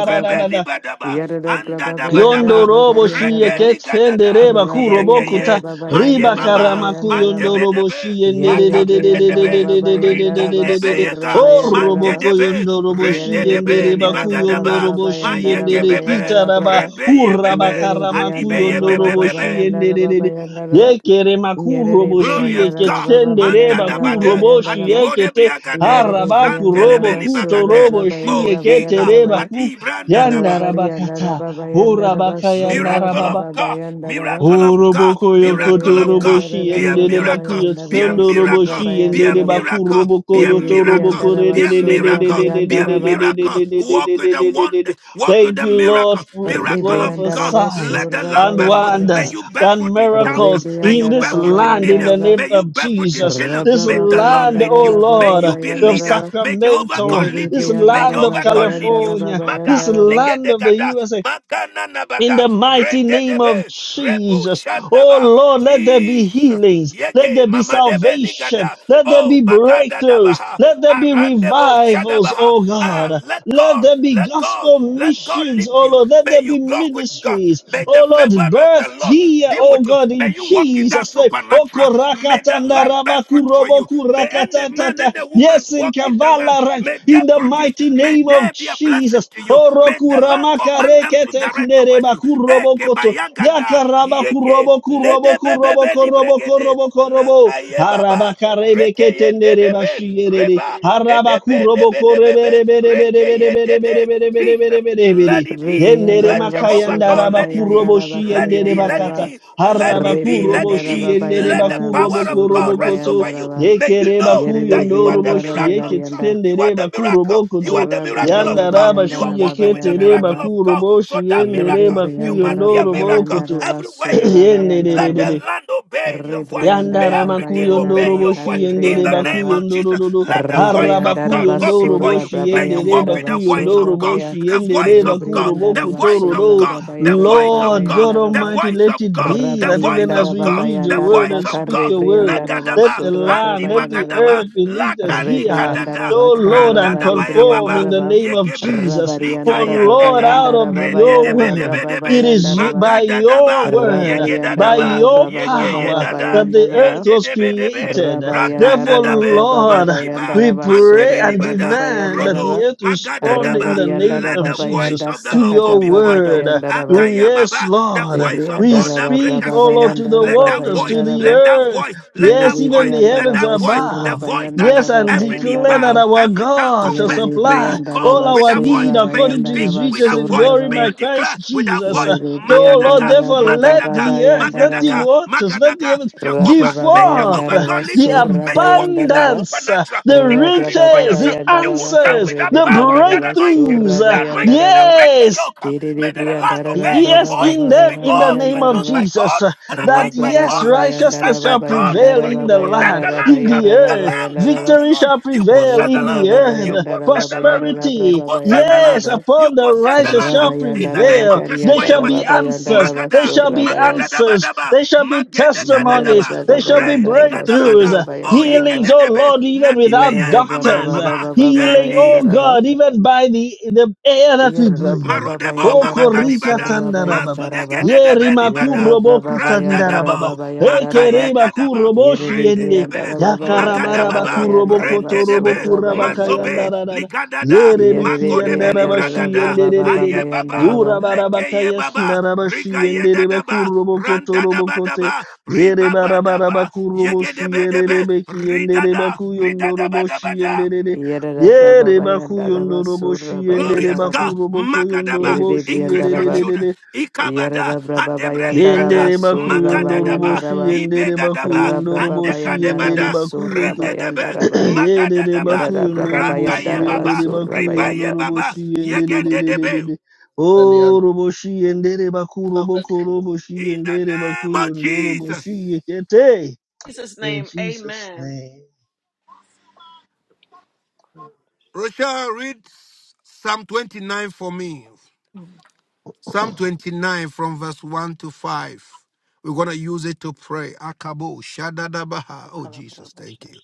S5: Basura
S1: Badaba, Anda Dabadaba,
S2: Yondorobo shiye
S1: Rekeli Gadada,
S2: ketsendere bakurobokuta
S1: Yekeye, maye
S2: riba
S1: baba,
S2: karamaku
S1: mantebe
S2: yondorobo
S1: debe,
S2: shiye
S1: makaba debe, rinda debe
S2: ndererererererererererererererererere
S1: yega,
S6: Yes,
S1: mante
S5: Bayandara
S2: horoboko
S1: debe,
S2: yondorobo
S1: rende
S2: shiye
S5: Yere
S2: ndere
S1: debe,
S5: Briandara
S2: baku
S5: Baba
S1: libagadaba,
S5: Baba
S2: yondorobo shiye
S1: maye
S5: Bayandara
S2: ndere
S5: Baba
S1: gebebe,
S5: Yara
S2: kitaraba
S5: Braba.
S1: rebe
S2: uraba
S1: yebebe,
S5: Yere
S2: karamaku
S1: adibe
S5: Briandara Baba
S1: yebebe
S2: yondorobo
S5: Baba
S1: bebe.
S2: shiye
S5: Yandara Baba
S2: ndererere
S5: Yandara Baba.
S2: yekere
S5: Yere
S2: makurobo shiye
S1: Glorious
S5: Briandara
S1: God,
S5: Baba Baba
S2: ketsendere
S1: manda
S5: Yandara Baba
S1: dabade,
S2: bakurobo
S5: Yandara
S2: shiye
S5: Baba.
S1: adibo de
S2: kete
S1: briagade,
S5: Yere
S2: harabaku
S5: Briandara
S2: robo
S1: santelebe
S5: Basura
S1: libagade,
S2: kutorobo
S5: Braba Yara
S2: shiye
S5: Baba Yara
S1: mojika,
S2: ketere
S5: Baba
S2: baku
S1: adibranda daba.
S5: Rabari
S2: yandarabakata
S5: Yandara Baba Yandara
S2: Horabakaya
S5: Basura
S1: Miracle of
S2: narababa.
S5: Braba
S1: God,
S5: Bayandara Baba.
S1: miracle of God,
S2: Horoboko
S5: Yere
S1: miracle
S2: yokoto
S1: of God,
S2: roboshi
S1: be
S5: Briandara
S1: a
S2: endere
S5: baba
S1: miracle,
S2: bakuyo
S5: Bayandara
S1: be a
S2: sondo
S5: Basura
S1: miracle,
S2: roboshi
S1: be a
S5: Bayandara
S2: endere
S5: Baba.
S2: baku
S1: miracle,
S2: roboko
S1: be a
S5: Yere
S2: yoto
S1: miracle,
S2: roboko
S5: Briandara
S2: re-
S1: be
S2: re-
S1: a
S2: re- re- re-
S5: Basura
S2: re-
S1: miracle,
S2: re-
S1: be
S2: re- re-
S1: a
S5: Bayandara
S2: re- re-
S5: Baba.
S2: re- re- re- re- re-
S1: miracle. Walk
S2: re-
S1: with
S2: re-
S1: a
S2: re- re- re.
S1: wonder, walk with
S2: Thank
S1: a
S2: you, Lord,
S1: miracle,
S2: for,
S1: miracle
S2: Lord,
S1: of
S2: for
S1: God.
S5: Rebriandaraba
S2: signs
S1: Let the lamp
S2: and
S1: bear fruit. May
S2: wonders
S5: Surabayandaraba
S1: you bear
S2: and
S1: fruit in thousands,
S2: miracles
S1: may
S2: in
S1: you
S2: this
S1: bear
S5: Rebriandaraba
S1: fruit in
S2: land in the
S1: millions,
S5: Bayandaraba
S2: name
S1: may you
S2: of
S1: bear fruit in
S2: Jesus.
S1: trillions.
S2: This
S1: May
S5: Rabraba
S1: the Lord
S2: land,
S1: lead
S5: Bayandara
S2: oh
S1: you, may
S5: Rabraba
S2: Lord,
S1: you be
S2: of
S1: leader,
S5: Bayandaraba
S1: may Jehovah God
S2: Sacramento,
S1: lead
S2: this
S1: you, may
S2: land of
S5: Yerebriandaraba
S1: Jehovah God lead you
S5: Bayandaraba
S2: California,
S1: baga,
S2: this
S5: Bayandaraba
S2: land
S1: ligede
S2: of the
S1: gada,
S2: USA.
S1: makana na
S2: In
S1: baga,
S2: the mighty
S1: rende
S2: name of
S1: debe, rebo
S2: Jesus. Oh
S1: shandaba,
S2: Lord, let there be
S1: Jesus.
S2: healings. Let
S1: Yege
S2: there be
S1: mama debe
S2: salvation.
S1: ligada,
S2: Let there
S1: oh
S2: be
S1: magada
S2: breakthroughs.
S1: dabaha,
S2: Let there be
S1: arandebo
S2: revivals,
S1: shadabaha.
S2: oh
S1: Ah,
S2: God.
S1: let
S2: Let
S1: God,
S2: there be
S1: let God,
S2: gospel
S1: let God
S2: missions,
S1: lead
S2: oh
S1: you.
S2: Lord. Let
S1: May
S2: there
S1: you
S2: be
S1: walk with God.
S2: ministries,
S1: May the
S2: oh Lord,
S1: favor of the
S2: birthed
S1: Lord
S2: here,
S1: be with
S2: oh
S1: you.
S2: God,
S1: May
S2: in
S1: you walk in that
S2: Jesus' name. Oh,
S1: supernatural. May the
S2: korakatanda
S1: land bear fruit for
S2: rabakurobo
S1: you. May any man,
S2: kurakatatata.
S1: any woman
S2: Yes, in
S1: walk in the land.
S2: Kavala Ranch,
S1: May they
S2: in the
S1: produce.
S2: mighty
S1: May
S2: name
S1: they
S2: of
S1: be a blessing
S2: Jesus.
S1: to you.
S2: Oh,
S1: May the Lord
S2: kurama
S1: command them to
S2: karekete
S1: direct
S2: ndere
S1: towards you.
S2: bakurobo
S1: Eke
S2: koto
S1: bayagada,
S2: yakaraba
S1: yeke,
S2: kurobo kurobo
S1: nede
S2: kurobo
S1: bebebe ni
S2: korobo
S1: bregede,
S2: korobo korobo
S1: nakaye
S2: haraba
S1: baba,
S2: karebe
S1: reke
S2: kete
S1: yende
S2: ndere
S1: debe,
S2: bashiyerere
S1: reba,
S2: haraba
S1: nenebe
S2: kurobo
S1: debe debebe,
S2: korebere bere bere
S1: reke
S2: bere bere
S1: yende
S2: bere
S1: de.
S2: bere bere
S1: Jesus,
S2: bere bere
S1: let
S2: bere
S1: it be.
S2: Yendere
S1: Let
S5: Rebriandaraba
S1: Jehovah
S2: makayanda
S1: God,
S2: raba
S1: let it be.
S2: kurobo
S5: Surabayandaraba
S1: Let it
S2: shiyendere
S1: be, let it
S2: bakata
S5: Kariandaraba
S1: be, let
S2: haraba
S1: it be, let
S2: kurobo
S1: it be.
S5: Rebriandaraba
S2: shiyendere
S1: Let the
S5: Bayandaraba
S2: bakurobo
S1: power of God
S2: korobo
S1: rest
S2: koto
S1: over you.
S5: Surabayandaraba
S1: May you May you
S2: yekereba
S1: know that you are the
S2: kuyondorobo
S5: Yerebriandaraba
S1: miracle of God.
S5: Garianda
S1: You are
S2: shiyeketendere
S1: the miracle.
S2: bakurobo
S1: You are
S2: koto
S1: the
S5: Rabraba
S1: miracle
S2: Yanda
S1: of God. You are
S2: bashiye
S5: Bayandaraba
S1: walking with the
S2: ketere
S1: miracle
S5: Bayandaraba
S1: of
S2: bakuro
S1: God.
S2: boshi
S1: So that
S5: Yere
S2: yendere
S1: miracle, you must
S5: Briandara
S1: be a
S2: bakuyondoro
S1: miracle
S2: bokoto
S5: Babayandara
S1: everywhere you
S5: Basura
S1: stand.
S2: yenderere
S1: Let the
S5: Bayandaraba,
S1: land obey your voice. May
S5: Rebriandara
S2: Yandara
S1: everything obey
S2: makuyondoro
S5: Babayandaraba,
S1: your voice.
S2: boshi
S1: In
S2: yendere
S1: the name
S5: Caribriandaraba,
S1: of
S2: bakuyondoro
S1: Jesus,
S2: dodo.
S1: let the voice
S2: Harra
S1: of
S5: Rebriandara
S1: God go
S2: bakuyondoro
S1: before
S5: Basura
S1: you.
S2: boshi
S1: May you
S2: yendere
S1: walk
S5: Brabayandara
S1: with the voice
S5: Basura
S2: bakuyondoro
S1: of God,
S5: Baya,
S2: boshi
S1: the
S2: yendere
S1: voice of God, the
S5: Rebriandara
S2: bakuroboko
S1: voice
S2: toro
S1: of
S5: Basura
S2: do.
S1: God, the
S5: Brabayara
S1: voice of
S2: Lord
S1: God,
S2: God
S1: the
S5: Babayandaraba,
S2: Almighty,
S1: voice
S2: let
S1: of
S2: it
S1: God,
S2: be
S1: the
S2: that even
S1: voice
S2: as
S1: of
S5: Rabariandara
S2: we
S1: God,
S2: read
S1: the
S2: your
S1: voice of God,
S5: Babayandara
S2: word
S1: voice
S2: and
S1: of
S2: speak
S1: God.
S2: your word,
S5: Bacaribriandara
S2: let
S1: Nagadaba,
S2: the land, let the
S5: Basura
S1: Andibagadaba,
S2: earth beneath us hear,
S1: Lakanikadada,
S5: Rebriandaraba
S2: oh Lord, and
S5: Karaba
S1: Randadabaya
S2: conform
S1: Baba,
S2: in the
S5: Rebriandaraba
S2: name of
S1: Yegebe,
S2: Jesus. For
S5: Rabariandaraba
S2: Lord,
S1: Likayandada,
S2: out of
S5: Bayandaraba
S2: your word,
S5: Bayaraba
S2: it
S1: Rendedebedebedebe,
S2: is you,
S5: Bayandaraba
S2: by your
S1: Magadadaba,
S2: word, by
S1: Yegedadaba,
S5: Rabariandaraba
S2: your power,
S5: Baba
S1: Yegeyedada,
S2: that the earth
S5: Bayandaraba
S2: was
S1: Yandedebedebe,
S2: created. Therefore,
S5: Rabayandaraba
S1: Ragadadabe,
S5: Baba
S2: Lord,
S1: Mantiba,
S2: we
S5: Bayandaraba
S2: pray
S5: Sura
S2: and
S5: Baba
S1: Mantebelibada,
S2: demand that
S1: Rodo,
S2: the
S5: Bayandaraba
S2: earth respond in
S1: Magadadaba.
S2: the name
S1: Let
S2: of
S5: Rabariandaraba
S1: the voice
S2: Jesus
S5: Bayanda
S1: of the
S2: to
S1: Lord go
S2: your
S5: Sakata
S1: before
S5: Baba
S1: you.
S2: word.
S5: Bayandaraba
S2: Oh,
S1: Akaya
S2: yes,
S1: Baba, the
S2: Lord.
S1: voice voice of
S2: We
S1: God that
S5: Rebriandaraba
S2: speak,
S1: breaketh
S5: Baba
S2: O
S1: cedar.
S2: Lord, to the
S1: Let
S5: Bayandaraba
S1: that
S2: waters,
S1: voice,
S2: to the
S1: let
S5: Bayandaraba
S1: that
S2: earth.
S1: voice, let
S5: Yere
S2: Yes,
S1: that
S2: even
S1: voice,
S2: the
S1: let
S2: heavens
S1: that
S5: Rebriandaraba
S1: voice, the
S5: Sura
S2: above.
S1: voice that uh,
S2: Yes,
S5: Bayandaraba
S2: and
S1: every knee
S2: declare that
S1: bow,
S5: Bayandaraba
S2: our
S1: every tongue
S2: God shall
S1: confess.
S5: Yerere
S1: May
S2: supply.
S1: you
S5: brianda
S1: go
S2: All
S5: raba
S1: with
S2: our
S1: that voice.
S2: need
S5: surra
S1: May you
S2: according to
S5: bayanda
S1: speak
S2: his
S5: raba
S1: with
S2: riches
S1: that
S2: in
S1: voice.
S5: surra
S2: glory
S1: May you
S5: baya.
S2: by
S1: declare
S2: Christ
S1: with that
S2: Jesus.
S1: voice.
S2: Uh,
S5: Yerere
S2: oh
S5: brianda
S2: Lord,
S1: Magadaga,
S2: therefore
S5: raba
S2: let
S5: baba
S1: Magadaga,
S2: the earth,
S5: bayanda
S2: let the
S1: Magadaga,
S5: raba.
S2: waters, let the
S1: Magadaga,
S2: heavens give
S5: Rabra
S1: Jehovah.
S5: baba
S1: May
S5: yanda
S2: forth
S1: Jehovah
S2: uh,
S5: raba
S1: God lead
S2: the
S1: you.
S5: surra
S1: May you walk
S5: bayanda
S1: in that
S5: raba.
S2: abundance, uh,
S1: supernatural.
S2: the
S1: Declare
S5: Rabra
S1: it for
S5: baba
S2: riches, the
S1: yourself.
S5: bayanda
S1: You will
S5: raba
S1: stand
S2: answers,
S1: with
S5: karre
S1: that
S2: the
S1: power
S5: brianda
S1: and that
S5: raba
S1: anointing.
S2: breakthroughs.
S5: surra
S2: uh,
S1: The
S5: bayanda
S1: anointing that
S5: raba.
S1: breaks the
S2: Yes,
S1: yoke yoke. May
S5: Tiriri
S1: the
S5: brianda
S1: land
S2: the
S1: obey
S5: raba
S1: your
S2: Yes,
S5: baba
S1: voice
S2: in them,
S5: baba
S2: in the
S1: because you
S2: name
S1: are
S5: bayanda
S2: of
S1: chosen
S5: raba.
S1: by
S2: Jesus,
S1: God
S2: uh,
S1: and
S2: that
S1: anointed
S5: Rabra
S1: by
S2: yes,
S5: baba
S1: God and
S5: bayanda
S2: righteousness
S1: sent by
S5: raba
S2: shall
S1: God.
S5: bayanda
S2: prevail
S1: So
S2: in
S5: raba
S1: you
S2: the
S1: possess
S2: land,
S5: bayanda
S1: the
S5: raba
S2: in
S1: land,
S2: the
S5: yara
S1: the
S5: raba
S2: earth.
S1: land,
S5: yanda
S1: the land,
S5: raba.
S1: the
S2: Victory
S1: land.
S2: shall
S1: You
S2: prevail
S1: possess the
S2: in
S5: Rabra
S2: the
S1: land.
S5: baba
S2: earth.
S1: You
S5: bayanda
S1: possess
S5: raba
S1: the land.
S5: bayara raba
S1: You
S2: Prosperity,
S1: possess the
S5: bayanda
S2: yes,
S1: land.
S5: raba.
S1: You
S2: upon the
S1: possess the
S2: righteous
S1: land
S2: shall
S1: in
S5: Rabayanda
S1: the name
S2: prevail.
S1: of
S2: There
S1: Joshua
S5: Rabakarianda
S2: shall be
S1: Yamashia.
S5: Rababayanda
S2: answers. There
S1: Magada,
S5: Rabasur
S2: shall be
S1: Magada
S5: Rabayan
S2: answers.
S1: Dabadaba,
S2: There shall be
S1: Magada
S5: Marada
S2: testimonies.
S1: Gadadaba,
S2: There shall be
S1: Re
S5: Brababayanda Rabasur
S2: breakthroughs.
S1: Nigadabada,
S2: uh,
S1: Oh
S5: Rabayanda
S2: Healings,
S5: Raba
S2: oh
S1: Igedebe,
S2: Lord, even without
S1: Nadibeye,
S5: Yarada
S1: Mama,
S2: doctors. uh,
S1: Mama, hey
S2: Healing,
S5: Brabababababayanda
S2: oh
S5: Raba
S2: God,
S1: Jesus.
S2: even by the, the air that we
S6: the
S5: Yarada
S2: breathe.
S1: Marodebo
S5: Brababayanda
S2: Okorika
S5: Rabasur
S1: mamakadibada,
S2: tandara
S5: Rabayanda
S2: baba.
S5: Raba
S2: Ye
S1: mazudegedebedibada,
S5: Yarada
S2: rimakuro boku
S5: Brababayanda
S2: tandara baba.
S1: randadabo,
S5: Rababayanda
S2: Eke
S5: Raba
S1: makayegadaba,
S2: rimakuro boshi
S5: Yerede
S2: yende.
S5: Brianda
S1: rendedebe,
S5: Rababayanda
S2: Yakaramara
S1: magadababa,
S2: bakuro
S5: Rababayanda
S2: boko toro
S5: Rabasur
S1: rendedebe,
S2: boku rabaka
S5: Rabayanda
S1: mazobe,
S5: Raba
S2: yandara dada.
S1: ligadada,
S2: Ye rebiki
S5: Yerede
S1: magodebe
S2: yandara
S5: Brianda
S2: bashi
S1: libragada,
S2: yende de de de de.
S1: ayebaba,
S5: Rabababayanda
S2: Yura barabaka
S1: lekeyebaba,
S2: yandara bashi yende de
S1: rigayedadaba,
S2: bakuro boko toro boko te.
S1: randadabadaba,
S2: Ye re barabara
S1: ribabadaba,
S2: bakuro boshi
S1: yegedebe
S2: yere
S1: debe
S2: rebeki yende de
S1: ridada,
S2: baku yondoro boshi
S1: ridadabadabada.
S5: Yerada
S2: Ye
S5: braba
S2: reba kuyundo
S5: bayandaraba
S2: robo
S5: surra
S2: shiyende
S1: Glorious
S2: reba
S5: bayandaraba.
S1: God,
S2: kurobo kuyundo
S1: Magadaba,
S2: robo
S5: Yerede
S1: increase your
S5: briandaraba.
S1: children.
S2: shiyerere
S1: Ikabada,
S5: Yerada braba
S2: yende
S1: Andebrelikada,
S5: bayandaraba
S2: reba
S5: surra
S2: kuyundo robo
S1: Magadadaba,
S5: bayandaraba.
S2: shiyende reba
S1: Ibedadaba,
S2: kuyundo
S5: Rabraba
S2: robo shiyende
S5: bayandaraba
S1: Andekadebada,
S2: reba
S5: surra
S2: kuyoko
S1: Rendedebe,
S5: bayandaraba.
S2: yende reba
S1: Magadadaba,
S5: Yerada
S2: kuyundo
S5: braba
S2: robo
S5: bayandaraba
S2: shiyende
S1: Rakayebaba,
S2: reba
S5: surra
S2: kuyundo
S5: bayanda.
S2: robo
S1: Ribayebaba,
S2: shiyende
S1: Yegendedebe.
S2: rerererere
S6: Barian,
S2: o robo shiyende reba kurobo korobo
S1: In the
S2: shiyende reba
S1: name of
S2: kuyundo robo
S1: Jesus.
S2: shiyekete
S3: In Jesus'
S2: in
S3: name,
S2: Jesus
S3: amen.
S2: name.
S1: Rochelle, read Psalm 29 for me. Psalm 29 from verse 1 to 5. We're going to use it to pray. Akabo, Shadadabaha. Oh, Jesus, thank you.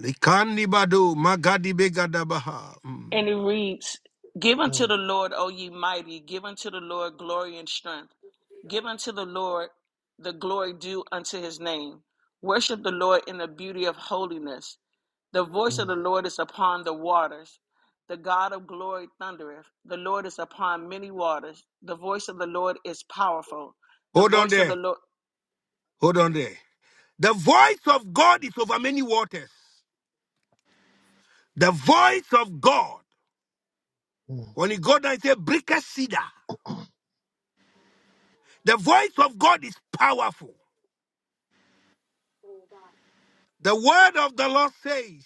S1: Likani badu, magadi begadabaha.
S3: And
S1: Mm.
S3: it reads, Give unto the
S2: Mm,
S3: Lord, O ye mighty, give unto the Lord glory and strength. Give unto the Lord the glory due unto his name. Worship the Lord in the beauty of holiness. The voice of
S2: mm,
S3: the Lord is upon the waters. The God of glory thundereth. The Lord is upon many waters. The voice of the Lord is powerful. The
S1: Hold on
S3: voice of the
S1: there.
S3: Lord.
S1: Hold on there. The voice of God is over many waters. The voice of God,
S2: mm,
S1: when you go down, it says, break a cedar. The voice of God is powerful. The word of the Lord says,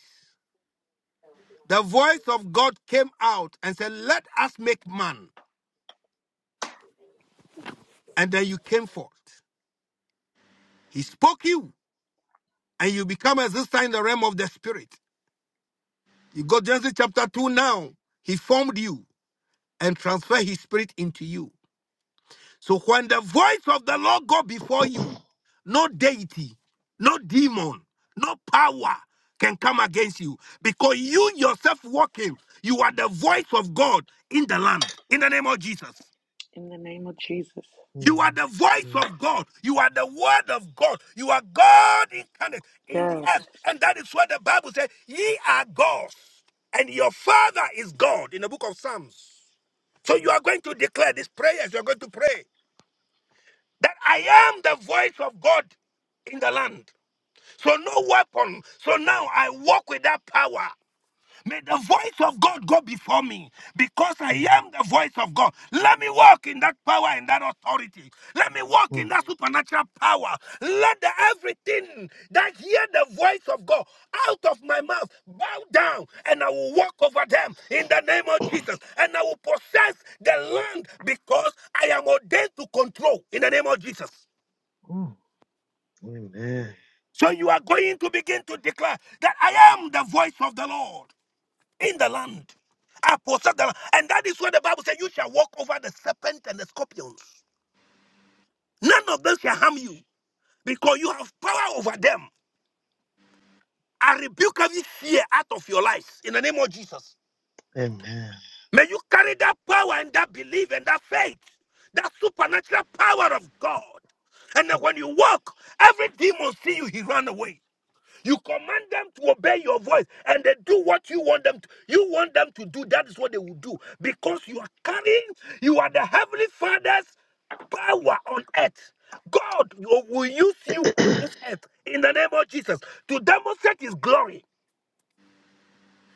S1: the voice of God came out and said, Let us make man. And then you came forth. He spoke you, and you become as this time in the realm of the spirit. You go Genesis chapter 2 now. He formed you and transferred his spirit into you. So when the voice of the Lord go before you, no deity, no demon, no power can come against you because you yourself walking, you are the voice of God in the land. In the name of Jesus.
S3: In the name of Jesus.
S2: mm,
S1: You are
S2: mm,
S1: the voice
S2: mm.
S1: of God. You are the word of God. You are God incarnate in the
S3: Yes.
S1: earth. And that is what the Bible says ye are gods, and your Father is God in the book of Psalms. So you are going to declare these prayers. You are going to pray that I am the voice of God in the land. So no weapon. So now I walk with that power. May the voice of God go before me because I
S2: mm,
S1: am the voice of God. Let me walk in that power and that authority. Let me walk
S2: mm.
S1: in that supernatural power. Let the everything that hear the voice of God out of my mouth bow down and I will walk over them in the name of Jesus and I will possess the land because I am ordained to control in the name of Jesus.
S2: Mm, Amen.
S1: So you are going to begin to declare that I am the voice of the Lord. in the land. I possess the land. And that is where the Bible says you shall walk over the serpent and the scorpions. None of them shall harm you because you have power over them. I rebuke every fear out of your lives in the name of Jesus.
S2: Amen.
S1: May you carry that power and that belief and that faith, that supernatural power of God. And then
S2: Mm.
S1: when you walk, every demon see you, he run away. You command them to obey your voice and they do what you want them to. You want them to do. That is what they will do because you are carrying, you are the Heavenly Father's power on earth. God will will use you on this earth in the name of Jesus to demonstrate His glory.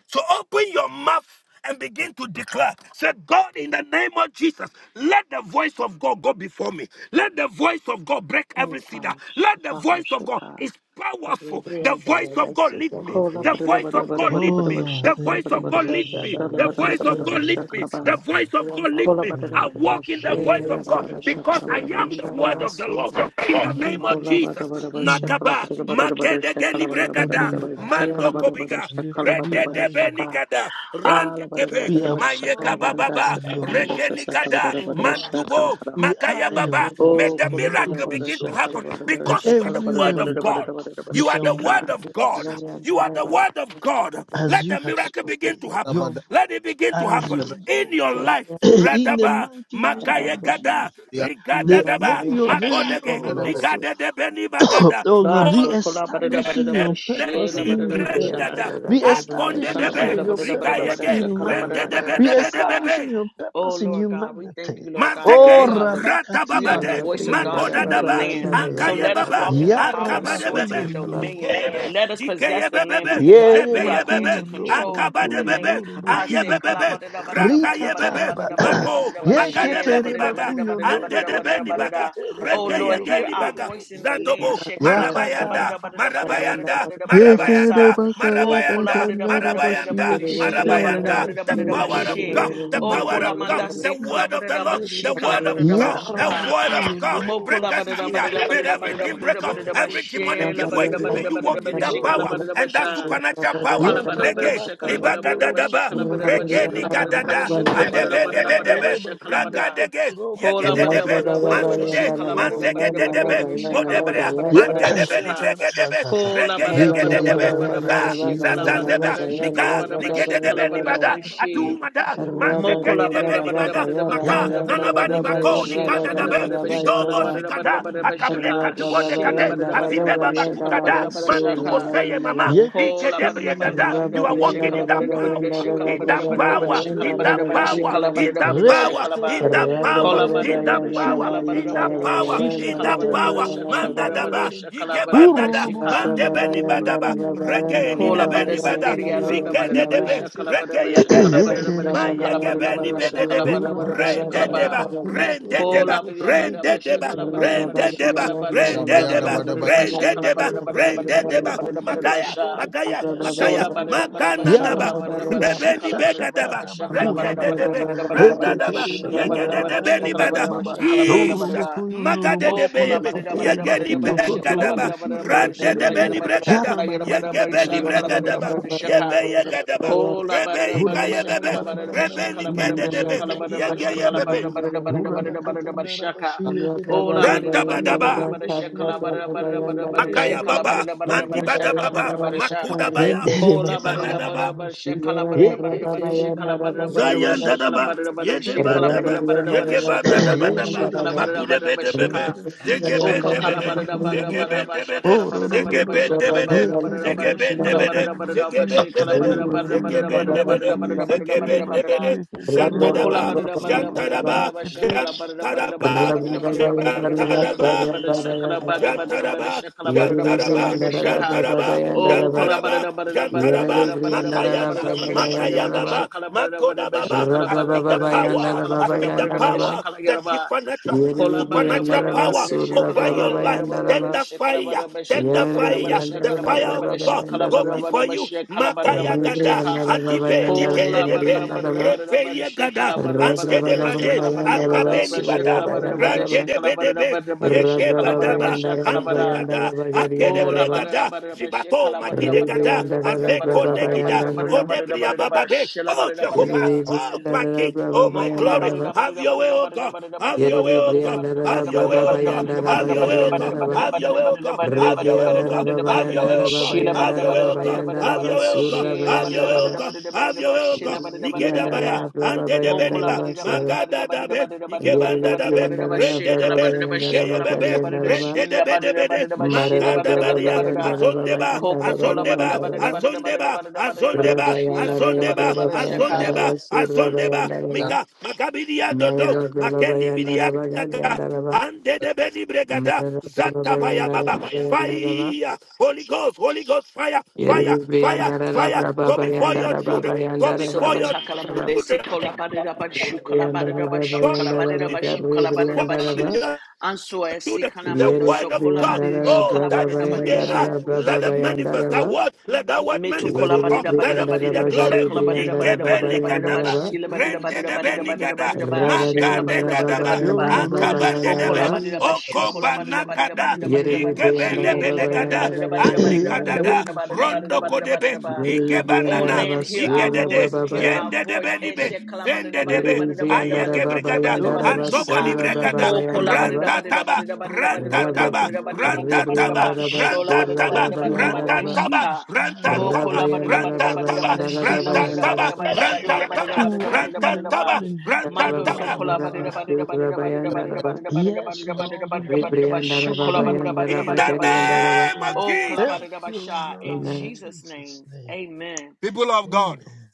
S1: So open your mouth and begin to declare. Say, God, in the name of Jesus, let the voice of God go before me. Let the voice of God break every cedar.
S3: Unta,
S1: Let the
S3: Chicago,
S1: voice of God
S3: Chicago.
S1: is powerful. The voice
S5: Briandaraba
S1: of God lead
S5: surra
S1: me.
S3: Kola,
S1: The
S5: bayanda.
S1: voice of God lead
S2: Oh
S1: me.
S3: ba-da-da-ba-da-ba-da-ba-da-ba-da-ba,
S2: Lord,
S1: The
S3: shakala,
S2: thank
S1: voice of
S2: you,
S1: God
S3: ba-da-ba-da-ba,
S1: lead
S2: oh
S1: me.
S5: Rabraba
S3: shala,
S1: The
S2: Lord. You
S1: voice
S5: bayandaraba
S1: of
S2: said,
S5: surra
S3: ba-da-ba-da-ba-da-ba,
S1: God lead
S5: bayanda.
S2: "Let
S1: me.
S3: shakala,
S2: us
S1: The
S3: ba.
S2: make man
S1: voice of God
S5: Rabraba
S1: lead
S3: Kola
S1: me.
S2: in
S3: bada da
S1: I
S2: our
S3: bada da ba
S1: walk
S2: image
S1: in
S2: and
S1: the voice
S3: she
S2: our
S3: da
S1: of God.
S3: bada
S1: God
S3: ba shaka
S1: because
S3: la
S1: I
S3: bada bada
S1: am the word
S5: bayandaraba
S3: shaka.
S1: of the Lord.
S5: surra
S1: In the
S2: likeness."
S1: name
S2: Therefore,
S1: of
S3: Kola bada
S1: Jesus,
S2: Lord,
S3: bada ba
S2: in your
S3: shaka la
S1: Nagaba,
S3: bada da
S2: speech,
S3: bada da bada shaka
S1: Magedegeni
S3: la bada
S2: Lord,
S3: bada
S2: we
S1: Brekada,
S3: bada ba
S2: are
S3: shaka
S2: full,
S3: la
S1: Mando
S3: bada bada
S1: Kobiga,
S2: and
S3: shaka la
S2: therefore
S3: bada da
S2: we
S3: bada
S1: Redede
S2: are you.
S3: shaka.
S1: Benigada,
S3: Ala bada da
S1: Randekebe,
S3: bada
S2: We
S3: da
S2: are
S3: bada shaka la
S1: Mayeka
S5: bayanda.
S2: product
S3: bunda
S1: Baba,
S2: of
S3: shaka
S2: your
S3: la munda shaka shaka la
S2: voice,
S1: Regenigada,
S3: bada
S2: oh
S3: bada ba
S2: God.
S3: shaka la
S1: Mantubo,
S3: bada ba.
S2: We
S1: Magaya
S2: are
S5: Rabri
S2: your
S1: Baba. May
S2: voice,
S3: Oh,
S1: the
S2: and
S3: kola
S2: let it
S3: bada
S1: miracle
S2: be
S3: bada
S1: begin to
S2: so
S3: shaka la
S1: happen
S3: bada bada
S2: that
S1: because you are
S3: shaka la
S1: the
S3: bada da
S1: word
S2: everywhere
S3: bada
S1: of
S2: we
S3: da bada
S1: God.
S2: go,
S3: da bada da
S2: we
S3: bada
S1: You are
S2: shall
S1: the word
S3: shika.
S1: of God.
S2: manifest.
S1: You are the word of God.
S2: as
S1: Let the
S2: you have
S1: miracle begin
S2: spoken,
S1: to
S6: the
S1: happen.
S2: your
S6: Bada,
S1: Let it
S2: voice,
S1: begin to
S2: as
S1: happen
S6: the Bada,
S2: your
S1: in your
S2: voice,
S1: life.
S2: in the
S1: Radaba,
S2: mighty name
S1: Magaye
S2: of
S1: Gada,
S2: Jesus,
S1: Rigada
S2: the
S1: Daba,
S2: very, your very
S1: Makodege,
S6: the Bada,
S2: oracles,
S1: Ligada de Beni
S2: oh
S1: Bagada,
S3: Ba
S2: God,
S3: so kola bada da
S1: Onde
S3: bada
S2: re-establishing
S3: da
S1: de
S3: bada
S2: your
S3: she
S6: the
S2: purpose
S3: la
S6: Bada,
S1: Beni
S3: bada
S2: in
S3: da
S2: the
S3: bada
S2: earth,
S3: sha.
S1: Bregada, Akonde
S2: re-establishing
S1: de Be,
S2: your purpose
S1: Rigayege,
S3: Kalabadadabadadabadadabadasha,
S2: in man,
S1: Rende de Bede Bede
S3: kalabadadabadadashaka.
S2: re-establishing
S1: Bebe,
S2: your
S3: Oh
S2: purpose in
S3: Lord God, we thank
S2: humanity.
S3: you, Lord God, that
S2: Oh,
S3: we
S1: Mazeke,
S3: are the
S2: Rabakati
S3: we are the
S1: Ratababade,
S3: voice
S2: Rabaku
S3: of God in the
S2: Roboshi
S1: Makodadaba,
S3: land. So
S2: Kitendiri,
S3: let us
S1: Akayebaba,
S3: walk in the
S2: Ya
S3: power and
S2: Rabaku
S3: authority and
S1: Akabadebebe,
S3: dominion.
S1: Zikedebe,
S3: Let us possess the land
S1: Zikeyebebebe,
S3: because I
S2: Yere
S3: we are there
S2: makuyo
S1: Zebeyebebe,
S3: to
S2: ndoro
S3: control in the
S2: makuyo
S3: land.
S1: Akabadebebe,
S2: ndoro
S3: I
S2: boshige kete.
S1: Ayebebebe, Rakayebebe,
S2: Rikataraba.
S1: Mako,
S3: said,
S2: Yeketere
S1: Magadebeni Baga,
S2: makuyo ndoro
S1: Andedebeni
S2: boshige
S1: Baga,
S2: ketere
S3: Oh Lord,
S2: makuyo
S3: hear
S1: Rekeyegeni
S3: our
S2: kotoro
S1: Baga,
S3: voice in the
S2: bokote.
S3: land.
S1: Zadobo,
S3: Shekala badada
S1: Marabayanda,
S3: badada badada badada badada
S1: Marabayanda,
S3: badada badada
S2: Yekere
S3: basa.
S1: Marabayanda,
S2: bakaya
S3: Oh kola
S1: Marabayanda,
S3: badada
S2: katandara
S3: badada badada
S2: bashiye
S1: Marabayanda,
S3: badada
S5: Rabba Rabba,
S3: shila
S2: ketsenere
S3: badada
S5: Rabba,
S1: Marabayanda,
S3: badada
S5: Rabba,
S1: the
S3: badada
S2: bashiye
S1: power
S5: Rabba, Rabba, Rabba,
S1: of
S2: ketere
S3: bashe.
S1: God, the
S2: bakuyo
S3: Oh
S1: power
S3: kola
S1: of
S5: Rabba,
S2: kotoro
S1: God,
S3: manda
S1: the
S3: se
S2: boshiye
S3: kala
S1: word of the
S3: badada
S1: Lord.
S2: keterere
S3: badashi
S1: God, the
S3: kala
S1: word of
S3: badada
S1: God,
S2: yarra
S1: the
S3: badashika.
S1: word of
S2: makuyo
S1: God,
S2: ndoro
S1: break
S3: Mokola
S1: us
S3: badada
S2: boshiye
S1: cedar,
S3: badada
S1: may
S2: ndere
S3: badada badada
S1: everything
S2: bakuyo
S3: badada
S1: break off,
S3: badada
S2: ndoro
S1: every
S2: boshiye
S3: bashe
S1: demonic
S3: la
S1: give way.
S3: badada
S2: ketere
S1: May
S3: badada
S1: you
S3: badada
S1: walk
S2: bakuyo
S1: in that
S3: badashika
S2: ndoro
S3: la
S1: power
S3: badada
S1: and that
S2: boshiye
S3: basha.
S2: kete
S1: supernatural power.
S3: Kola
S2: yekere
S1: Nege,
S2: bakuyo
S1: liba
S2: ndoro
S1: gadadaba,
S2: boshiye
S1: regeni
S2: ketere bakuyo
S1: gadada,
S2: ndoro
S1: andebe
S2: boshiye
S1: nebe
S2: ndere
S1: debe,
S2: bakuyo
S1: ragadege,
S2: kotoro boshiye
S1: yegededebe,
S2: ketere
S1: mansude,
S2: bakuyo bokoro
S1: manzegededebe,
S2: boshiye te
S1: modebrea, mandedebe
S2: yakatara
S1: libregedebe,
S2: bakata
S1: rege
S2: Yeteri
S1: yegededebe,
S2: bara bara
S1: za,
S2: bakuyu
S1: za, za,
S2: nduru
S1: zeba,
S2: bushi
S1: miga,
S2: yenderere behi
S1: nigededebe nibada,
S2: yakatana bakuyu
S1: adumada,
S2: kuzururu
S1: mazekedi
S3: Mokola
S1: debe
S3: barida barida barida
S1: nibada,
S3: barida
S1: maka,
S3: barida
S2: Yandara
S3: barida
S1: nanaba
S3: barida
S2: bakuyo
S5: Rabba, Rabba,
S3: barida
S1: nibako
S2: ndoro
S3: shela
S5: Rabba,
S1: nikada
S2: boshiye
S3: barida
S1: dabe
S3: barida
S5: Rabba,
S2: ketere
S3: bashakala
S1: idobo
S5: Rabba,
S2: bakuyo
S3: barida barida
S1: shikada
S2: kotoro
S3: barida
S5: Rabba
S1: akable
S3: bashaka
S2: boshiye
S1: kadubonde
S3: shela
S2: ketenere
S1: kade
S3: barida barida
S2: bakuyo
S1: azibe
S3: barida
S2: kotoro
S3: shakala
S1: babakukada
S3: barida
S2: boshiye
S3: barida shaka
S2: ketenere
S1: manduboseye mama
S3: Kola
S1: ikedebriye
S3: badada
S2: yeketendere
S3: badada
S1: dada
S3: badada
S1: you
S2: bashiye
S1: are
S3: badada
S2: ndere
S1: walking in
S3: shekala
S1: that
S3: badada
S2: bakuyo
S3: badada
S1: power
S2: kotoro
S3: shekala
S1: in that
S3: badada badada
S2: boshiye
S3: badada
S1: power in
S2: ketere
S1: that
S2: bakuyo
S1: power
S2: to
S3: shekala
S1: in
S3: badada
S1: that
S3: badada
S2: rebe
S1: power
S3: shekala badada badada shekala ba
S1: in
S2: ketere
S1: that
S2: bere
S1: power
S3: kola
S2: bere
S1: in
S3: badada
S2: bere
S1: that
S3: badada
S1: power
S3: shekala
S2: bekiya
S1: in
S3: badada
S1: that
S2: katara
S3: badada badada
S1: power,
S3: ba
S2: bashiye
S1: in
S3: shekala
S1: that
S3: badada badada
S2: ketenere
S1: power,
S3: shekala
S2: bashiye
S3: badada
S2: ndere
S3: badada
S1: mandadaba,
S2: ndere
S3: shekala badada badada
S2: urro
S1: igebandada,
S3: shika
S2: boshiye
S1: mandebeni
S2: ndere
S1: badaba,
S2: bakuyo ndoro
S1: rege
S2: boshiye
S3: kola badada
S2: ndere
S1: ninebeni bada,
S2: bashiye
S3: sendiri
S2: ndere
S3: arada
S1: zike
S3: badada
S2: bashiye
S3: badada
S1: dedebe,
S2: kete
S3: shekala badada
S1: reke yegedebe,
S2: yetere
S3: badada
S1: man
S2: bara
S3: shekala
S2: bara
S3: badada
S1: yegebeni
S3: badada
S2: bara
S3: shekala badada badada shekala
S1: bededebe,
S3: badada badada
S1: rain
S2: bakaya
S3: shekala ba
S1: dedeba,
S2: yarabakusha
S1: rain
S3: kola
S1: dedeba,
S3: badada
S1: rain
S3: badada ba
S1: dedeba,
S3: shekala
S5: Thank
S3: badada
S1: rain
S3: badada
S1: dedeba,
S3: shekala badada
S1: rain
S3: shekala
S6: Shabria, the
S1: dedeba,
S3: badada
S6: Bada, the
S3: badada
S6: Bada,
S3: ba
S1: rain
S3: shekala
S1: dedeba,
S3: badada badada
S1: rain
S3: badada badada
S1: dedeba,
S3: badada badada ba
S1: magaya,
S3: sha
S1: magaya, Magaya,
S3: Soda barada barada
S1: Magana Naba,
S3: shakala barada barada
S1: Rebeni
S3: shakala barada
S1: Begadaba,
S3: barada shakala barada
S1: Regede
S3: barada
S1: Debe,
S3: barada barada
S1: Randa
S3: barada
S1: Daba,
S6: the
S3: shila barada
S1: Yegede
S3: barada
S1: Debeni
S3: shakala
S1: Bada,
S3: barada shakala barada
S1: Jesus,
S3: barada
S1: Magade
S3: O
S1: Debe,
S3: kola barada barada
S1: Yegeni
S3: barada barada shakala
S1: Begadaba,
S3: barada barada barada
S1: Rande
S3: shakala gera
S1: Debeni
S3: barada
S1: Bregada,
S3: shakala gera barada barada
S1: Yegebeni
S3: shakala barada
S1: Bregadaba,
S3: barada shaka
S1: Yebe Yegadaba,
S2: Yarra
S3: kola barada
S1: Rebe
S3: barada
S1: Ikayebebe,
S3: shakala barada barada
S1: Rebeni
S3: shakala
S1: Kedebe,
S3: barada shakala
S1: Yegeyebebe,
S3: barada shakala barada barada barada barada barada barada shaka
S6: Bada,
S3: Ola barada
S1: Ranta
S3: barada barada
S1: Badaba.
S3: barada shakala barada barada barada barada
S5: you.
S1: Makaya
S3: shakala
S1: baba,
S3: barada barada
S5: Yerabri
S1: mandi
S3: barada
S5: and Dada
S1: bada
S3: shakala
S1: baba,
S3: barada barada shaka
S1: makuda baya,
S3: Kola barada barada
S1: gibada
S3: barada shakala barada barada barada shakala barada barada
S1: Zion dadaba, ye
S3: barada
S1: deban
S3: shakala barada barada
S1: dada,
S3: shakala barada barada
S1: ye
S3: barada
S1: geban
S3: shakala
S1: dada
S3: barada barada
S1: badaba,
S2: Yendere
S3: shakala barada
S1: magude
S2: bakuyo
S3: barada barada
S1: bede
S2: kotoro
S1: bebe,
S3: shaka.
S2: boshiye
S1: zege
S3: O
S1: ben
S2: ketere
S1: debede,
S3: kakalabada
S2: bashiye
S3: bada
S1: zege
S3: bada
S1: ben
S3: basha
S1: debede,
S2: Oh no
S3: kalabada
S2: no no
S3: bada
S1: zege
S2: no no!
S1: ben
S3: basha
S2: Ye
S1: debede,
S3: kalabada bada
S2: kerere
S3: bada
S1: zege
S3: she
S1: ben
S2: bakuyo no
S1: debede,
S3: kalabada
S2: no
S3: bada
S1: zege
S2: bashiye
S3: basha
S1: ben debede,
S2: ketere
S3: kalabada bada
S2: bakuyo
S1: zege
S3: bada
S2: no
S1: ben
S2: no
S3: bada bada
S1: debede,
S2: bashiye
S3: bada bada
S1: zege
S2: ketere
S3: bada
S1: ben
S3: bada
S1: debede,
S2: bashiye ketere
S3: Mokola
S1: jantadaba,
S2: bakuyo
S3: bada
S2: no no
S3: bada bada
S2: bashiye
S3: bada
S1: jantadaba,
S3: basha
S2: ketere
S3: kalabada bada bada
S1: jantadaba,
S3: bada bada bada bada bada bada
S1: jantadaba,
S3: bada shakala bada bada bada
S1: Jantaraba,
S3: shakala bada bada
S1: Jantaraba,
S3: bada shaka
S5: Baba
S1: Jantaraba,
S3: O kola bada
S1: Jantaraba,
S3: bada bada
S1: Jantaraba,
S3: bada bada bada bada
S1: Makayaga,
S3: bada bada
S5: and
S3: bada
S5: Dada
S3: bada
S5: Ba,
S1: Makayababa,
S3: shakala bada bada bada
S1: Makodababa.
S3: shakala
S1: I
S3: bada
S1: speak the
S3: bada bada
S1: power,
S3: shakala
S1: I
S3: bada
S1: speak the
S3: bada bada
S5: Rababababayandaraba.
S1: power,
S3: shakala
S1: the
S3: yaraba
S1: different natural, the
S3: Kola bara da
S1: supernatural
S3: bara da
S5: Yeriribriyandaraba
S3: bara
S1: power
S3: da shakala
S1: over
S3: bara
S1: your
S3: da bara da
S1: life.
S3: bara da
S5: surabababayandaraba.
S3: bara da
S1: Tender
S3: shakala bara
S1: fire, tender
S3: da bara
S1: fire, the
S3: shakala bara
S1: fire
S3: da
S1: of
S3: bara
S1: God
S3: shakala
S1: go
S3: bara
S5: Yeriribriyandarabrababayandaraba.
S3: da
S1: before
S3: bara
S1: you.
S3: shakala bara da bara da bara shakala bara da bara da
S1: Magayagada,
S3: shaka.
S1: Adibe,
S3: Kola bara
S1: Nikedebe,
S3: da bara da
S5: Ribriyandarababayandaraba.
S3: bara da bara da
S1: Rebeyagada,
S3: shakala bara da bara da bara da
S1: Andedebade,
S3: shakala bara da bara da
S5: Rababababayandaraba
S3: bara
S1: Akabeni Bada,
S5: surabayandaraba.
S1: Rande.
S3: shakala bara da bara da shakala bara da
S1: Yekedebedebe,
S3: bara da bara da shakala bara da bara
S1: Yekebadaba,
S3: shakala bara.
S1: Andubada,
S5: Rababababayandarababayandaraba
S3: Oh la
S5: gariyandaraba.
S3: bara da
S1: Akedebregada,
S3: bara da bara
S1: Zibato,
S3: shakala bara da bara da
S1: Magidegada,
S3: bara da bara da bara
S1: Azeko
S3: da bara
S1: Negida,
S3: da bara da
S5: Ribriyandarabrababayandaraba.
S3: bara da bara da bara da bara
S1: Odebriabababe.
S3: shakala
S1: Oh
S3: bara da bara da
S1: Jehovah,
S3: bara.
S1: oh my King, oh my
S3: Mokola
S1: glory,
S5: Yeriribriyandarabrababayandaraba.
S1: have your way, oh God, have
S5: Yeri
S1: your way, oh God, have
S5: Briandara
S1: your way,
S5: Braba
S1: oh God,
S5: Bayandara
S1: have your way, oh God,
S5: Bagariandara Ba
S1: have your way, oh God, have your way, oh
S5: Ribriandara
S1: God, have your way,
S5: Babayandara
S1: oh God, have your
S5: Babayandara
S1: way, oh God,
S5: Babayandara
S1: have your way, oh God,
S5: Basura
S1: have your
S5: Bayandara
S1: way, oh
S5: Ba
S1: God, have your way, oh God, Nigedabaya,
S5: Briandara Braba Bayandara
S1: Andedebeniba,
S5: Basura
S1: Magada be, igebanda
S5: Yeri
S1: da be,
S5: Briandara
S1: rende de
S5: Braba
S1: be,
S5: Bayandara
S1: igeye be be,
S5: Bagariandara Ba
S1: rende de be de be de,
S5: Marara
S1: makanda
S5: Braba
S1: badia,
S5: Bayandara
S1: azondeba,
S5: Babayandara
S3: Coca Cola,
S1: azondeba,
S5: Babayandara
S1: azondeba,
S5: Ba
S1: azondeba,
S3: Shila,
S5: Rabayandara
S1: azondeba,
S5: Braba
S3: Shaka,
S5: Bayandara
S1: azondeba,
S5: Basura
S1: azondeba,
S5: Bayandara
S6: the Bada, the
S5: Ba
S1: miga, magabidia dodo,
S5: Marara Braba
S1: makendi
S5: Bayandara
S1: bidia daga,
S5: Bagariandara Ba
S1: ande de beni bregada,
S5: Yeri
S1: zata baya
S5: yandara
S1: baba, fire, Holy Ghost, Holy Ghost, fire, fire, fire, fire,
S5: yandara baba
S1: go before your children, go before your
S3: Sokotakalamande,
S1: children,
S3: Sekolabadidabashu, Kolabadidabashu,
S1: go before
S3: Kolabadidabashu,
S1: for
S3: Kolabadidabashi,
S1: your
S3: Anso Esi
S1: children, the
S3: Kanamando,
S1: word of God.
S2: bara
S3: Sokolabadidishi,
S1: Oh,
S2: bara
S1: that is who
S2: bakuyo
S1: they are.
S2: no
S3: Kalabadidabadidishi,
S2: no
S1: Let them
S2: bashiye
S1: manifest that
S2: ketere
S1: word.
S2: bakuyo
S1: Let that word
S3: Metu
S2: no no
S1: manifest, oh God.
S2: bashiye
S1: Let them see the
S2: ketere
S1: glory.
S3: Kolabadidabadidibashi,
S2: bakuyo no no bashiye
S1: Yikebenikadaba,
S3: Kolabadidabadidabadidibashi,
S2: ketere bakayanda na
S1: rendedebenikada,
S3: Labadidabadidabadidabadidabashi,
S2: bashiye ketere
S1: magadegadaba,
S6: Bada,
S2: yo no
S3: Kolabadidabadidabadidaba.
S2: no
S3: O
S2: bashiye
S3: kola
S1: akabandedebe,
S6: the Bada, the Bada,
S3: bada
S2: ndere
S3: da ba shu
S2: bashiye
S3: kola bada
S2: ndere
S3: da bada da bada
S1: okobanakada,
S2: bakuyo
S3: da
S2: no
S3: bada da
S2: no
S3: bada da
S2: bashiye
S3: she la
S2: ndere
S3: bada da
S1: ikebenebedekada,
S3: bada da bada da bada da
S5: baba
S3: bada
S1: anikadada,
S2: Yendere
S3: da bada
S2: başı
S3: da bada da bada da bada da
S2: yendere
S3: bada
S2: baku
S1: rondokodebe,
S3: da ba.
S5: Yeriri
S2: yendere başı
S3: O
S5: Briandara
S1: ikebanana,
S3: land,
S2: yendere
S3: hear
S2: baku
S3: our
S5: Basura
S2: yendere
S1: igedede,
S3: voice, hear
S6: the
S2: başı
S5: Babaya.
S3: our voice.
S2: yendere
S3: E
S1: yendedebenibe,
S3: she
S2: baku
S3: kala bada da
S2: yendere
S3: bada da
S1: zendedebe,
S2: başı
S5: Yeriri
S3: bada da bada da
S2: yendere
S1: Aye
S2: baku
S3: bada
S5: Briandara
S3: da bada da
S1: gebregada
S3: bada da
S5: Babayandara
S3: bada da
S2: Doğru
S3: she ka.
S2: başı
S1: andoboni
S5: Basara
S2: yendere
S1: bregada
S3: O
S2: baku
S3: kola
S5: Babayandara
S3: bada da
S5: Ba.
S2: yendere
S1: ranta
S3: bada da
S2: başı
S1: taba
S3: bada da bada da bada
S2: yendere
S3: da
S1: ranta
S2: baku
S3: bada da
S5: Rabra
S1: taba
S3: bada da bada
S2: yendere
S3: da bada da
S1: ranta
S2: başı
S3: bada da ba.
S1: taba
S5: Ribriandara
S2: yeketey.
S3: Shola
S1: ranta
S3: bada
S5: Basura
S3: da bada
S1: taba
S3: da
S2: Thank
S3: bada
S2: you
S3: da
S2: Lord
S3: bada
S1: ranta
S5: Babayandara
S1: taba ranta
S3: da
S5: Ba.
S3: she
S2: for
S1: taba
S3: ka.
S2: wisdom and
S1: ranta
S3: O
S1: taba
S2: knowledge
S3: kola
S2: and
S3: bada da
S5: Rabrayandara
S3: bada da
S1: ranta
S3: bada da
S1: taba
S3: bada
S2: understanding
S5: Babayandara
S2: to
S3: she la
S1: ranta
S3: bada da bada
S2: possess
S5: Babayandara
S3: da
S1: taba
S2: the
S3: bada
S2: land,
S1: ranta
S3: shola bada da
S2: to
S3: bada da bada
S2: walk
S3: da
S2: in
S3: bada
S2: the
S3: da ba.
S2: land
S1: taba
S2: in
S1: ranta
S3: Mando
S2: victory,
S3: so
S1: taba
S2: oh
S3: kola
S5: Babayandara
S3: badida
S2: God.
S3: badida
S5: Basura
S3: badida badida
S5: Bayandara
S3: badida
S5: Ba.
S3: badida badida
S2: Yes,
S3: badida badida
S2: Lord, in
S3: badida badida
S2: Jesus'
S5: Ribriandara
S3: bashu
S2: name,
S3: kola
S2: to
S3: badida
S2: walk
S3: badida
S5: Babayandara
S2: in
S1: in
S2: the
S1: the
S3: badida
S2: land in
S3: bashi.
S5: Bakariandara Ba.
S1: name of
S2: victory.
S3: Oh kola
S1: Jesus
S2: Thank
S3: badida
S2: you, O
S3: basha.
S2: God,
S3: In
S2: in
S5: Amen.
S3: Jesus'
S2: Jesus'
S3: name,
S2: name.
S3: amen.
S1: people of God
S2: Amen.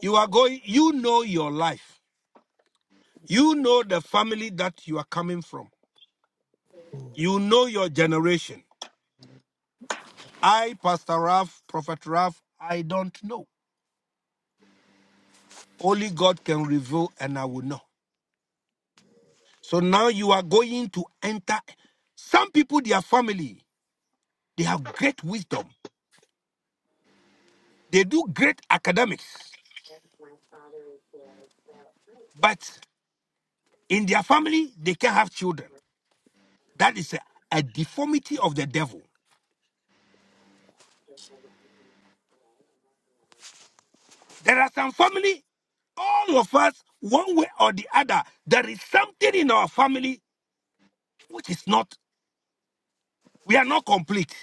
S1: you are going you know your life you know the family that you are coming from
S2: Oh,
S1: you know your generation I Pastor Ralph Prophet Ralph I don't know Only God can reveal, and I will know. So now you are going to enter. Some people, their family, they have great wisdom. They do great academics, but in their family, they can't have children. That is a, a deformity of the devil. There are some family, all of us, one way or the other, there is something in our family which is not, we are not complete.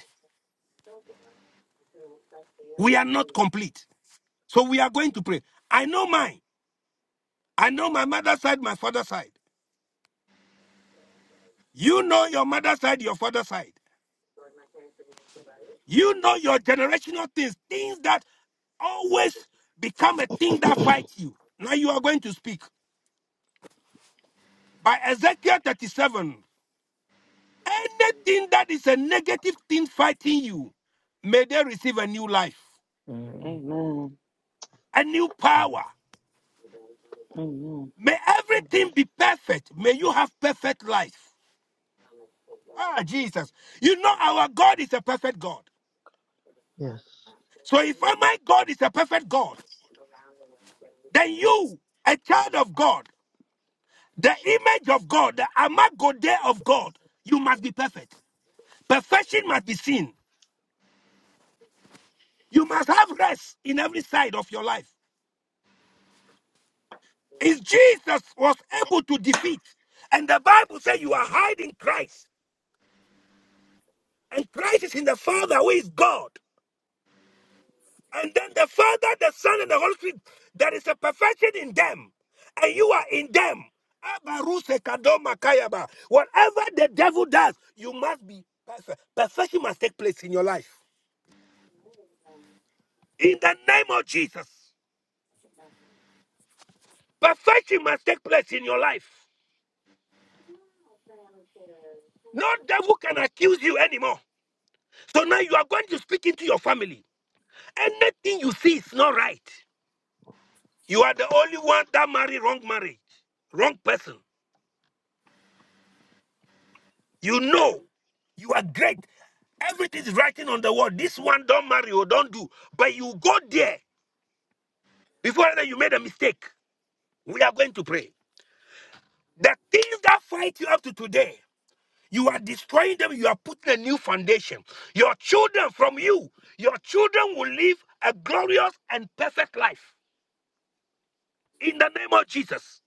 S1: We are not complete. So we are going to pray. I know mine. I know my mother's side, my father's side. You know your mother's side, your father's side. You know your generational things, things that always become a thing that fights you. Now you are going to speak. By Ezekiel 37, anything that is a negative thing fighting you, may they receive a new life,
S3: Amen.
S1: a new
S2: amen.
S1: power.
S3: Amen.
S1: May everything be perfect. May you have perfect life. Ah, Jesus. You know our God is a perfect God.
S2: Yes,
S1: So if my God is a perfect God, then you, a child of God. The image of God, the amagode of God, you must be perfect. Perfection must be seen. You must have rest in every side of your life. Is Jesus was able to defeat, and the Bible says you are hiding Christ, and Christ is in the Father who is God, and then the Father, the Son, and the Holy Spirit. There is a perfection in them, and you are in them. Abaruse kadoma kayaba. Whatever the devil does, you must be perfect. Perfection must take place in your life. in the name of Jesus. Perfection must take place in your life. No devil can accuse you anymore. So now you are going to speak into your family. Anything you see is not right. You are the only one that married wrong marriage, wrong person. You know, you are great. Everything is writing on the wall. This one don't marry or don't do. But you go there before that you made a mistake. We are going to pray. The things that fight you up to today. You are destroying them. You are putting a new foundation. Your children from you, your children will live a glorious and perfect life. In the name of Jesus.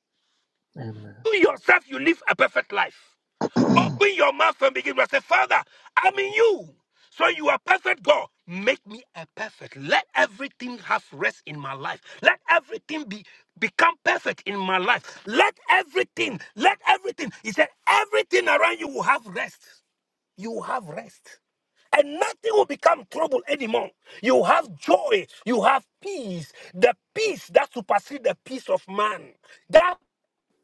S2: amen.
S1: You yourself, you live a perfect life. Open your mouth and begin to say, Father, I'm in you. So you are perfect, God. Make me a perfect. Let everything have rest in my life. Let everything be become perfect in my life. Let everything, let everything. He said, everything around you will have rest. You have rest. And nothing will become trouble anymore. You have joy. You have peace. The peace that supersedes the peace of man. That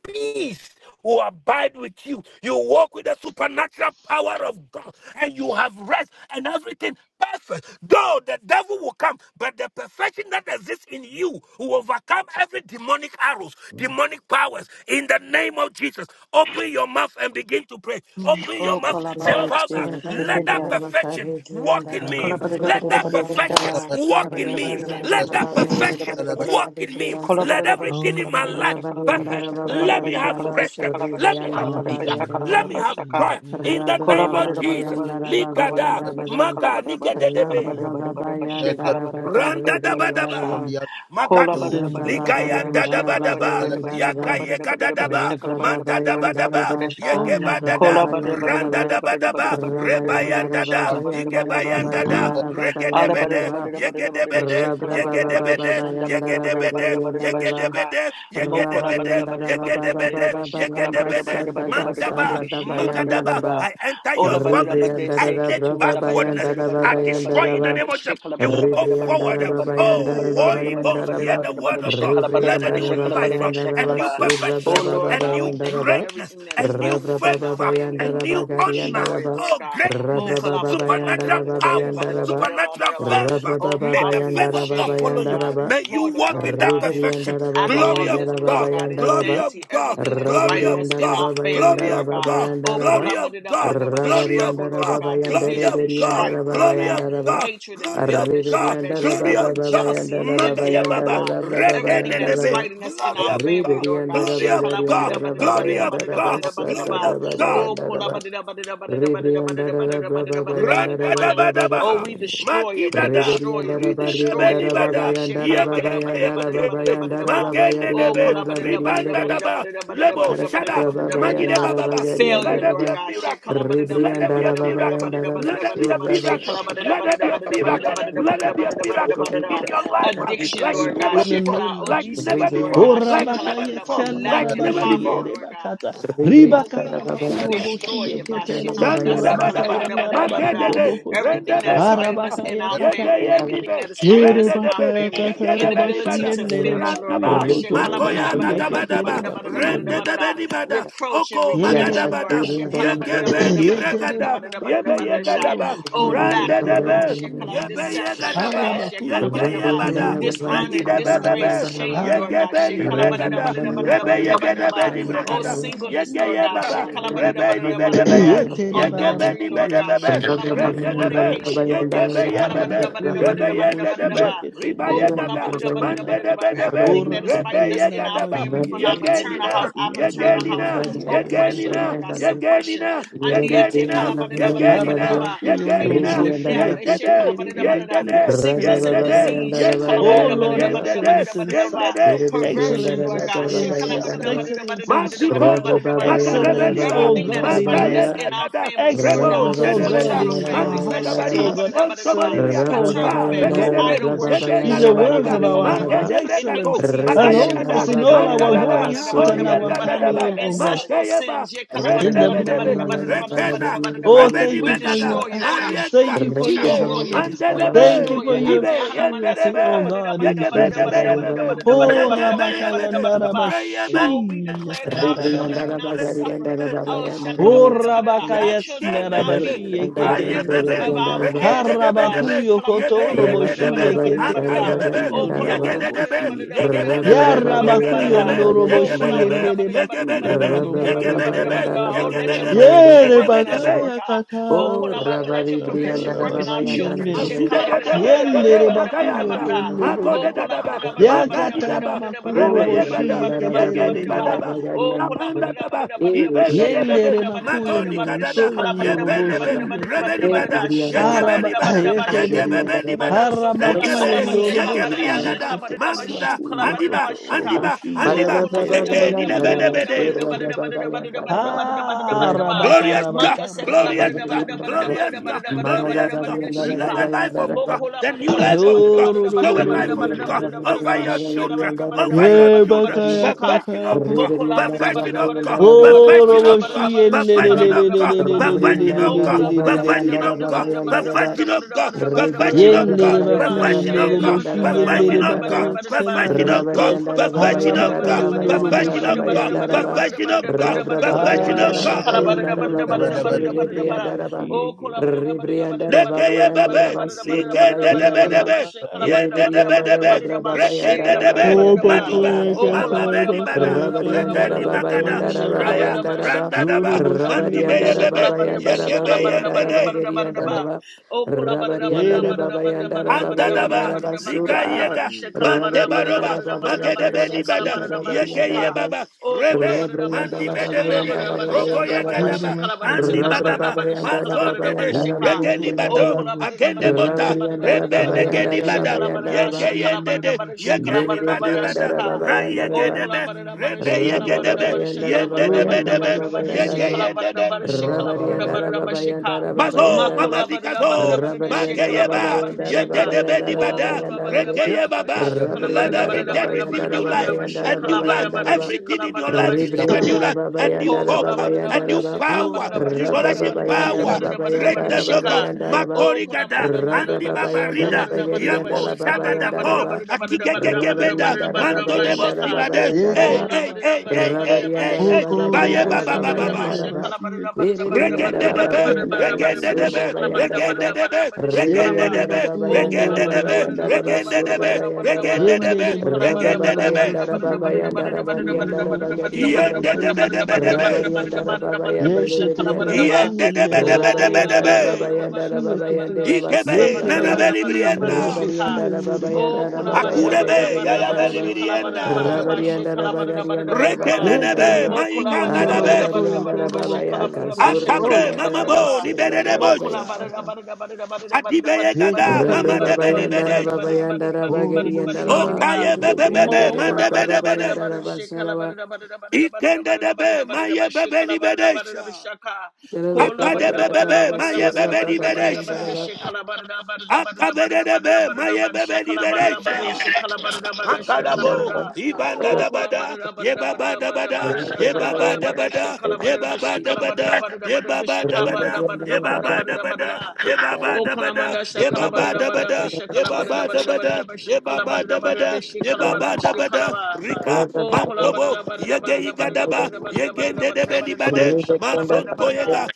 S1: peace will abide with you. You walk with the supernatural power of God and you have rest and everything perfect. Though the devil will come, but the perfection that exists in you will overcome every demonic arrows, demonic powers in the name of Jesus. Open your mouth and begin to pray. Open your
S3: Oh
S1: mouth.
S3: kola
S1: Say,
S5: Rabba
S3: badida
S1: Father,
S3: she
S1: let that
S3: seketa.
S1: perfection walk in me.
S3: Kola
S2: Hallelujah.
S3: badida
S1: Let
S3: badida
S1: that
S3: badida basha.
S1: perfection
S3: Sana
S1: walk in
S3: badida
S1: me.
S3: badida badida
S1: Let
S6: Bada,
S3: badida
S1: that
S3: badida badida
S1: perfection
S3: badida badida.
S1: walk in me.
S3: Kola
S1: Let
S3: badida basha
S1: everything in
S3: kola
S1: my
S3: badida
S2: oh,
S3: basha
S1: life
S3: kola badida
S1: perfect.
S3: basha kola badida
S1: Let me
S3: basha
S1: have
S3: kola badida
S1: rest.
S3: basha kola badida
S1: Let me
S3: basha kola
S1: have
S2: Lord,
S3: badida
S2: we
S1: peace.
S2: are
S3: basha kola
S1: Let
S3: badida
S1: me
S2: made
S1: have
S2: in
S3: basha.
S2: your
S1: joy. In the
S2: image.
S3: Kola
S1: name of
S3: badada badada
S1: Jesus.
S3: badasha, kola badada
S1: Ligada,
S3: badada badasha, kola
S1: maga,
S3: badada
S2: We
S1: nigedebe.
S2: are
S3: badada
S2: made in
S3: badasha,
S2: your
S3: kola badada
S2: image.
S3: badada
S1: Randa
S3: badada
S1: da ba da ba.
S3: badasha, kola
S1: Magadu,
S5: Rabba
S3: badada
S2: In your,
S3: badada badada
S2: by
S1: Ligayan
S2: your
S1: Dadaba Daba,
S3: badada
S2: excellency,
S3: badasha,
S2: by
S3: kola
S5: Rababayandaraba,
S1: Yagaye
S2: your.
S3: badada badada
S1: Gadadaba, Manda Daba
S3: badada badada
S1: Daba,
S5: Sarabababayandaraba,
S3: badasha,
S2: Oh,
S1: Yegeba
S2: Lord, we
S1: Dada,
S3: kola badada
S2: pray
S3: badada
S1: Randa
S3: badada
S1: Daba Daba,
S3: badada
S1: Rebayan
S2: right
S3: badasha,
S5: Rabayandaraba,
S1: Dada,
S3: kola badada badada
S5: Bayandaraba,
S3: badada badada
S1: Igebayan Dada,
S2: now.
S3: bada,
S5: Bayandaraba,
S3: ada badada
S1: Regedebede,
S5: Bayandaraba,
S3: badada badada. Mokola
S1: Yegedebede, Yegedebede, Yegedebede,
S5: Rabrabababababayandarabagariyandaraba.
S1: Yegedebede, Yegedebede, Yegedebede, Yegedebede, Mandaba, Magadaba. Whatsoever I enter your families, any backwardness, I destroy in
S5: Rabariyandarabababababababababababasandakasandadabayandaraba.
S1: the name of Jesus. It will go forward. Oh, all ye
S5: Ribriyandarabarabababayandarabarabayandaraba.
S1: bones,
S5: Ribriyandarabarababayandarabarabayandaraba.
S1: hear the word of God. Let a new life, uh, a new
S3: Oh
S1: perfection,
S3: Lord
S1: a
S3: God,
S1: new
S3: we thank you.
S5: Ribriyandarabarababayandarabasurabrabababayandaraba.
S1: greatness,
S3: Everything that
S1: a
S3: is
S1: new
S3: fighting us in our
S1: favor,
S3: family,
S1: a
S3: Lord
S1: new
S3: God, we
S1: honor.
S3: destroy it,
S5: Rabrabababayandarabagariyandaraba.
S3: Lord
S1: Oh,
S3: God. Oh,
S1: greatness, supernatural power,
S5: Rabrabababayandarabarabayandaraba.
S1: supernatural favor.
S3: oh
S1: May the
S3: poverty and
S1: favor of God
S3: shame,
S1: follow
S3: Lord
S1: you.
S3: God,
S5: Rabarababayandaraba,
S1: May
S3: and
S1: you
S3: whoredom,
S1: walk
S3: Lord
S1: in that
S3: God, and
S1: perfection. Glory of
S3: alcoholism, Lord
S1: God.
S3: God,
S1: Glory
S5: Ribariandarababayandaraba,
S3: insanity,
S1: of God.
S3: everything that is
S1: Glory
S3: fighting us
S1: of
S3: in
S1: God.
S3: our family,
S1: Glory
S3: Lord
S1: of
S3: God.
S1: God.
S3: Oh,
S5: Rabariandarababayandaraba, Rabariandarababayandaraba,
S1: Glory of God.
S3: the
S1: Glory of
S3: struggle, Lord
S1: God.
S3: God,
S1: Glory
S3: division
S1: of
S3: and
S1: God.
S3: strife, Lord
S1: Glory
S3: God,
S1: of
S5: Ribariandarababayandaraba,
S1: God.
S3: hatred and
S1: Glory of
S3: bitterness,
S1: God.
S3: Lord
S1: Glory
S3: God,
S1: of God.
S3: jealousy and envy,
S1: Magaya
S3: Lord
S1: Baba.
S3: God. Everything that is
S1: Rekenenebe.
S3: fighting us in
S1: Glory
S3: our
S1: of
S3: family,
S1: God.
S3: Lord God,
S1: Glory
S3: shit.
S1: of God. Glory of
S5: Ribariandarababayandaraba,
S1: God. Glory of God.
S5: Sarabarabayandaraba, Rebrianda da braba bayanda da
S1: Randa da ba da
S5: braba
S1: ba
S3: Oh,
S1: ha.
S3: we destroy it. We
S1: Magida da.
S3: destroy
S5: Rebrianda
S3: it.
S5: da
S3: We
S1: Ride da be
S5: barianda
S3: destroy
S1: ni
S3: it,
S5: da
S1: ba
S3: Lord
S5: baba
S3: God, shit.
S5: yanda da baba
S1: Yege
S5: yanda da
S1: yege.
S5: baba yanda da baba
S1: Magende de
S5: yanda
S3: Oh,
S1: be.
S5: da da barianda
S1: Ribanda
S5: da
S1: da ba. Lebo
S5: bara
S1: shada.
S5: braba
S1: Magide
S5: bayanda
S1: ba
S5: da
S1: ba.
S5: bagari
S1: Let
S5: yanda
S3: failure,
S5: da
S1: there be
S3: Lord
S1: a
S5: ba
S3: God, shit
S1: miracle. Let there
S5: Rebrianda
S1: be a
S5: da baba
S1: miracle.
S5: yanda da ba
S1: Let there be a
S5: surra ba
S1: miracle. Let there be a miracle.
S5: Rebrianda
S1: Let
S5: da
S1: there be a
S5: baba
S1: miracle
S5: yanda
S1: in your life
S5: da
S1: uh,
S5: baba
S3: addiction,
S1: like
S5: yanda
S3: Lord
S2: Spirit,
S3: God.
S1: never
S5: da
S2: Lord, in the
S1: before.
S2: name
S3: Shekala
S2: of
S1: Like
S5: baba
S2: Jesus.
S1: never
S3: obesity, Lord
S5: yanda
S1: before.
S2: Oh,
S3: God.
S1: Like
S3: Shekala
S1: never
S2: Rabakaya
S1: before.
S5: da
S2: Tana
S3: lack
S1: Like
S5: baba
S3: and
S1: never
S5: yanda
S2: Rabashi
S3: poverty,
S1: before.
S3: Lord God.
S2: Rebakata.
S3: Oh,
S2: Ribaka
S3: we located. We destroy
S2: Rabakuroboshi
S3: it by
S5: da
S2: Ekete
S3: shit. I'm
S5: baba
S3: on that
S1: Chanda
S3: set.
S1: daba
S5: yanda
S1: daba,
S2: Rebakurabakaya
S5: Thank
S1: magede de,
S2: Narabakurobokoto.
S3: Everything
S1: rende
S3: that
S1: be
S3: is fighting us
S1: kadaba Shandadabadaba, Makedede, Rendebekadaba,
S3: in
S2: Arabakaya
S3: our
S2: Kata.
S3: family. Everything
S1: Yegeyendibe,
S3: that is fighting us in our
S1: Rendedebe,
S2: Yerebakaya
S3: family.
S2: Kata
S3: Inability
S2: Rabashi
S1: Yegedebenibada,
S3: to
S2: and
S3: finish, Lord
S2: Nerebakuyo
S3: God.
S1: Randaba,
S2: Koto
S1: Makoya
S2: Roboshi
S1: daba
S2: Ekete
S1: daba, rende
S2: Rebakuyo
S1: de be ni bada
S3: Reproach and
S1: Oko
S3: rejection,
S2: Yendere
S3: Lord.
S1: Magadabada,
S2: bakata
S1: Yegebeni
S2: yetere
S1: Bregada,
S2: bara
S1: Yebe
S2: bakuyo noro
S1: Yegadaba,
S2: boshiye
S3: Oh, lack, Lord
S2: ketere
S1: Randedebe,
S2: bakuyo
S3: God.
S1: Yebe
S2: noro
S3: Deception, Lord
S2: hara
S1: Yegadaba,
S2: bakuyo tor
S3: God.
S2: noro
S1: Yegeyebada,
S3: Disown
S2: boshiye
S3: and
S2: ketere de
S3: disgrace,
S1: Regidebebebe,
S3: shame,
S2: hara
S3: Lord
S2: bakaya
S1: Yegebeni
S3: God.
S2: nara
S1: Bregada,
S2: bashiye
S1: Rebe
S2: ketere
S1: yege de be ni
S2: bakaya
S3: Oh,
S1: Bregada,
S2: katara
S3: singleness,
S2: bakuyo
S3: Lord
S1: Yegeye
S3: God.
S1: baba,
S2: kotoro noro
S1: rebeni
S3: Shekalabadidabadidabadidaba.
S1: bedebeye,
S2: yetere bara
S3: Adultery,
S1: yegebeni
S3: Lord
S2: bakuyo
S3: God.
S2: noro
S1: bedebebe,
S3: Shekalabada-
S2: boshiye
S1: rendedebe,
S2: nere
S3: Fornication, Lord God.
S1: yegebeye bebe, rebeyende
S2: Arabakuyondoroboshi
S1: debe,
S3: Shekalabadidabadidabadidabadidabadidaba. Oh,
S2: eketendere
S1: ribaye gaga,
S2: bakoya
S1: mande
S2: katarana.
S3: kolabadidabadidabadidaba.
S1: debe debe,
S3: everything that
S2: Ora
S3: is fighting
S2: bakaya
S3: us
S1: rebeye
S3: in our
S1: gadaba,
S3: family from our
S5: you.
S3: maternal
S2: Arabakuyondoroboshiyeketenderebakayatatara.
S1: yegenina,
S3: house, our paternal house,
S1: yegenina,
S5: Rebriandara
S3: oppression,
S1: yegenina,
S3: Lord God, suppression,
S1: yegenina,
S3: Andiate
S2: Orabakayandarabashiyeketebakuyondoroboshiyeketerebakuyokotoroboshiyekete.
S1: yegenina, yegenina,
S3: kalabadidabadidabadidaba.
S1: yegenina,
S3: premature death, eh,
S1: yendede,
S3: shekalabadidabadida.
S1: yendede,
S3: sickness and
S1: yendede,
S3: disease,
S2: Arabakuyondoroboshiyeketererererekiyatendarabababa. Oh
S1: yendede,
S2: Lord,
S1: yendede,
S2: excellence in
S3: shekalabadidabadidabadidabadidabadidaba
S2: sight,
S1: yendede,
S3: perversion,
S2: excellence
S3: Lord
S2: is
S3: God.
S2: in smell, excellence in speech,
S1: Maziko,
S2: excellence,
S1: Magadabeliba,
S2: oh
S3: Everything that
S2: God,
S3: is
S2: in
S3: fighting us in
S2: hearing.
S3: our
S1: gadada,
S3: families, Lord
S1: Rebo,
S3: God.
S2: Excellence, oh God,
S1: Shedebega,
S3: Maternal
S2: in our
S3: families, that's
S2: hearts,
S1: Magugadabari,
S2: oh God,
S3: shekalabadadabadadaba.
S2: excellence,
S1: Ontobolibriaga,
S2: oh
S3: paternal
S1: Pa,
S2: God, and
S3: families,
S1: Zegedebe,
S3: idol
S2: holiness
S3: worship, it's
S2: in the work
S1: Yegenanabariba,
S2: of our
S3: shekalabadadabadadaba.
S2: hands,
S1: Magedebregato,
S2: excellence
S3: iniquities,
S2: and
S3: that's
S1: Magayegada,
S2: holiness in
S5: Baba
S2: all our
S5: Yandara
S1: Mandadaba,
S2: going out and our
S3: shekalabadadabadadabadadabadadabadadabadadabadadabadada.
S2: coming
S1: Oyegadadaba,
S2: in,
S5: Basura
S2: oh God,
S3: ancestral
S1: Makayeba,
S3: sins.
S5: Rabba
S2: in the mighty
S1: Rendebedebe,
S2: name of Jesus.
S1: Rekena,
S3: shekalabadadabadadabadadabadadabadadabadadabadadaba.
S2: Oh,
S1: rebeni
S2: thank
S3: We
S2: you for
S1: begaga,
S2: your
S3: destroy it, we
S2: excellence.
S3: destroy
S2: Thank
S1: Mayega,
S2: you
S3: it,
S2: for
S3: we
S2: your
S1: Ige,
S3: destroy it.
S2: holiness.
S3: We
S2: Thank
S1: Mandelebe,
S2: you
S3: destroy it.
S2: for
S3: I
S2: your
S3: take
S1: Ibe,
S3: command. I say,
S2: purity,
S3: "Kala
S2: oh
S1: Yendelebe,
S3: bade da
S2: God,
S3: bade
S2: in
S3: da bade da bade
S2: Jesus'
S3: da
S2: name.
S1: Yegebenebe,
S3: bade da bade da
S2: Oh,
S3: bade da bade da bade da bade da bade da
S1: Yegebeyebede,
S3: bade
S2: Rabakayanda
S3: da."
S1: Reyebe,
S3: Oh, we
S2: Rabashi.
S3: declare that our children will not suffer. Oh, shakala bade da bade da. Our
S2: Orabakayat
S3: children will not
S1: Yengendedebe,
S2: narabashi
S3: be of
S2: eketere
S3: victims
S1: rayebebe,
S3: of
S2: bakuyo.
S3: our past. Lord God,
S1: regendedebedebe,
S2: Harabakuyo
S3: shakala bade da bade
S2: kotoro
S3: da bade da
S2: boshi
S1: yebeyendedebe,
S3: bade da bade da bade
S2: eketere
S3: da.
S1: akayebebe,
S2: bakuyo
S3: Oh, kala bade
S2: ndoro
S3: da bade
S1: yegededebe,
S3: da
S2: boshi.
S3: bade
S2: eke-
S3: da bade da bade da
S1: yegebedebe,
S5: Baba
S3: bade da
S5: and
S3: bade
S2: Yarabakuyo
S3: da.
S1: yegebedebe,
S2: ndoro
S3: Oh,
S2: boshi
S5: Daraba,
S1: yegebedebe,
S3: kolabadida,
S2: endere
S3: badida, badida,
S2: bakuyo
S5: Oh,
S3: badida,
S1: yegebedebe,
S2: ndoro
S3: badida,
S2: boko
S3: badida,
S5: Rabari
S3: badida,
S1: yegebedebe,
S2: ekete.
S3: badida.
S5: Briandara
S3: oh, let your
S5: Babayandara
S1: yegebedebe,
S3: perfection
S2: Yere
S3: work in us,
S1: yegebedebe.
S3: Lord
S5: Babayandara
S2: bakaya
S3: God. Oh,
S2: katara
S5: Oh,
S3: kolabada,
S2: bakaya
S3: let your perfection
S2: katara
S3: work in our
S2: bashi
S3: children.
S2: endere.
S3: She-
S1: Azude de
S3: kolabadida,
S1: de de
S3: badida,
S1: de
S3: badida,
S2: Yendere
S1: de
S3: badida, badida,
S2: bakuyo
S1: magayanda
S3: badida.
S2: tondoro.
S3: Oh,
S1: magode dadaba
S3: kolabadida, badida, badida,
S1: magadi
S3: badida,
S2: Yakatara
S1: daba
S3: badida,
S2: bakuro
S1: rebe
S3: badida, badida,
S2: boshi
S3: badida,
S1: yegada
S3: badida,
S5: Ribriandara
S3: badida,
S2: eketere.
S1: yegedi
S3: badida, ba.
S5: Babayandara
S1: badaba
S3: Oh,
S5: Babayandara
S1: rabanda
S3: kolabadida,
S1: daba
S3: badida,
S5: Eh,
S3: badida, ba-
S1: ibende
S3: she-
S1: debe
S5: Ribriandara
S1: de
S2: Yendere
S3: labadida, badida, badida,
S1: magoni
S2: bakuyundu
S3: badida, she-
S1: kadada
S2: bunkuyundu
S3: kolabadida, badida,
S1: yebende be
S2: rubushi
S3: badida,
S5: Babayandara
S3: badida, badida,
S1: rebeni
S5: Eh,
S2: yeketere.
S3: badida,
S1: bada
S3: she-
S5: Ribriandara
S1: yegebeni
S2: Haraba
S3: kolabadida,
S1: bada
S3: badida, ba- shu.
S2: yetere.
S1: yegebebeni bada
S3: Mando so
S2: Haraba
S1: zende de
S3: kolabadesi,
S2: kuyundu
S5: Babayandara
S1: yegebri
S3: kolabada,
S2: rubushi
S3: she-
S1: yagada
S3: kolabadida,
S2: yeketere
S3: ba-
S1: mazda
S3: shu,
S2: bakuyo
S3: kolabadida,
S1: andiba
S3: ba-
S2: koto
S3: shika.
S1: andiba
S2: rubushi
S3: Oh,
S5: Barada
S1: andiba
S3: kola ba da da
S2: yeketere
S3: ba
S1: zeke
S3: da da
S1: nine
S3: ba da
S5: Babayandara
S3: da
S2: bakuyo koto
S1: bede
S5: Basura
S2: rubushi.
S5: Babayandara
S2: Haraba
S1: Glorious
S2: karaba
S1: God,
S3: Manda se
S5: Thank
S2: karaba
S3: kala ba
S1: glorious
S3: da da
S2: kuyo
S3: ba da
S1: God,
S2: to
S3: da
S2: rubushi
S1: glorious God, glorious
S2: yeketere
S1: God.
S2: bakuya
S1: Let
S3: shika.
S1: the life of
S2: kataraba.
S3: Mo
S1: God,
S3: kola
S1: the
S3: ba da
S1: new
S3: da ba
S1: life of
S3: da da ba
S1: God,
S3: da
S2: Uru ru ru
S1: Zoe
S2: ru ru
S1: life
S2: ru
S1: of
S2: ru ru
S1: God
S2: ru ru
S1: over
S2: ru ru
S1: your
S2: ru.
S3: shila ba
S1: children,
S3: da da ba da da ba
S1: over
S3: da da
S1: your
S3: ba
S2: Ye
S3: da da ba da
S1: children.
S3: da
S2: bakaya
S3: shika.
S1: Perfection of
S3: Mo
S1: God,
S2: kataba.
S3: kola ba da da ba da
S1: perfection
S3: da ba
S1: of
S3: da da
S1: God,
S3: ba da da ba
S5: you.
S3: da da
S2: Oh,
S3: ba da
S1: perfection
S3: da ba
S1: of
S3: da da
S1: God,
S2: Roboshi and
S1: perfection
S5: Rabba
S1: of God, perfection of God, perfection of God, perfection of God, perfection of God,
S2: Yendere
S1: perfection
S2: bakuyondo
S1: of God,
S2: Roboshi and
S1: perfection of God, perfection of God,
S3: Oh,
S2: Rabakuto
S3: Colabada,
S1: perfection
S3: but it
S1: of
S3: about it
S1: God,
S3: about it
S1: perfection
S2: Harabakuyondo
S3: about it about it
S1: of
S2: Roboshi
S3: about
S1: God,
S3: it about it
S2: Ekete
S3: about it
S1: perfection of
S2: Bakata
S3: about it
S1: God,
S3: about it about it about it
S1: perfection
S3: about it,
S1: of
S3: she
S1: God.
S3: calabada,
S2: Harabakuyondo
S3: but it about it about
S2: Roboshi
S3: it about
S2: and
S3: it about
S2: Rebashi
S3: Oh,
S2: Ekete
S3: Colabada, but it about it about it about
S1: Nekeye
S3: it about it
S1: bebe.
S3: about it
S2: Bakushi
S3: about it about
S1: Ligende de
S3: it about it
S2: Ekere
S1: bedebe,
S3: about it, she
S2: Bakaya
S3: calabada,
S1: yende de
S3: but it about it
S2: katara
S1: bedebe,
S3: about it about she,
S1: rekende
S3: about
S1: de
S3: it about it
S2: Yoruba
S3: about
S1: maduba,
S3: Oh,
S1: mama
S3: Colabada,
S1: beni
S3: but it
S1: bada,
S3: about it about it about it
S1: zekeni
S3: about it
S1: bagada,
S3: about it, she
S1: raya,
S3: calabada, but she
S5: Rabariandarababayandaraba.
S3: calabada,
S1: randadaba,
S3: but it about it about it,
S1: mandibeye
S3: she
S1: bebe,
S3: calabada, but she
S1: yegebe
S3: calabada,
S1: yende
S3: but it
S1: de.
S3: about it about it about
S5: Rabariandarababayandarababayandarabagariandaraba.
S3: Oh, kula bara bara bara bara bara bara bara
S1: Andadaba,
S5: Rabariandarababayandarababayandaraba
S3: bara bara bara
S1: ligayega
S5: sura.
S3: bara
S1: Yega,
S3: shaka. Kula bara bara
S1: Mandebaroba,
S3: bara bara bara
S5: Rabariandarababayandaraba
S3: shaka.
S1: Magedebeni
S3: Kula
S1: Bada,
S5: sura.
S3: bara bara
S1: Yege
S3: shaka.
S5: Rabariandaraba.
S1: Yebaba,
S3: Oh, kula
S1: Rebe,
S3: bara bara bara
S1: Mandi Bede
S3: bara
S1: Bede,
S3: bara
S1: Rogo
S3: bara bara
S5: Rabariandarababayandaraba.
S2: Here
S3: bara
S1: Yegadaba,
S3: bara shaka.
S1: Andi
S3: Kula
S2: makayandara
S3: bara
S1: Bagaba,
S3: bara shaka.
S2: barabaraba.
S3: Kula bara
S1: Mazonde
S3: bara
S1: de,
S3: shaka. Kula bara bara shaka.
S1: Regeni
S3: Oh,
S1: Bado,
S2: Urubukuyunduru
S5: Rabarababayandarababayandarabagariandaraba.
S3: kula bara
S1: Agende Bota,
S2: bushiyekete.
S1: Rebe Negeni
S3: bara shaka.
S1: Bada,
S3: Kula
S2: Arabakuyunduru
S5: Rabariandarababayandarababayandaraba.
S1: Yege
S2: bushiyendere
S3: bara
S1: de,
S3: bara shaka. Kula bara
S1: Yegeni
S2: bakuyunduru
S1: Bade Bada,
S2: bushiyekete.
S1: rayegedebe
S5: Yeridebriandarababayandaraba.
S3: bara bara
S2: Rebakuyunduru
S3: bara bara shaka.
S1: Rebe
S3: Kula
S5: Rabba
S2: bushiyendere
S3: bara
S1: Yegedebe,
S3: bara
S2: bak-
S3: shaka.
S5: Rabariandara
S1: Yende de
S2: Yonduru
S5: babayandara
S1: Bedebe,
S5: babayandara
S2: bushiyendere
S1: Yege
S3: Kula
S5: Ba
S1: Yende
S2: bashiyendere
S3: bara bara
S5: Rabariandara
S3: bara bara
S2: bashiyendere
S3: shaka.
S5: babayandara
S3: Ma
S1: Mazo,
S2: bakuyunduru
S5: babayandara babayandara Ba
S3: kola bade da bade da
S1: mamazikazo,
S3: bade
S2: bushiyekete.
S3: da
S5: Rabariandara
S3: shekala bade da
S1: mageyeba,
S3: bade da
S2: Rebakuyukotoro
S3: shekka.
S1: yededebe
S3: Oh
S1: nibada,
S2: bushiyekete.
S3: kola bade da bade da bade da
S1: rekeyebaba.
S2: Yakatara
S3: shekala bade
S1: Let
S3: da
S1: every
S3: bade da
S1: dead
S3: bade da bade
S1: receive
S3: da
S5: babayandara
S1: new
S3: bade
S1: life, a
S5: babayandara
S1: new life.
S3: da bade
S5: babayandara
S3: da
S5: Ba
S1: Everything
S3: shekala
S1: in
S3: bade
S1: your
S3: da bade da
S1: life receive a
S3: shekala
S1: new
S5: Ribriandara
S1: life, a new
S5: babayandara
S1: hope, a
S5: babayandara
S1: new
S5: Ba
S2: Ora
S3: bade
S1: power,
S3: da
S1: a new
S3: bade da
S5: Rabra
S3: bade da
S2: bakayanda
S1: resurrection
S3: bade da bade
S2: rabashi
S5: babayandara
S1: power.
S3: da bade da bade da
S5: babayandara
S1: Greatness
S2: yeketendere
S1: of God.
S3: shekka.
S2: bashi
S3: Oh
S2: yeketere
S3: kola
S5: Rabarababayandarabarabayandaraba.
S3: bade
S1: Makorigada,
S3: da bade
S2: bakuyo
S3: da
S1: Andi
S3: bade da shekala
S1: Babarida,
S3: bade da bade da
S2: yeketere
S1: Yambo,
S5: Rabariandarabarabayandarabayandaraba.
S2: bakuyo
S3: bade
S2: nduru
S3: da
S1: Shadadako,
S5: babayandara
S3: bade
S5: Rabariandarabarabayandarabayandaraba.
S3: da
S2: bashi
S3: bade da
S5: Ribriandarabarabayandarabayandaraba.
S3: bade da
S2: yeketere
S3: bade da
S1: Akigegebeda,
S3: bade da bade da bade da
S2: bakuyo
S5: Rabarababayandarabayandaraba. babayandara
S3: bade da bade
S1: Mando
S3: da
S2: nduru
S1: Debo
S3: shekka.
S1: Sibade. Hey,
S3: Oh,
S5: Rabariandarabarabayandaraba.
S2: yekere
S3: la ba
S1: hey,
S3: da da
S1: hey,
S3: ba da
S1: hey,
S2: bakayaka
S3: ba da da
S1: hey,
S3: ba da
S1: hey,
S5: Rabarianda
S1: hey,
S2: hoko
S3: shakala ba da da
S1: Baye
S5: Rabagarianda
S3: ba da
S1: Baba
S2: roboshi
S3: da ba da da ba
S1: Baba.
S5: Rababayanda
S2: yendere
S5: Rabab.
S3: shakala
S2: bashi
S3: ba da da ba da da ba da da ba
S5: Ribirianda
S2: yeketendere
S1: Regende
S3: da da
S2: bashi
S1: debe,
S3: ba da da ba
S5: Rababayanda
S3: da da ba da da ba da
S1: regende
S3: ba
S2: yeketere
S3: da
S5: Rabasur
S1: debe,
S3: shakala
S2: bakuyo
S3: ba da da
S5: Rabayanda
S3: ba da
S1: regende
S3: da
S5: Rabab.
S3: ba da da
S1: debe,
S3: ba da shakala
S1: regende
S2: Yere
S3: ba.
S5: Ribrianda
S1: debe,
S3: Oh,
S5: Rababayanda
S3: kula
S2: bakuyondoro
S1: regende
S3: ba da da
S1: debe,
S3: ba
S2: boshi
S3: da da
S5: Rababayanda
S3: ba da da
S2: yendere.
S3: ba da
S1: regende
S5: Rabasur
S3: da ba da
S2: dekete.
S1: debe,
S3: da ba da
S5: Rabayanda
S3: da ba da
S5: Rabab.
S3: da
S1: regende
S3: ba da
S2: Yendere
S1: debe,
S3: shakala ba da da ba
S1: regende
S3: da
S2: bakuyondoro
S1: debe,
S5: Rababayanda
S3: da
S2: boshi
S3: ba da da ba da da
S2: yendere
S3: ba
S5: Rababayanda
S3: da da ba da
S5: Rabarianda
S3: da ba
S2: bakuyondoro
S3: da da ba da
S2: boshi
S3: da ba
S5: Rabagarianda
S3: da da ba da da ba
S1: yende
S5: Rabab.
S3: da da ba
S2: yeketere
S1: debe
S3: da
S2: da
S3: da
S2: da
S1: debe
S3: ba da da ba da da ba da da ba da da ba da
S2: da da da
S3: da
S2: da da
S5: Rabarianda
S1: debe,
S2: da.
S3: ba da da ba
S5: Rababayanda
S3: shakala ba
S2: Yeketere
S3: da
S5: Ribirianda
S3: da ba.
S2: bashi
S5: Rabab.
S1: yende debe
S2: yendere
S1: debe
S3: Oh,
S1: debe
S2: bakaya
S3: la
S5: Rabarianda
S3: ba da da ba
S2: katara
S3: da
S1: debe,
S3: da ba
S5: Rababayanda
S3: da
S2: bashi
S3: da ba da da ba da
S5: Rababayanda
S2: yekete.
S3: da shakala
S5: Rabasur
S3: ba
S1: ikebe
S3: da da
S2: Yekere
S1: nana
S3: ba
S5: Rabayab.
S3: da da
S1: beli
S3: ba da da ba da da
S2: bakuyondoro
S1: brienda,
S3: shaka.
S2: boshi
S5: Rabarianda
S2: yendere
S5: Rababayanda
S3: Oh,
S2: bakaya da
S3: kalaban
S2: da
S3: na,
S5: Rababayanda
S3: kalaban na,
S1: akurebe
S2: bakaya
S1: yaya
S3: kalaban
S5: Ribirianda
S3: na,
S1: beli
S2: katara
S3: she
S5: Rabab.
S3: kalaban
S2: bakaya
S3: na,
S1: brienda,
S3: kalaban na,
S2: katara
S3: she
S5: Rabarianda
S2: bakaya
S3: kalaban na, kalaban
S2: katara.
S5: Rabagarianda
S3: na, kalaban na,
S1: rekende
S5: Rababayanda
S2: Yekere
S1: debe,
S5: Raba
S3: mo kalaban
S1: maikanda
S3: na,
S2: bakuyondoro
S3: kalaban na,
S2: bakoyo
S3: kalaban
S1: dabesha,
S5: Arabarianda
S2: toro
S3: na, she kalaban
S2: bakoyo
S5: Rababayaka
S3: na, she
S2: toro.
S3: kalaban
S1: akabre
S3: na,
S5: Surabrianda
S1: mama
S3: kalaban
S1: bo
S3: na,
S1: ni bede
S5: Rabasura
S3: mo
S1: debosha,
S3: kalaban na,
S5: Rababayanda
S3: kalaban na, kalaban na,
S1: adibe
S3: kalaban
S1: yegaga
S3: na,
S1: mama debe
S3: kalaban
S1: ni
S3: na,
S5: Rabrababayanda
S3: kalaban
S2: Yeketerebakayandarababu.
S1: bedesha.
S5: Rababayanda
S3: na, kalaban na, kalaban
S5: Rabagarianda
S3: na, kalaban
S5: Raba
S3: na,
S1: Okaye
S2: Oroboshiyendere-
S1: bebe
S5: Rubrianda
S1: bebe
S3: mo
S1: mande
S3: kalaban
S1: bede
S3: na,
S5: Rababayanda
S3: kalaban na,
S1: bedesha.
S3: she
S5: Rabasarawa
S3: kalaban na, kalaban
S1: Ikende debe maye
S3: na, she
S1: bebe ni
S3: kalaban na,
S1: bedesha.
S3: she ka.
S5: Jara
S3: Kola
S1: Akade
S3: badada
S1: bebe
S5: Rababayanda
S3: badada
S1: be
S3: badada
S1: maye
S3: badada
S5: Rabasura
S1: bebe ni
S3: badada badada
S5: Rababayanda
S3: badada
S5: Raba
S1: bedesha.
S3: shekala badada badada badada
S1: Akabede
S3: badada badada
S1: debe
S3: badada
S1: maye
S3: badada
S1: bebe ni
S3: shekala badada badada
S1: bedesha.
S3: shekala badada badada shekala
S5: Rababayanda
S1: Makarabo,
S3: badada.
S5: Rabasura Rababayanda
S1: Ibanda
S3: Oh, kola
S1: Dabada,
S3: badada badada
S1: Yebaba
S3: badada badada
S1: Dabada,
S3: badada shekala
S1: Yebaba
S3: badada
S5: Rababayanda
S3: badada
S1: Dabada,
S3: shekala
S1: Yebaba
S5: Rababayanda
S3: badada
S1: Dabada,
S3: badada
S1: Yebaba
S3: shekala badada badada badada shekala badada
S1: Dabada,
S3: badada badada
S1: Yebaba
S3: badada
S1: Dabada,
S3: badada.
S1: Yebaba
S3: Oh, kola
S1: Dabada,
S3: manda shekala
S1: Yebaba Dabada, Yebaba
S3: badada badada
S1: Dabada,
S3: badada shekala badada badada badada badada shekala
S1: Yebaba
S3: badada badada badada
S1: Dabada,
S3: shekala
S1: Yebaba
S3: badada badada
S5: Rababayanda
S1: Dabada,
S3: shekala badada.
S1: Rika,
S3: Oh, kola
S1: Mantobo,
S3: badada badada
S5: Thank
S3: badada
S1: Yege
S3: badada
S1: Gadaba,
S3: badada badada badada
S1: Yegende de
S3: badada badada badada
S1: Benibade,
S3: badada shekala badada badada.
S1: Mazontoyega,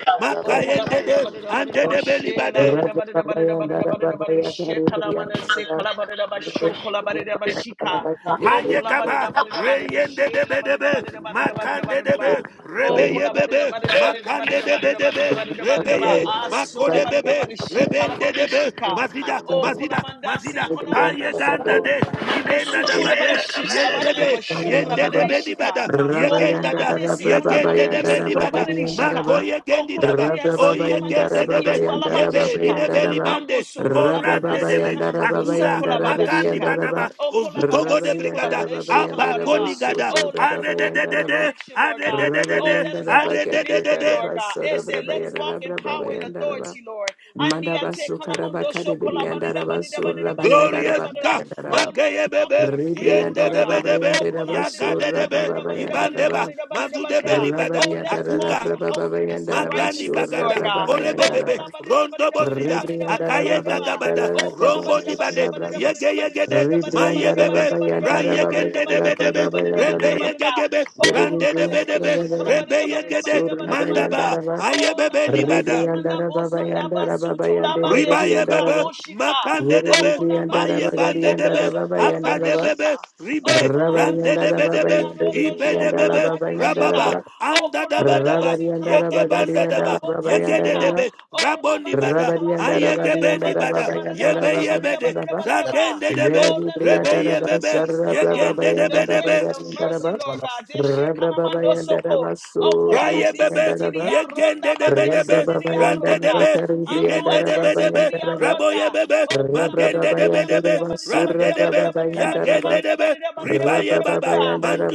S3: O kola
S1: Makayende
S3: bada da
S1: de,
S3: bada da bada da
S1: Ande
S3: ba
S1: de
S3: she la
S1: Belibade,
S3: bada da bada da bada da bada da bada da bada da she kala mana se kala bada da ba sho kola bada da ba shika. O kola bada
S1: Mayegaba,
S3: da bada da bada da
S1: Reyende de
S3: she la bada da
S1: Bedebe,
S3: bada da bada da bada da
S1: Makande
S3: bada da ba.
S1: debe,
S3: O
S1: Rebeye
S3: kola bada da
S1: bebe,
S3: bada da bada da bada
S1: Makande
S3: da
S1: de
S3: bada da bada da
S1: Bedebe,
S3: bada da bada da ba.
S1: Rebeye,
S3: Aso la
S1: Makode
S3: bada da
S1: bebe,
S3: bada she kala
S1: Rebende
S3: bada
S1: debe,
S3: shika.
S1: Mazida,
S3: O kola
S1: Mazida,
S3: manda se
S1: Mazida,
S3: kola mando
S1: Payeganda
S3: soko.
S1: de,
S3: Mando
S1: Ibenda
S3: su
S5: you.
S1: da
S3: kola bada
S1: Bade,
S3: she kala
S5: Rabba
S3: bada da ba
S1: Yendebe,
S3: shu kala
S1: Yende
S3: bada
S1: de
S3: da shika.
S1: Benibada,
S3: O kola
S1: Yegenda da,
S3: mande se kola
S1: Yegende de
S3: mandi si kola
S1: Benibada,
S3: bada da shika.
S1: Mako
S3: O
S1: Yegendi daba,
S3: kolabaya
S1: O
S3: si kalamanda
S1: Yegende
S3: si
S1: debe,
S3: kiti walabada
S1: Yebe,
S3: shika.
S1: Nine Belibande,
S3: Ambo so kolabada
S1: Orande
S3: si
S1: debe
S3: kalamando so
S1: akuda
S3: kolabada
S1: magandi
S3: shika.
S1: badaba
S3: Oh, kolabada,
S1: ozutogo de
S3: siu
S1: brigada
S3: kolabada, ishi
S1: abakoni
S3: kolabada.
S1: gada
S3: Oh, let us
S1: arede
S3: walk
S1: de
S3: in the
S1: de de
S3: perfection, Lord God.
S1: arede de de
S3: Oh,
S1: de
S3: let us walk in
S1: arede de de
S3: victory,
S1: de
S3: Lord God. It said, let us walk in power and authority, Lord. Andi
S5: Madaba
S3: ate
S5: Sukara
S3: kolamondo
S5: Bakari
S3: sho kolabada,
S5: Biriandaraba
S3: bada, bada, bada, bada,
S1: glorious
S5: Surabayandaraba
S3: bada.
S1: God
S3: Oh,
S5: Yandaraba
S3: let us
S1: mageye
S3: walk
S1: bebe
S3: in the freedom,
S1: yende
S3: Lord
S1: de be
S3: God.
S5: Rebriandarababa
S1: de be
S3: Oh, kolabada,
S1: yaga de
S3: bada,
S1: de be
S3: bada, bada, bada,
S1: ibandeba
S3: bada, bada,
S1: mazude
S3: bada.
S1: belibada
S3: Oh, let us walk
S1: akuga
S3: in holiness and
S1: Magani
S3: righteousness,
S1: bagada,
S3: Lord God. Oh,
S1: orebebebe,
S3: kolabada, bada,
S1: rondo
S3: bada, bada,
S1: bosida,
S3: bada, bada,
S1: akaye
S3: bada. bada.
S1: gagabada,
S3: Oh,
S1: rombo
S3: kolabada, bada, bada,
S1: dibade,
S3: Oh,
S1: yege yegede, maye bebe, ra yegende debe debe, rebe yegegebe, rande debe debe,
S3: kolabadidabaishi,
S1: rebe yegede,
S3: kolabadidabadidabadidabadidabadida.
S1: mandaba, aye
S3: Oh,
S1: bebe
S3: lamanda
S1: nibada.
S3: sekanda bosanda basu tolabadesi
S1: Ribaye bebe,
S3: kalaboshika.
S1: makande
S3: Oh,
S1: debe, maye
S3: kolabadesi
S1: bande debe,
S3: ndiadoso
S1: akande
S5: Rebriandara
S1: bebe,
S3: kolabadishika. Oh,
S1: ribe,
S3: kolabanda
S1: rande debe
S3: sitiri
S1: debe,
S5: Rabba
S3: aroto
S1: ibe
S3: sho
S1: debebe,
S3: kolabandi shika.
S1: rababa,
S3: Oh,
S1: anda daba
S3: kolabanda
S1: daba,
S3: si
S1: yege
S3: kalabanda
S1: banda
S3: si
S1: daba,
S3: kalabota
S1: yege de
S3: seka.
S1: debe,
S3: Oh,
S1: raboni
S3: labasi
S1: bada,
S3: kolaboshe,
S1: ayege bendi
S3: labada
S1: bada,
S3: labada labada
S1: yebe
S3: labada
S1: yebe de,
S3: labada labada
S6: the
S3: labada.
S1: zagende debe,
S3: Oh, let us
S1: rebe
S3: walk in the
S1: yebebe,
S3: grace, Lord God.
S1: yegende debe
S3: The grace,
S1: debe,
S3: the mercy, Lord
S6: Bada,
S3: God. This shit kalamando soko. Oh,
S1: Raye
S3: kolabandi
S1: bebe,
S3: sitiri arota
S1: yegende de
S3: bande
S1: bedebe,
S3: sindiri
S1: rande de
S3: arota.
S1: be,
S3: Ando
S1: yegende de
S3: ate
S1: bedebe,
S3: sindiri
S1: raboye
S3: arota.
S1: bebe,
S3: Oh, kola
S1: magende
S3: badida
S1: de
S3: badida
S1: bedebe,
S3: badida badida
S1: rande
S3: badida
S1: de be,
S3: badida badida badida
S1: yagende de
S3: badida
S1: be,
S3: badida badida
S1: ribaye
S3: badida
S5: Rabba
S1: baba,
S3: badida.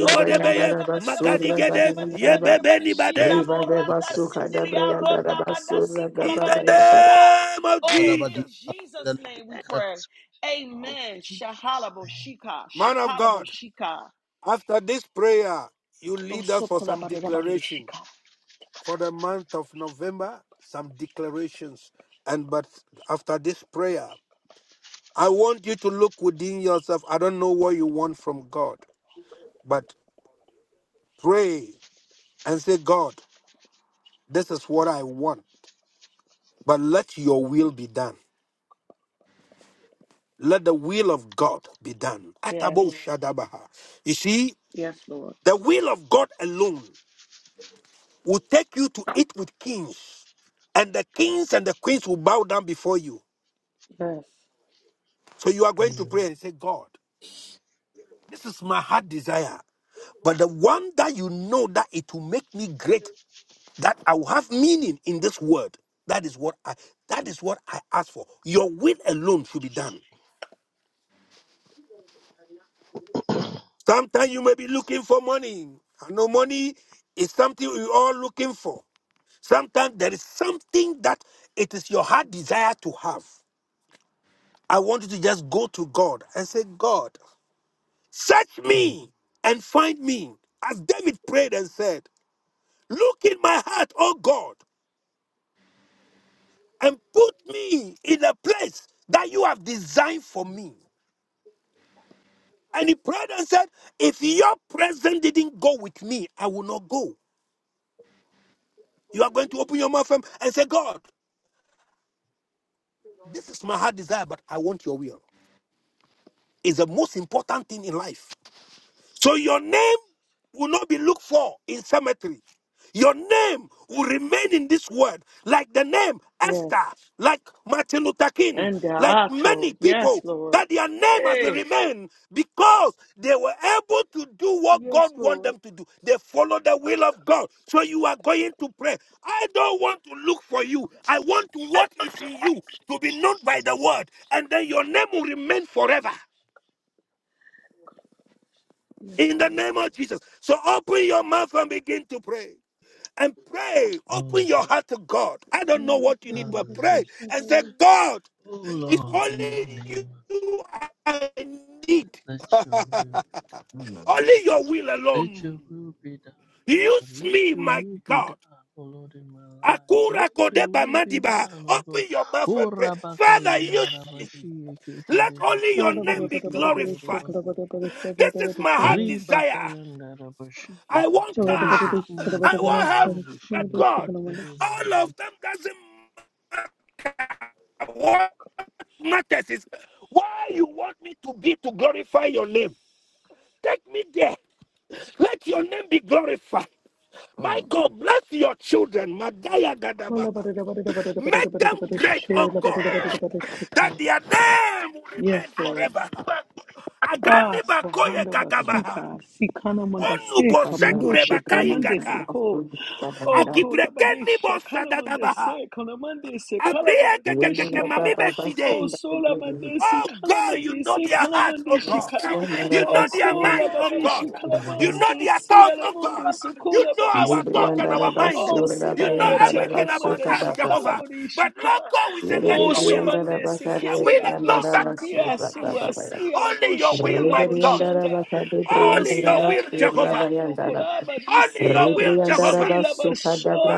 S3: Oh,
S1: de
S3: kola
S1: beye,
S3: badida badida
S1: magadi
S3: badida badida
S1: gede,
S3: badida
S1: ye
S3: badida
S1: bebe
S3: badida.
S1: ni
S3: Shila
S1: bade.
S3: borata
S6: the
S3: sindilia rota badasi
S1: In the
S3: kalabadari shika.
S1: name of
S3: Oh,
S6: Balabadi
S3: in
S1: Jesus,
S3: Jesus'
S6: Apandele
S3: name we
S6: Yato.
S3: pray.
S2: Lord
S3: Amen.
S2: Jesus.
S3: Shahalabo shika.
S1: man of
S3: Shakalabo
S1: God,
S3: shika.
S1: after this prayer, you
S3: Oh,
S1: lead us for some
S3: sorry,
S1: declaration
S3: shika.
S1: for the month of November, some declarations. And but after this prayer, I want you to look within yourself. I don't know what you want from God, but pray and say, God, this is what I want, but let your will be done. Let the will of God be done. Atabo Shadabaha. You see, the will of God alone will take you to eat with kings, and the kings and the queens will bow down before you.
S3: Yes,
S1: So you are going to
S2: Amen.
S1: pray and say, God, this is my heart desire. But the one that you know that it will make me great that I will have meaning in this word. That is what I that is what I ask for. Your will alone should be done. Sometimes you may be looking for money. I know money is something we all looking for. Sometimes there is something that it is your heart desire to have. I want you to just go to God and say, God, search
S2: Hmm.
S1: me and find me. As David prayed and said, Look in my heart, O God, and put me in a place that you have designed for me. And he prayed and said, If your presence didn't go with me, I will not go. You are going to open your mouth and say, God, this is my heart desire, but I want your will. It's the most important thing in life. So your name will not be looked for in cemetery. Your name will remain in this world, like the name
S3: yes.
S1: Esther, like Martin Luther King,
S3: And the
S1: like many
S3: ato. Yes,
S1: people,
S3: Lord.
S1: that their name has
S3: Hey.
S1: remained because they were able to do what God
S3: Yes,
S1: wanted
S3: Lord.
S1: them to do. They follow the will of God. So you are going to pray. I don't want to look for you. I want what is in you to be known by the word, and then your name will remain forever
S3: Yes,
S1: in the
S3: Lord.
S1: name of Jesus. So open your mouth and begin to pray. And pray.
S2: Oh,
S1: Open
S2: Lord.
S1: your heart to God. I don't know what you need, but pray
S2: Hallelujah.
S1: and say, God,
S2: Oh,
S1: it's
S2: Lord, in the
S1: only
S2: name of Jesus,
S1: you I need.
S2: let your will be,
S1: only your will
S2: let
S1: alone.
S2: your will be done. But
S1: Use
S2: let
S1: me,
S2: your
S1: my
S2: will be
S1: God.
S2: done, oh Lord, in my life.
S1: Akura
S2: Let your
S1: kodeba
S2: will be
S1: madiba.
S2: done, oh God.
S1: Open your mouth
S2: Oh
S1: and pray. Father, use
S2: rabakayana
S1: me.
S2: Rabashi Ekete
S1: Let only
S2: Rebaku
S3: Yes,
S1: your name be
S2: Uroboshi
S1: glorified.
S2: and
S1: This is my heart
S2: Riba
S1: desire.
S2: kayanda da bashi
S1: I
S2: yake
S1: want
S2: tere ba
S1: car.
S2: kuyo
S1: I
S2: ko
S1: want
S2: toro
S1: health.
S2: bashi
S1: But
S2: yake
S1: God,
S2: tere re re
S1: all
S2: re
S1: of them doesn't matter. What matters is why you want me to be to glorify your name. Take me there. Let your name be glorified. My God, bless your children. Madaya Gadabaha. Make them great, oh God, that their name will remain
S3: Lord.
S1: forever.
S3: Ah,
S1: Agani
S3: so
S1: Bakoye
S3: handa
S1: Gagabaha.
S3: basuka, sikana
S1: Onubo
S3: mangaseka, mando
S1: Sekure
S3: sheka, mande
S1: Bakaigata.
S3: seko. Oh,
S1: Agibrekeni Bo
S3: kolabadesha,
S1: Sadadabaha.
S3: kalamandese, kalamandese,
S1: Abrie ke- ke- ke- ke- mami
S3: kalabadabashika.
S1: beside.
S3: Oh, solamandesi,
S1: Oh God, you know
S3: kalamandesi,
S1: their hearts, oh God.
S3: kalamandeshika.
S1: You know
S3: Oh,
S1: their mind, oh God.
S3: kolabadishi,
S1: You know
S3: kalabose,
S1: their thoughts, oh God.
S3: sialamundo,
S1: You know our
S3: sukolabadisika.
S1: thoughts and our mind.
S3: Oh,
S1: You know
S3: simayate,
S1: everything about us,
S3: kalamandashi,
S1: Jehovah. But
S3: kalabadishika.
S1: Lord God, we say,
S5: Yere
S1: let
S5: de
S3: Oh,
S1: your will, uh,
S5: brianda da
S3: somandesi,
S5: basar
S1: a
S5: de
S1: will
S3: kindia,
S5: brianda
S1: alone
S5: da
S1: that
S3: dosu,
S5: basur
S1: transform us.
S5: da
S3: biasu,
S1: Only your will,
S3: asialaboshila,
S1: my God.
S5: Rabariandara
S3: boshanda. Oh,
S1: Only your will,
S3: siande,
S1: Jehovah.
S3: biando,
S5: Rabariandara
S3: kolaba
S5: Rabariandara
S1: Only
S3: disila
S1: your will,
S3: silabo, the
S5: Rabariandara
S1: Jehovah.
S3: silaba,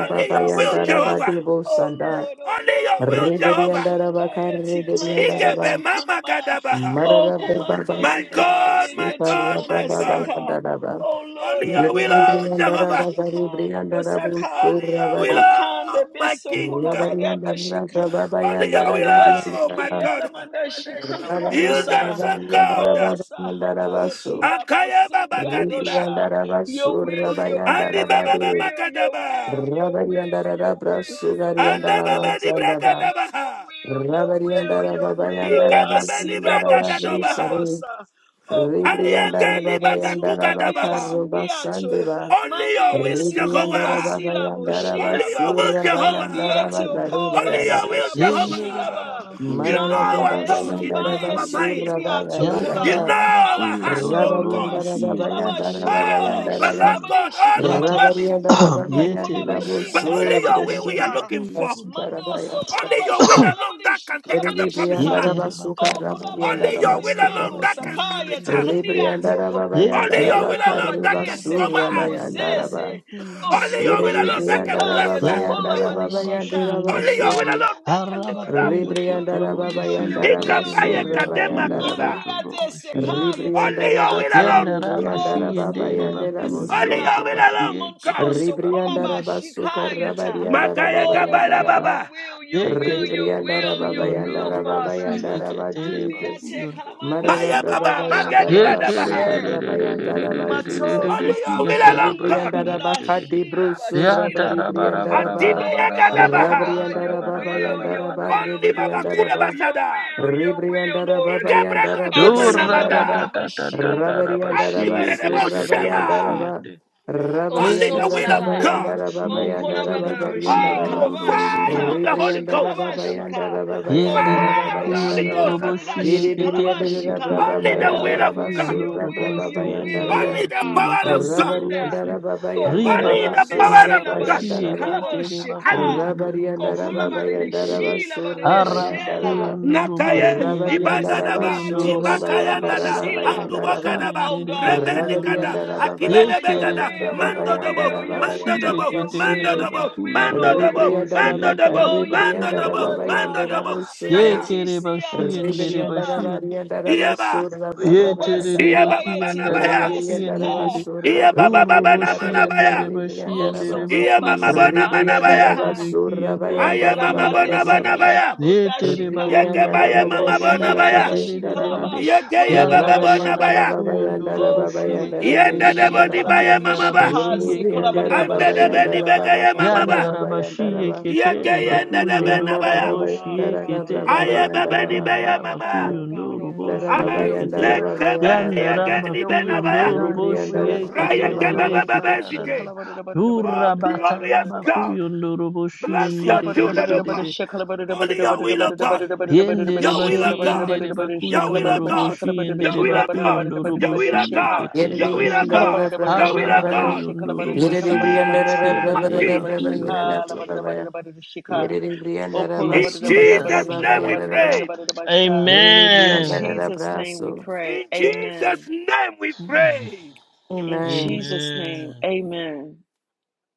S1: Only
S3: di
S1: your will,
S3: sie.
S1: Jehovah.
S3: Oh Lord, oh
S1: Only
S3: Lord,
S1: your
S3: oh
S1: will,
S3: Lord,
S1: Jehovah.
S3: Shandaya Tikande
S1: Ikebe mama
S3: Tukanama,
S1: gadabaha.
S3: Oh Komande
S1: My God,
S3: Sikande
S1: my God,
S3: Yatumanda
S1: my God.
S3: Seka, Oh Lord,
S1: Only
S3: oh
S1: your will,
S3: Lord, oh
S1: oh
S3: Lord,
S1: Jehovah.
S3: Shikamando Saka,
S1: Only your will, oh
S3: Makanda
S1: my
S3: Beso
S1: King.
S3: Kolabaraba Shika,
S1: Only your will,
S3: Anduate
S1: oh my God.
S3: Kialamanda Shikalamondo
S1: Use
S3: Sa.
S1: us, oh God.
S3: Oh, Sahanda
S5: Basu
S3: Yatia
S1: Akaya baba
S3: Bosindia
S5: Rabari
S1: gadiba.
S3: adosha. Your will, your
S1: Andi
S3: will,
S1: baba
S3: your
S1: baba
S3: will, your
S1: gadaba.
S3: will, your will, your will, your will,
S1: Anda baba
S3: Lord.
S1: di
S3: Your will, your
S1: bragadabaha.
S3: will, your will, your will.
S1: Ika baba di
S3: Asida Boshila
S1: bragadabaha.
S3: Bosa. O kona
S1: Ayaka
S5: Ribriandara
S3: mandi
S1: di
S5: Baba
S1: bagatu
S5: Yandara
S3: etuba bea
S1: gadabaha.
S5: Bakaru
S3: sumbiato
S5: Basandeva
S1: Only
S3: mandi
S1: your will,
S3: esiko
S5: Ribriandara
S1: Jehovah.
S5: Baba
S3: basila bo
S5: Yandara
S1: Only your
S3: shilaba
S1: will,
S5: Basura
S3: andi
S1: Jehovah.
S5: Bayandara
S3: ete
S2: tere ba
S5: Bakari
S3: okoba
S1: Only
S2: kayanda.
S5: Bayara
S1: your will,
S3: silaba
S5: Basuki
S2: Yende re bara
S1: Jehovah.
S2: ba
S3: shilaba
S2: raba
S1: You
S2: kuyo
S1: know
S5: Marara
S2: ndoro
S1: our
S3: Ande
S5: Baba
S2: bashi
S1: thought. You
S2: yende
S5: Yandara
S1: know
S2: re
S3: esumbaya
S2: re
S1: our
S2: re re.
S1: mind.
S5: Basura
S3: tekimia
S2: Yaka
S1: You
S5: Bayandira
S3: chokola.
S1: know
S2: tara ba
S1: our
S2: kuyo
S3: Ando
S1: heart, oh
S3: so
S2: tondoro
S1: God.
S5: Rebriandara
S2: bashi
S3: labashi
S5: Baba
S2: yake tere
S3: kalabashi
S2: ba
S1: Oh,
S2: kuyo
S3: kalabadashi
S1: beloved
S2: tsondo.
S1: God,
S3: kalabadashi
S1: all of
S2: Yata
S1: them is
S3: kalabadashi.
S1: not
S3: O
S1: right.
S2: yete re ba
S1: But
S3: kolabashita
S2: kayaka
S1: only your will
S2: tandara
S1: we are
S2: ba
S3: kalabadashika.
S1: looking
S2: kuyo
S1: for.
S3: Mando so
S1: Only
S3: kolaba
S1: your will alone
S3: shikalabari
S1: that can take us the
S3: shikalabari
S1: promised
S3: shika.
S1: land.
S2: Yetere
S3: O
S2: bakayanda
S3: kolaba da
S1: Only your will
S2: rabakuyundo
S1: alone
S3: sikambu
S1: that can
S2: roboshiyende
S1: establish
S3: sakaya te
S1: us.
S3: kandia
S2: rererererere.
S3: toko.
S1: Only
S3: O
S2: Yetere
S1: your
S5: Yandara
S1: will
S3: kolaba
S1: alone that
S2: bakayanda
S3: de
S1: can cover us.
S3: sikambu
S2: rabashiyekete
S1: Uh-uh.
S3: sese. O
S2: bakuyundo
S1: Only your will
S3: suma de
S1: alone that
S2: roboshiyekete.
S1: can
S3: sikaya
S1: bless
S3: to
S1: us.
S3: kolaba de shika.
S2: Yarabakarabashiyende
S1: Only your will
S2: rerere.
S3: Oh,
S1: alone
S3: your
S1: that
S3: will,
S1: can lift
S3: Lord,
S1: us up.
S3: your will,
S2: Harabakuyokoto
S3: your will, your
S2: roboshiyekete
S3: will,
S1: Ikabaye
S2: ndere
S5: Basura
S3: Lord.
S1: kadema
S2: bakuyo
S5: Bayandaraba
S1: kiba.
S3: Andiate sekaya
S2: roboshiyekete boshiye
S5: Ribrianda
S1: Only your
S5: raba
S1: will
S5: kar
S3: tikaniato.
S2: Yanda
S1: alone, God.
S5: ribrianda
S3: O
S2: bakuyo
S5: raba bayanda
S3: sakande
S5: rabo
S2: rebakuyundo
S1: Only your
S3: sila.
S1: will
S5: suriba.
S2: boshiye
S1: alone, God.
S3: Monto
S2: rebakuyundo
S5: Ribrianda
S2: bakuyo
S3: sokolaba
S5: raba
S2: ndoro
S5: suka
S2: boshiye
S5: raba
S3: shikayata.
S5: rianda
S2: ketere
S5: raba
S1: Makaya
S3: Oh, your
S5: bayanda
S2: bakuyo
S1: kabala
S3: will,
S2: koto.
S5: raba.
S3: your
S1: baba.
S3: will, your will, your
S2: Yeketere
S5: Ribrianda
S3: will,
S5: raba
S3: your
S2: bakuyondo
S5: bayanda
S3: will,
S5: raba
S2: roboshi
S3: Father.
S5: bayanda raba
S2: yeketere
S3: Andi
S5: Jesus.
S3: ate
S2: bakuyondo
S3: kalamanda
S5: Marara
S2: roboshi
S1: Maya
S5: raba
S1: baba.
S3: saka
S5: bayanda
S1: Magadi
S3: shaka
S5: raba
S1: badabaha.
S5: suka
S3: bushe.
S5: raba yanda raba
S3: Matola
S5: Jesus.
S2: yekerererererererererere
S1: Only your
S3: badaba
S1: will
S2: kiyandara
S1: alone,
S3: shila
S1: God.
S2: bashi
S5: Ribrianda raba
S3: badada
S2: yenderere
S5: kadi
S3: shila
S5: brusu raba
S2: yatara
S3: bashila.
S2: bara
S5: ribrianda
S2: bara
S5: raba.
S2: bara
S3: Oh
S1: Adibeya
S2: bara bara
S3: God, oh
S2: bara
S1: gadabaha.
S2: bara bara
S3: God,
S5: Rabrianda
S2: bara
S3: your
S5: raba
S2: bara
S3: will,
S5: bayanda
S2: bara bara bara bara bara
S3: your
S5: raba
S3: will,
S1: Only
S2: bara
S3: your
S1: baba
S5: ribrianda
S1: kure
S3: will,
S5: raba.
S2: bara bara
S3: your
S2: bara
S1: basada.
S3: will, your will,
S5: Ribriandara Baba
S3: Lord.
S2: bara
S1: Igebreka
S5: Yandara Baba
S1: tunga
S2: Dora
S3: Ansela
S5: Yandara
S2: da da
S5: Ba
S1: namada.
S3: badada
S2: da da da
S3: bashila
S2: da da
S3: badada
S2: bashi
S5: Rabariandara
S1: Andi
S3: bashila
S5: Basur
S1: bererebo
S2: yeketere
S3: bashika.
S2: bashi
S5: Rabayandara
S1: shaya.
S5: Ba
S2: yende
S3: Oh,
S1: Only
S3: so
S1: the
S5: Rabariandara
S1: will of
S5: Baba
S3: kolaba.
S2: yeketere
S1: God.
S5: Yandara
S2: bashi
S5: Baba
S3: Oh,
S5: Yandara
S3: kolaba
S2: yeketere
S3: da shi
S5: Bagariandara
S1: Oh,
S5: Ba
S3: kalaba shi
S1: fire
S2: bakuyondo
S1: of the
S3: kalaba
S1: Holy
S3: shi
S5: Ribriandara
S1: Ghost.
S3: kalaba
S5: Baba
S3: shika.
S1: Adabaya.
S5: Yandara Baba
S3: Oh,
S2: Yendere
S5: Yandara
S1: Fire
S5: Baba
S1: of
S3: kolaba
S1: the Holy
S5: Yandara
S3: shi
S2: bakuyondoro
S5: Ba
S1: Ghost.
S2: boshi
S3: labada shi
S1: Only
S3: kalaba
S2: yeketerere
S5: Ribiriandara
S3: shika.
S5: Baba
S1: the
S2: kiyandara
S3: Oh,
S1: will of
S5: Yandara
S3: your will,
S1: God.
S5: Basur
S3: your
S2: bakuyondoro
S3: will,
S2: boshi
S5: Baba
S3: your will,
S5: Yandara
S2: yendere
S5: Ba
S1: Only
S3: Lord
S1: the
S3: God.
S1: power
S3: Oh,
S1: of God.
S2: bakuyokotoro
S3: Sanda.
S2: boshi
S5: Rabariandara Baba
S3: Oh,
S2: riba
S5: Yandara
S1: Only the
S3: kolaman de
S5: Basur
S1: power
S2: katandara
S3: si
S1: of
S3: laba
S1: God.
S2: bashi
S3: shi
S5: Rabayandara Ba
S3: kalaba
S2: yeketere
S1: Ekabokagaba,
S3: shika.
S1: alibakaba.
S2: bakuyondoro
S3: Oh,
S5: Rabarianda
S2: boshi
S3: kolaba de
S5: Rababayanda
S2: yeketerere
S3: shi labada
S5: Rabasura
S3: de
S2: hara
S5: Bayanda
S3: shela.
S5: Raba
S2: bakuyondoro
S3: Oh,
S2: boshi
S1: Nakaye,
S3: kumba de
S2: yendere
S5: Rabarianda
S1: ibandadaba,
S2: bakuyondoro
S3: sindiato
S5: Rabasura
S3: sola
S2: boshi
S5: Bayanda
S2: kitara
S3: basila.
S5: Rababayanda
S2: bashi
S1: Anduboka daba.
S3: Oh
S2: yendere
S3: God, oh
S2: bakuyondoro
S1: rebendikada,
S5: Rabarianda
S3: God, oh God, your
S2: yekere
S3: will,
S1: akibenebegada,
S5: Rababayanda
S2: bara
S3: your will,
S2: bara bara
S5: Rababayanda
S1: mandodobo,
S3: your will,
S2: bara bashi
S1: Mando
S5: Rababayanda
S1: mandodobo,
S3: your will,
S2: yeketendere
S5: Rabasuri.
S3: your will,
S2: bakuyondoro
S3: Lord.
S1: Mando
S5: Ribrianda
S2: boshi
S5: Rabaka
S1: mandodobo,
S2: yekere
S3: Oh, your
S5: Ribrianda
S3: will,
S1: Mando
S3: Lord
S2: bakuyokotoro
S3: God.
S5: Rababayanda
S1: mandodobo,
S2: Ye
S3: Hanset
S5: Rabasuri.
S1: shaya,
S2: kere bashi
S3: Siato
S2: and dere
S5: Ribrianda
S3: Shola.
S2: bashi and
S5: Rabarianda
S1: iyeba,
S5: Rabasura
S2: ye
S3: Oba
S2: kere
S5: Rababayanda
S2: Yekere bashiendere bashiende.
S1: iyeba
S2: Yeterere
S5: Rabak.
S3: Sumbaya
S1: baba
S2: kiandara
S1: nabaya,
S3: Tekoba
S5: Ribrianda
S3: Suka.
S2: bashiendere.
S5: Rabasura
S1: iyeba baba
S2: Duru
S1: bana
S5: Rababayanda
S2: boshi and
S5: Rabaka
S2: dere
S1: manabaya,
S2: bashi
S5: Ribrianda
S3: Oh,
S2: and dere
S5: Rabas.
S2: baku
S1: iyema
S3: Sokoba
S1: mabona
S2: yunduru
S3: Simba
S5: Ribrianda
S2: boshi
S1: manabaya,
S2: and
S3: Yataka.
S2: dere ki
S5: Rabasura
S2: and
S3: Oh,
S2: dara
S5: Rabayanda
S1: ayema
S2: baku
S3: Kolabade
S5: Rababayanda
S2: yunduru
S5: Rabak.
S3: Sekela
S1: mabona
S2: Ye boshiendere bashiendere
S3: Bodashika.
S1: Yeke
S5: Ribrianda
S1: baye
S5: raba
S2: bakuyunduru
S3: Oh,
S1: mama
S5: garianda
S1: bona
S5: raba
S1: baya.
S3: Kolabadashi
S5: bayanda raba.
S2: boshiendere
S3: Kalabashi
S1: Yeke ye baba
S2: kiandara bakuyunduru. Yetere bakuyunduru boshieketerere. Yandara
S1: bona
S2: bara
S5: Rabarianda
S3: Kalabadabashika.
S1: baya.
S5: raba bayanda
S2: bakuyunduru
S3: Oh,
S5: raba bayanda
S1: Yende de
S5: ribrianda
S3: Kolabadabarishi
S2: boshieketerere
S1: boni
S5: raba.
S1: baye mama
S2: kiandara
S1: ba.
S5: Yeri
S3: Kalabadishika Se
S5: ribrianda raba
S1: Ande de
S2: bashieketere
S5: bayanda
S1: beni
S5: raba
S3: Kolabadabashelaba.
S1: bege ye
S5: bayanda
S1: mama ba.
S5: raba
S2: Yandaraba
S5: bayanda
S2: shiye
S5: raba.
S3: Oh
S2: ketere
S1: Yeke
S3: God, oh
S1: yende de
S2: bakuyo
S3: God,
S1: bena
S3: oh
S5: Ribrianda
S2: ndoro
S3: God,
S1: baya.
S5: raba
S2: bo
S3: oh God,
S2: shiye
S5: bayanda
S3: oh
S5: raba
S3: God.
S5: raba
S2: ketere
S1: Aye
S2: baka
S5: bayanda
S1: bebe ni
S3: Oh
S5: raba.
S1: beye
S3: God,
S2: yandaraba
S3: oh God,
S1: mama.
S2: kuyo
S3: oh God,
S2: ndoro
S3: oh
S2: bo
S5: Ribrianda
S3: God, your
S5: raba
S2: shiye
S3: will be
S5: bayanda
S2: ketere
S1: Anze
S3: done,
S5: raba
S3: Lord God.
S1: kebe
S5: bayanda raba
S1: yeke
S2: yandaraba
S5: bayanda.
S1: ni
S3: Your
S2: kuyo
S1: bena
S3: will be
S1: baya.
S2: ndoro
S3: done,
S2: bo
S3: your
S5: Ribrianda
S3: will
S2: shiye
S3: be
S5: raba
S3: done,
S1: Raya
S3: your
S5: baba
S2: ketere
S3: will
S2: re
S5: baba.
S1: baba
S3: be done.
S1: baba
S2: kitara
S1: zite.
S2: rara
S3: Shekala
S2: durra
S1: Oh glorious
S2: bataraba
S1: God.
S2: kuyo ndoro bo shiye
S1: Bless your
S3: In
S2: ndere
S3: Jesus'
S2: re re
S1: children,
S2: re
S1: oh
S2: re
S1: God.
S2: re
S1: Only your will, oh God.
S2: yendere
S1: Your
S2: ba
S1: will of
S2: shiye
S1: God.
S2: ndere bakuyo
S1: Your will of
S2: ndoro bo
S1: God.
S2: shiye
S1: Your
S2: ndere
S1: will of
S2: bakuyo
S1: God.
S2: ndoro bo
S1: Your will of
S2: shiye
S1: God.
S5: Yeri
S2: ketere
S1: Your
S2: ba
S1: will of
S2: shi
S5: ribrianda raba
S1: God.
S5: raba
S1: Your will
S5: bayanda
S2: haraba
S1: of
S5: raba.
S1: God.
S2: kuyo ndoro
S1: In
S2: bo
S5: Yeri
S1: the
S2: shiye
S5: ribrianda raba
S2: ketere
S1: name
S5: raba
S1: of
S2: ndere
S5: raba
S1: Jesus.
S2: bakuyo
S5: raba yanda
S2: koto
S5: raba. Yerere brianda raba
S2: In
S1: In
S5: sorra
S1: Jesus'
S2: Jesus'
S5: braba
S1: name we
S2: name.
S5: bayara raba.
S1: prayed.
S5: Yerere
S2: Amen.
S5: brianda raba
S3: name we
S5: so.
S3: pray.
S1: In Jesus'
S3: Amen.
S1: name we prayed.
S3: In
S5: Amen.
S3: Jesus' name,
S2: Amen.
S3: amen.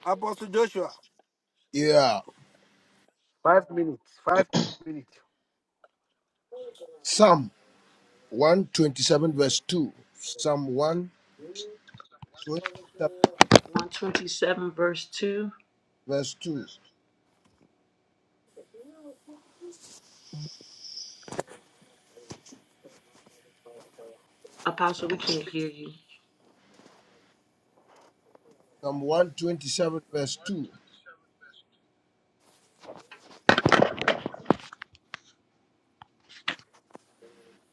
S1: Apostle Joshua.
S6: Yeah.
S1: Five minutes. Five minutes.
S6: Psalm 127 verse 2. Psalm 127 verse 2. Psalm 127 verse 2.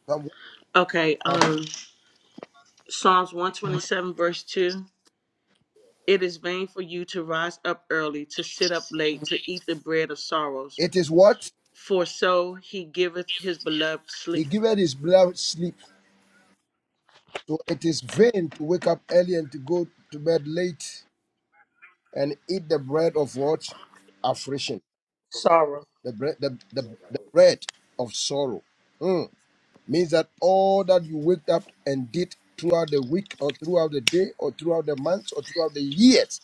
S6: Psalm 1.
S3: Okay,
S6: uh,
S3: um, Psalms 127, verse 2. It is vain for you to rise up early, to sit up late, to eat the bread of sorrows,
S6: It is what?
S3: for so he giveth his beloved
S6: He
S3: sleep.
S6: giveth his beloved sleep. So it is vain to wake up early and to go to bed late and eat the bread of what? Affliction.
S3: sorrow.
S6: The bread, the, the, the bread of sorrow. Mm. means that all that you waked up and did throughout the week or throughout the day or throughout the months or throughout the years,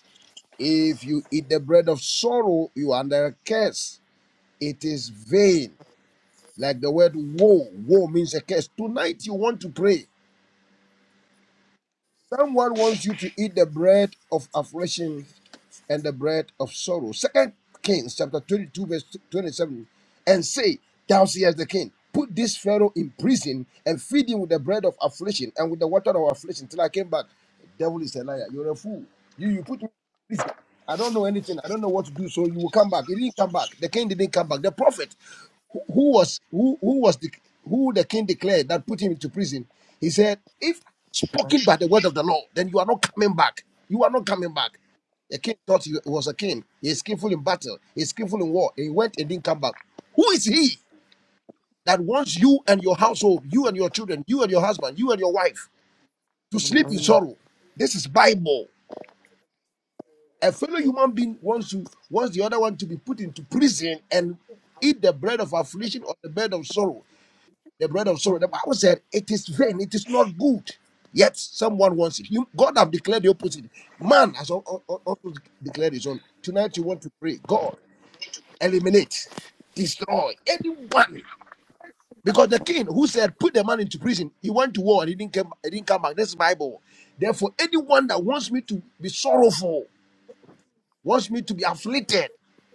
S6: if you eat the bread of sorrow, you are under a curse. It is vain. Like the word woe, woe means a curse. Tonight you want to pray. Someone wants you to eat the bread of affliction and the bread of sorrow. Second Kings chapter 22, verse 27, and say, Thou seest the king, put this Pharaoh in prison and feed him with the bread of affliction and with the water of affliction till I came back. The devil is a liar. You're a fool. You you put me in prison. I don't know anything. I don't know what to do. So you will come back. He didn't come back. The king didn't come back. The prophet who who was who who was the who the king declared that put him into prison. He said, If spoken by the word of the law, then you are not coming back. You are not coming back. The king thought he was a king. He is skillful in battle. He is skillful in war. He went and didn't come back. Who is he that wants you and your household, you and your children, you and your husband, you and your wife to sleep in
S5: Amen.
S6: sorrow? This is Bible. A fellow human being wants to wants the other one to be put into prison and eat the bread of affliction or the bread of sorrow. The bread of sorrow. The Bible said it is vain. It is not good. Yet someone wants it. You, God have declared the opposite. Man has al- al- al- also declared his own. Tonight you want to pray. God. eliminate, destroy anyone. Because the king who said, put the man into prison, he went to war and he didn't come, he didn't come back. That's Bible. Therefore, anyone that wants me to be sorrowful, wants me to be afflicted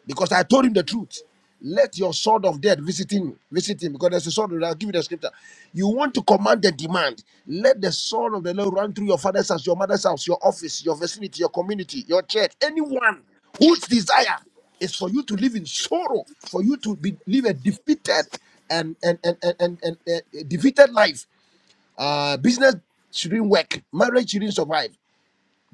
S6: because I told him the truth. Let your sword of death visit him, visit him, because there's a sword. I'll give you the scripture. You want to command the demand. Let the sword of the Lord run through your father's house, your mother's house, your office, your vicinity, your community, your church, anyone whose desire is for you to live in sorrow, for you to be live a defeated and and and and, and, and, uh, defeated life. Uh, business shouldn't work, marriage shouldn't survive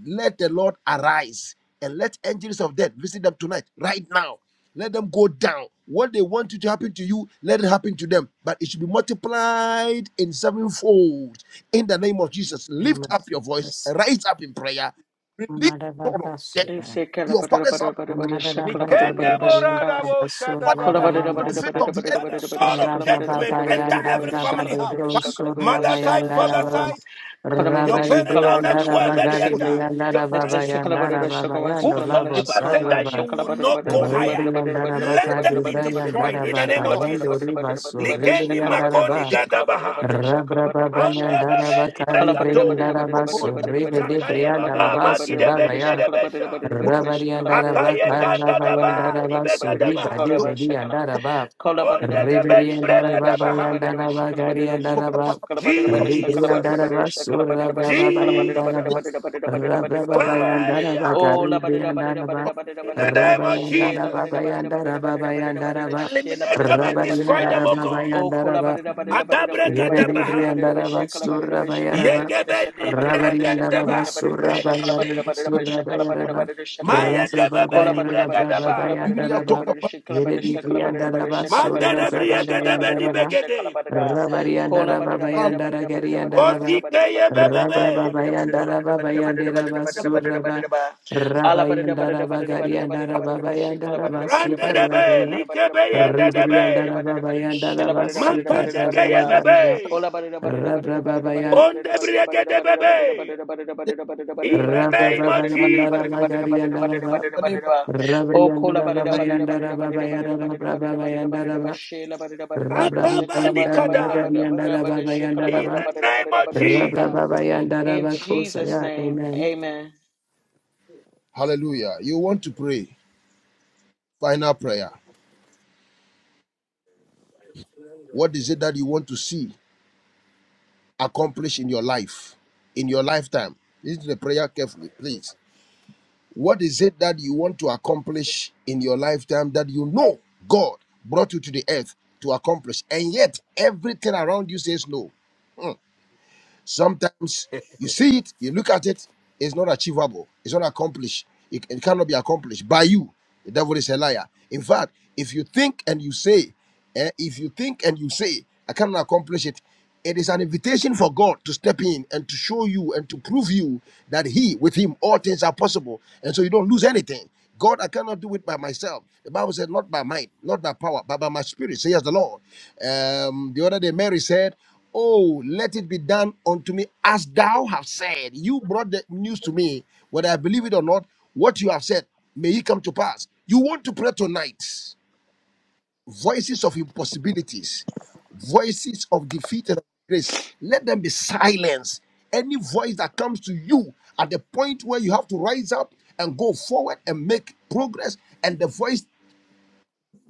S6: let the Lord arise and let angels of death visit them tonight, right now. Let them go down. What they want to happen to you, let it happen to them. But it should be multiplied in sevenfold. In the name of Jesus, lift
S5: Amen.
S6: up your voice,
S5: Jesus.
S6: rise up in prayer, release the sword of death.
S5: Amarabasura.
S6: Your fathers are
S5: Amarabasura.
S1: Nikende
S5: Rabrabayanda
S1: borada wo
S5: raba
S6: anyone
S1: shada
S5: sora
S1: babaha.
S6: on
S5: bayanda
S6: the face
S5: raba.
S6: of the earth.
S1: Let the sword of
S5: Rababa
S1: judgment enter
S5: bayanda
S1: every
S5: raba
S1: family
S5: de
S1: house.
S6: Banning
S5: Brosur
S1: Mother side,
S5: Rabayanda
S3: That's
S1: father
S3: the one
S5: Rabba
S1: side,
S3: Kalamida
S1: your
S5: Rabari
S3: Bishi
S1: parents' house,
S3: Kalavada
S5: Brianda
S1: everywhere,
S6: is
S3: Shakalamada
S1: let
S6: the
S1: it
S5: Rabagari
S6: most-
S1: enter.
S3: Sikla,
S5: Brianda
S1: Your
S5: raba
S3: let
S6: it's
S3: the
S6: the-
S1: friends, your
S3: Sikalabada
S1: office.
S3: Shakama
S5: Rababayando
S3: Sakalamana
S5: Labo
S6: it's
S1: Whosoever said
S3: Shakalamana
S1: that you
S5: saraba.
S1: will
S3: Shakalabada
S1: not
S3: Bada
S1: go
S3: Bada
S1: higher,
S3: Bada Bada
S5: Ribri and
S3: Bada Bada
S5: daraba
S1: let
S3: Bada
S1: them be
S3: Bada
S5: Kadibri and
S3: Bada Bada
S1: destroyed
S3: Bada
S1: in the
S5: daraba
S1: name of
S6: the-
S3: Shakalabada
S5: Bayando
S1: Jesus.
S3: Bada Bada
S5: Rivas,
S3: Bada Bada
S1: Ligeni
S5: Ribri and
S3: Shakalabada Bada
S1: makoni
S5: daraba
S6: it's
S3: Shakalabada
S1: gadabaha.
S3: Bada
S5: rabra
S3: Shakalabada Bada Shah.
S1: Andebebe
S5: Ribriandaraba Kadibayandaraba Bayandoriba Suribriandaraba Rabrababayandaraba
S1: ni
S3: Kalabada Bada Bada
S1: brekato.
S3: Bada
S5: Kalibriandaraba
S6: the-
S3: Bada Bada Bada
S1: Zakaye
S3: Shakalabada
S1: baba
S5: Suribelibriandaraba
S3: Bada Bada
S1: magidebe
S3: Bada
S1: ni
S5: Sudabaya
S3: Shakalabada
S1: nedebesha.
S3: Bada Bada Shakalabada
S5: Rabariandaraba,
S3: Bada
S1: Akaye
S3: Bada
S1: ganda
S3: Shakalabada
S1: daba ni
S5: Karabayandaraba,
S3: Bada Bada
S5: Suriba,
S1: begadabaha.
S3: Bada
S5: Debedi, and
S3: Shakalabada
S5: Daraba,
S3: Oh,
S1: Ondedebe ni
S5: Riberiandaraba,
S1: bregadabaha.
S5: Bayandaraba, Gariandaraba,
S1: Jesus.
S5: Ribriandaraba, Surabraba, Bayandaraba,
S1: Jesus.
S5: Rabraba,
S1: Fire.
S5: Bayandaraba, Garibriandaraba,
S1: In the name of Jesus,
S5: Rabayandaraba, Bayandaraba, Bayandaraba,
S1: eliminate them and destroy them, O
S5: Rabariandaraba,
S1: God.
S3: Oh,
S5: Bayandaraba, Rabba
S1: Agabregadabaha. Yegebelibregadaba.
S3: Cola
S1: Mayegebebelibregadaba. Mandedebriegadebelibegede. Ozikeyebebebe.
S5: Rabba
S1: Randedebe. Likebeyendedebe.
S5: Ribriandara Babayandara Basuka Rabayandara
S1: Makadegeyebebe.
S5: Rabra Babaya
S1: Ondebriegadebebe. In the
S5: Rabra
S1: name of
S5: Babayandara
S1: Jesus.
S5: Bagariandara Ba
S6: name of
S5: Rabriandara Babayandara Babayara Rabra Babayandara Ba Rabra Babayandara
S1: Akabanikada.
S5: Bagariandara Babayandara
S1: In
S5: Ba
S1: the name of
S5: Rabra
S1: Jesus.
S5: Babayandara Bakusaya. Amen.
S6: Hallelujah. You want to pray. Final prayer. What is it that you want to see accomplished in your life, in your lifetime? Listen to the prayer carefully, please. What is it that you want to accomplish in your lifetime that you know God brought you to the earth to accomplish, and yet everything around you says no? Hmm. Sometimes you see it, you look at it, it's not achievable, it's not accomplished, it, it cannot be accomplished by you. The devil is a liar. In fact, if you think and you say, eh, if you think and you say, I cannot accomplish it, it is an invitation for God to step in and to show you and to prove you that He, with Him, all things are possible. And so you don't lose anything. God, I cannot do it by myself. The Bible said, not by might, not by power, but by my spirit, says the Lord. Um, the other day, Mary said, Oh, let it be done unto me as thou have said. You brought the news to me, whether I believe it or not, what you have said, may it come to pass. You want to pray tonight voices of impossibilities, voices of defeat and grace, let them be silenced. Any voice that comes to you at the point where you have to rise up and go forward and make progress, and the voice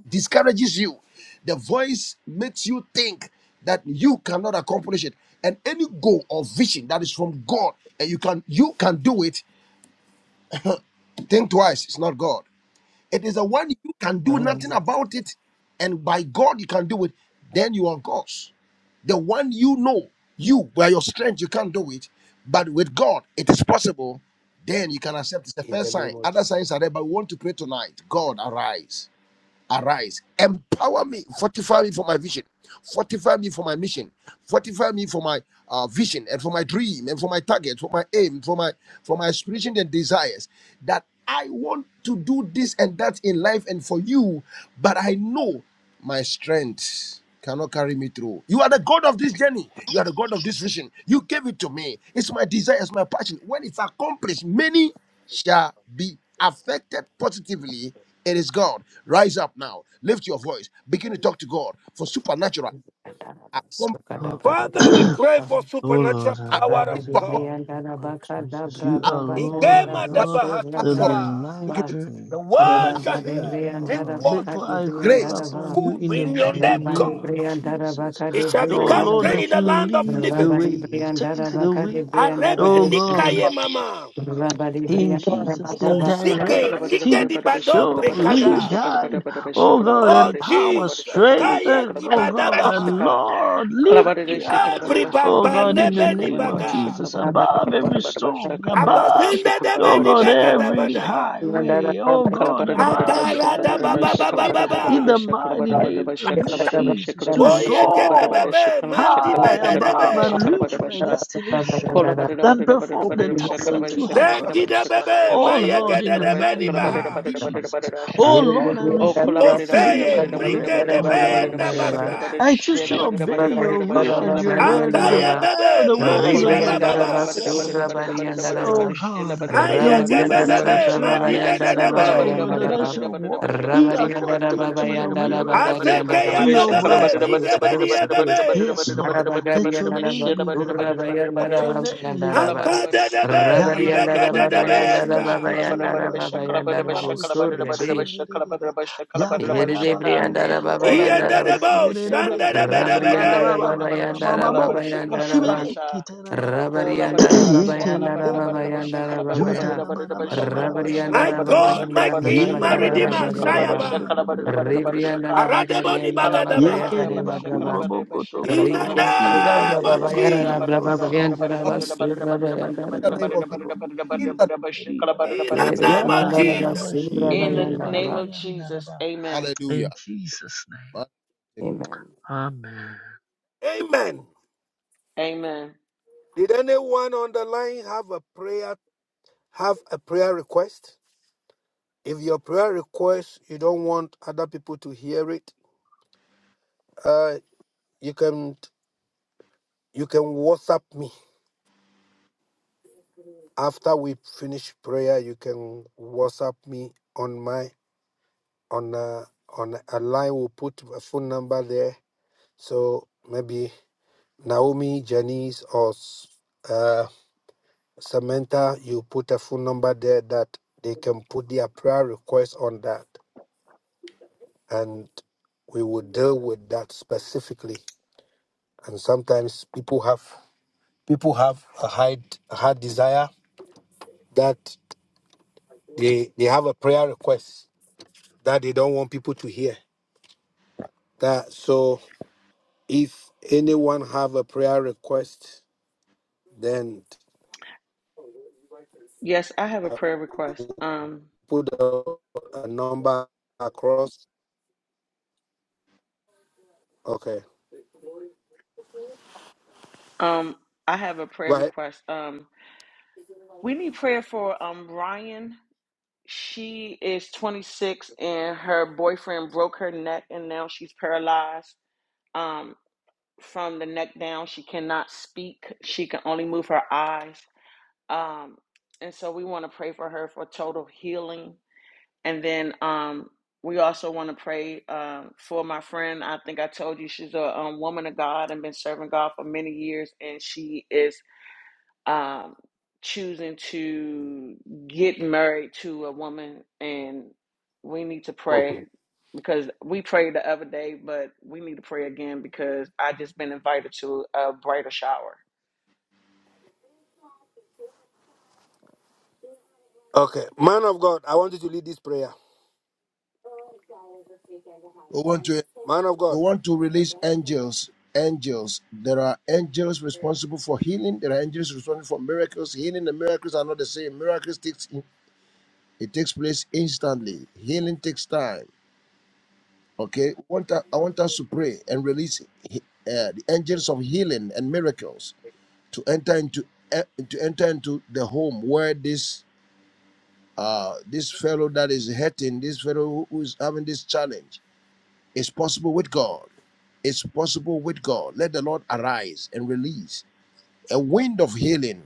S6: discourages you, the voice makes you think that you cannot accomplish it. And any goal or vision that is from God and you can you can do it, think twice. It's not God. It is the one you can do nothing about it, and by God you can do it. Then you are on course. The one you know, you by your strength you can't do it, but with God it is possible. Then you can accept. It's the
S1: in
S6: first
S1: the
S6: sign.
S1: name of
S6: Other signs
S1: Jesus.
S6: are there, but we want to pray tonight. God arise arise, empower me, fortify me for my vision, fortify me for my mission, fortify me for my uh, vision and for my dream and for my target, for my aim, for my for my aspiration and desires. That I want to do this and that in life and for you, but I know my strength cannot carry me through. You are the God of this journey. You are the God of this vision. You gave it to me. It's my desire, it's my passion. When it's accomplished, many shall be affected positively. It is God. Rise up now. Lift your voice. Begin to talk to God for supernatural. Accom-
S2: Oh
S1: Father, we
S2: oh
S1: pray for
S5: Amen.
S1: supernatural
S2: Lord,
S1: power
S6: anointing
S5: Baba
S2: arise
S1: of
S5: de
S6: for
S2: in the
S6: accom-
S1: God.
S5: Brianda
S2: name of
S5: Rabaka
S2: Jesus.
S5: Dabra
S2: You
S6: Ask
S2: are
S5: Babanda
S2: Lord and
S6: God
S2: God
S5: Rabasu
S6: ask
S2: of the
S6: God
S5: Rabaya
S1: Igemadabahatuza.
S6: to
S2: life
S6: give
S5: Ba
S6: it
S2: journey
S1: The
S2: that
S1: world
S6: ask
S1: shall
S5: Rabba
S2: I'm
S5: de
S1: hear,
S2: living, O
S5: Brianda
S1: drink
S2: God.
S5: Rabaka
S1: water,
S2: Therefore,
S5: de
S2: I call
S5: Brianda
S6: grace.
S2: upon
S5: Rabba
S6: We
S2: you
S1: food
S2: in the
S1: bring on
S2: mighty
S1: them,
S5: Rabba
S1: God.
S5: de
S2: name of
S5: Brianda
S2: Jesus.
S5: Rabaka
S1: It
S5: de
S1: shall
S2: Oh
S5: Brianda
S1: become
S2: Lord,
S1: great
S5: Rabba
S1: in
S2: that
S1: the
S2: you
S1: land of
S2: lead the
S5: Rabba
S1: living.
S5: de
S2: way,
S5: Brianda
S2: take the
S5: Rabaka de
S2: wheel,
S5: Brianda
S1: Arebe
S5: Rabba
S2: O God.
S1: nikaye mama.
S5: Rabba de
S2: In
S5: Brianda
S2: Jesus'
S5: Rabaka
S2: name,
S1: Ozike
S2: direct,
S1: nike
S2: teach,
S1: dibado
S2: show, lead,
S1: brekada.
S2: guide. Oh God,
S1: Oh
S2: empower,
S1: Jesus, kaya
S2: strengthen. Oh God, and
S1: gibadabaha.
S2: Lord, lift me
S3: Kalabarabasha,
S2: up.
S1: Every
S3: kalabarabasha,
S2: Oh
S1: baba
S2: God, in the
S3: kalabarabasha,
S1: nebe
S2: name of
S3: kalabarabasha,
S1: nibaga.
S2: Jesus,
S5: Rabba
S3: kalabarabasha,
S2: above every
S3: kalabarabasha,
S2: storm, above,
S3: kalabarabasha,
S1: Abazende de
S2: oh
S1: beni
S2: God,
S3: kalabarabasha,
S1: bega da
S2: every
S3: kalabarabasha,
S1: bada.
S3: ka.
S5: Mandara
S2: highway, oh
S5: Baba
S2: God, above
S6: we
S3: Kalabarabasha,
S1: Agara da ba
S2: every
S1: ba
S3: kalabarabasha, kalabarabasha,
S1: ba ba
S2: storm,
S6: need
S1: ba
S2: in
S1: ba.
S2: the
S3: kalabarabasha,
S2: mighty name
S3: kalabarabasha, kalabarabasha,
S2: of
S6: paluta
S3: kalabarabasha,
S2: Jesus, to
S1: Oye ge be be
S2: soar
S3: kalabarabasha,
S1: be. Mandi
S2: high
S1: be de
S3: kalabarabasha,
S1: de
S2: above and
S3: kalabarabasha,
S1: be.
S2: reach my
S3: kalabarabasha.
S2: destination
S5: Baba
S2: and perform
S6: sobro-
S2: the
S3: Kolabarabarabarabarabarabasha,
S2: task that you
S3: kalabarabasha,
S2: have
S1: Zeki de
S3: kalabarabasha,
S2: purposed.
S1: be be.
S2: Oh
S1: Maye
S2: Lord,
S1: ge
S3: kalabarabasha,
S2: in
S1: de
S2: the
S1: de
S3: kalabarabasha,
S1: beni
S2: mighty name
S1: baha.
S2: of
S6: diri-
S3: kalabarabasha,
S2: Jesus.
S6: diri-
S3: kalabarabasha.
S2: Oh Lord, I
S3: Oh, collaborate,
S2: refuse to
S3: about it
S2: eat
S1: Ozeye
S3: about
S2: the
S3: it about it
S1: mrike
S3: about
S2: bread
S3: it
S1: de
S2: of
S3: about
S1: be
S3: it about it
S1: enda
S3: about it about
S2: affliction.
S3: it
S5: Yere
S3: about
S1: basa.
S3: it,
S2: I choose
S5: Rabariandara Baba Yandara Baba
S3: share
S2: to
S3: about it about it
S2: obey
S3: about it
S2: your
S3: about
S2: will
S3: share
S2: and
S3: about
S2: your
S3: it about it
S2: word and
S3: about
S2: the,
S3: it.
S1: Akaye be
S2: ma-
S1: be.
S2: the
S3: Oh,
S2: words
S1: Maki
S2: of
S1: de
S2: your
S1: ba
S3: collaborate
S1: ba
S3: about
S2: men
S3: it about
S1: ba.
S3: it about it
S2: servant.
S3: about it about it
S2: So,
S3: about it about
S2: oh
S3: it, share
S2: God,
S3: about it about it
S1: Aye
S2: your
S3: about it
S1: ge be
S3: about it
S2: women
S1: be
S3: about it,
S1: be.
S2: servants, your
S3: shaka.
S1: Mandi be
S2: men
S1: de de
S2: servants, oh
S3: Collaborate
S1: be.
S2: God,
S3: about
S2: that
S3: it
S6: diri-
S2: I
S3: about it
S2: shall
S3: about it
S2: walk
S3: about it about it
S2: in
S3: about it about it about
S5: Yandara
S3: it about
S2: according
S3: it
S5: Baba
S2: to
S3: about it
S2: your
S5: Yandara
S2: will,
S5: Baba
S3: about it about it
S2: according
S3: about
S1: Azeke
S3: it
S2: to
S1: ye
S3: about it,
S1: be
S2: your
S1: be
S3: shaka
S2: word.
S3: about
S1: be.
S3: it about it
S1: Mike
S3: about
S1: be
S3: it
S1: di
S3: about
S1: ye
S3: it
S1: be
S3: about it about it
S1: be.
S2: Yes,
S3: about it about
S2: Lord,
S3: it
S2: let
S3: about it
S2: your
S3: about it,
S2: name
S3: share
S2: be
S3: about it about it about
S2: glorified.
S3: it about
S2: Let
S3: it.
S2: your name
S3: Shaka
S2: be magnified.
S1: Akade de be.
S2: Ya
S1: Nibe ge de
S2: Yarabakuro
S1: de be yeza.
S2: ketere bakuyo
S6: bara-
S2: noroboshiye tsunderere. Yakarabakuyo
S5: Yandara Baba Yandara
S2: kotoroboshi
S1: Iyadadabo,
S2: ererebe.
S5: Rabriandara
S1: shandadabadabade.
S5: Babayandara
S2: Yarabarababababababo.
S5: Babayandara
S6: bara-
S2: Boshibibe
S5: Bab.
S6: tu-
S5: Rabriandara
S6: ba-
S2: Yetere
S5: Babayandara
S2: bara
S6: bo-
S2: bara ba.
S5: Babayandara
S6: toya.
S5: Babaya.
S2: Yutara bara bara bara bara bara
S1: My
S5: Rabriandara
S2: bara bara ba.
S1: God, my
S5: Babayandara
S1: King,
S2: Yere
S1: my
S2: de bere
S5: Babayandara
S2: bere
S1: Redeemer,
S2: bere bere bere
S1: Shayaba,
S5: Bababa.
S2: bere bere bere bere bere bere bere
S5: Ribriandara
S2: bere bere bere.
S1: Aradabo
S5: Bagariandara
S3: Kalabada
S1: Nibagadabaha.
S3: Bada
S2: Yekere
S3: Bada
S2: baku
S5: Babayandara
S3: Shakala
S5: Baba.
S2: robo
S3: Bada
S2: koto
S3: Bashakala
S1: In
S2: koto
S1: the
S3: Bada
S2: bo
S3: Bada
S2: shi
S5: Ribriandara
S3: Shakala
S1: name
S3: Bada
S2: yeketere
S1: of
S3: Bada
S2: baku
S3: Bada
S5: Babayandara
S2: yo
S1: Jesus.
S3: Bada
S2: koto
S3: Bada Bada
S2: robo
S5: Babayandara
S3: Bada Bada
S2: shi
S5: Basura
S3: Bada
S2: yeketere baku
S5: Bayandara
S2: yo
S6: In the
S5: Bab.
S6: name of
S2: koto
S6: Jesus.
S2: robo
S3: Bada
S2: shi
S6: In
S3: Bada
S6: the
S2: yeketeri dara.
S3: Bada
S1: In the
S3: Bada
S1: name of
S2: Yata
S3: Bashaka.
S5: Yeribriandara
S2: nara
S1: Jesus.
S2: ba shi
S5: Basura
S3: In the
S2: yendere
S5: Bayandara
S2: baka
S3: name
S5: Bab.
S3: of
S2: yandara
S3: Jesus,
S2: ba.
S3: amen.
S6: hallelujah.
S2: In Jesus' name,
S6: We
S5: Amen.
S2: Amen.
S1: Amen.
S3: Amen.
S1: Did anyone on the line have a prayer, have a prayer request? If your prayer request, you don't want other people to hear it, uh, you can you can WhatsApp me. After we finish prayer, you can WhatsApp me on my on a on a line. We'll put a phone number there. So maybe Naomi, Janice, or uh, Samantha, you put a phone number there that they can put their prayer request on that, and we will deal with that specifically. And sometimes people have people have a high a hard desire that they they have a prayer request that they don't want people to hear That so if anyone have a prayer request, then
S3: Yes, I have a
S1: I
S3: prayer request. Um,
S1: put a, a number across. Okay.
S3: um, I have a
S1: Go
S3: prayer
S1: ahead.
S3: request. Um, we need prayer for um Ryan. She is 26 and her boyfriend broke her neck and now she's paralyzed. Um. from the neck down. She cannot speak. She can only move her eyes. Um, and so we want to pray for her for total healing. And then um, we also want to pray um, for my friend. I think I told you she's a um, woman of God and been serving God for many years, and she is um, choosing to get married to a woman, and we need to pray
S1: Okay.
S3: because we prayed the other day, but we need to pray again because I just been invited to a brighter shower.
S1: Okay. Man of God, I want you to lead this prayer.
S6: want to
S1: Man of
S6: we
S1: God,
S6: want to release angels. Angels. There are angels responsible for healing. There are angels responsible for miracles. Healing and miracles are not the same. Miracles takes it takes place instantly. Healing takes time. Okay. I want I want us to pray and release he- uh, the angels of healing and miracles to enter into eh, to enter into the home where this uh this fellow that is hurting, this fellow who who is having this challenge It's possible with God. It's possible with God. Let the Lord arise and release a wind of healing,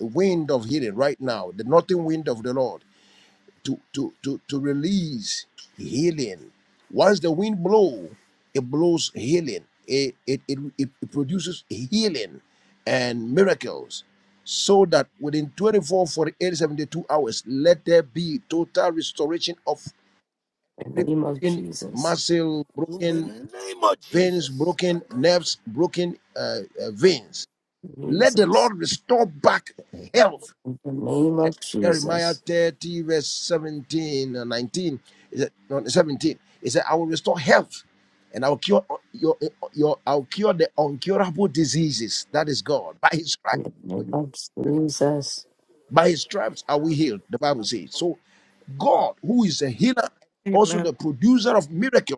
S6: a wind of healing right now, the northern wind of the Lord to, to, to, to release healing. Once the wind blow, it blows healing. It, it, it, it, it produces healing and miracles so that within 24, 48, 72 hours, let there be total restoration of
S5: In the
S6: every
S5: name of
S6: broken
S5: Jesus.
S6: muscle,
S1: in the
S6: broken
S1: name of
S6: veins
S1: Jesus.
S6: broken, nerves broken, uh, uh, veins. Let the
S5: Jesus.
S6: Lord restore back health.
S5: In the name of
S6: Jeremiah
S5: Jesus.
S6: 30, verse 17 and 19. Is it, no, 17. He said, I will restore health and I'll cure uh, your, uh, your I'll cure the uncurable diseases. That is God. By his stripes,
S5: In the name of Jesus.
S6: by his stripes are we healed, the Bible says. So God, who is a healer, also
S7: Amen.
S6: the producer of miracles.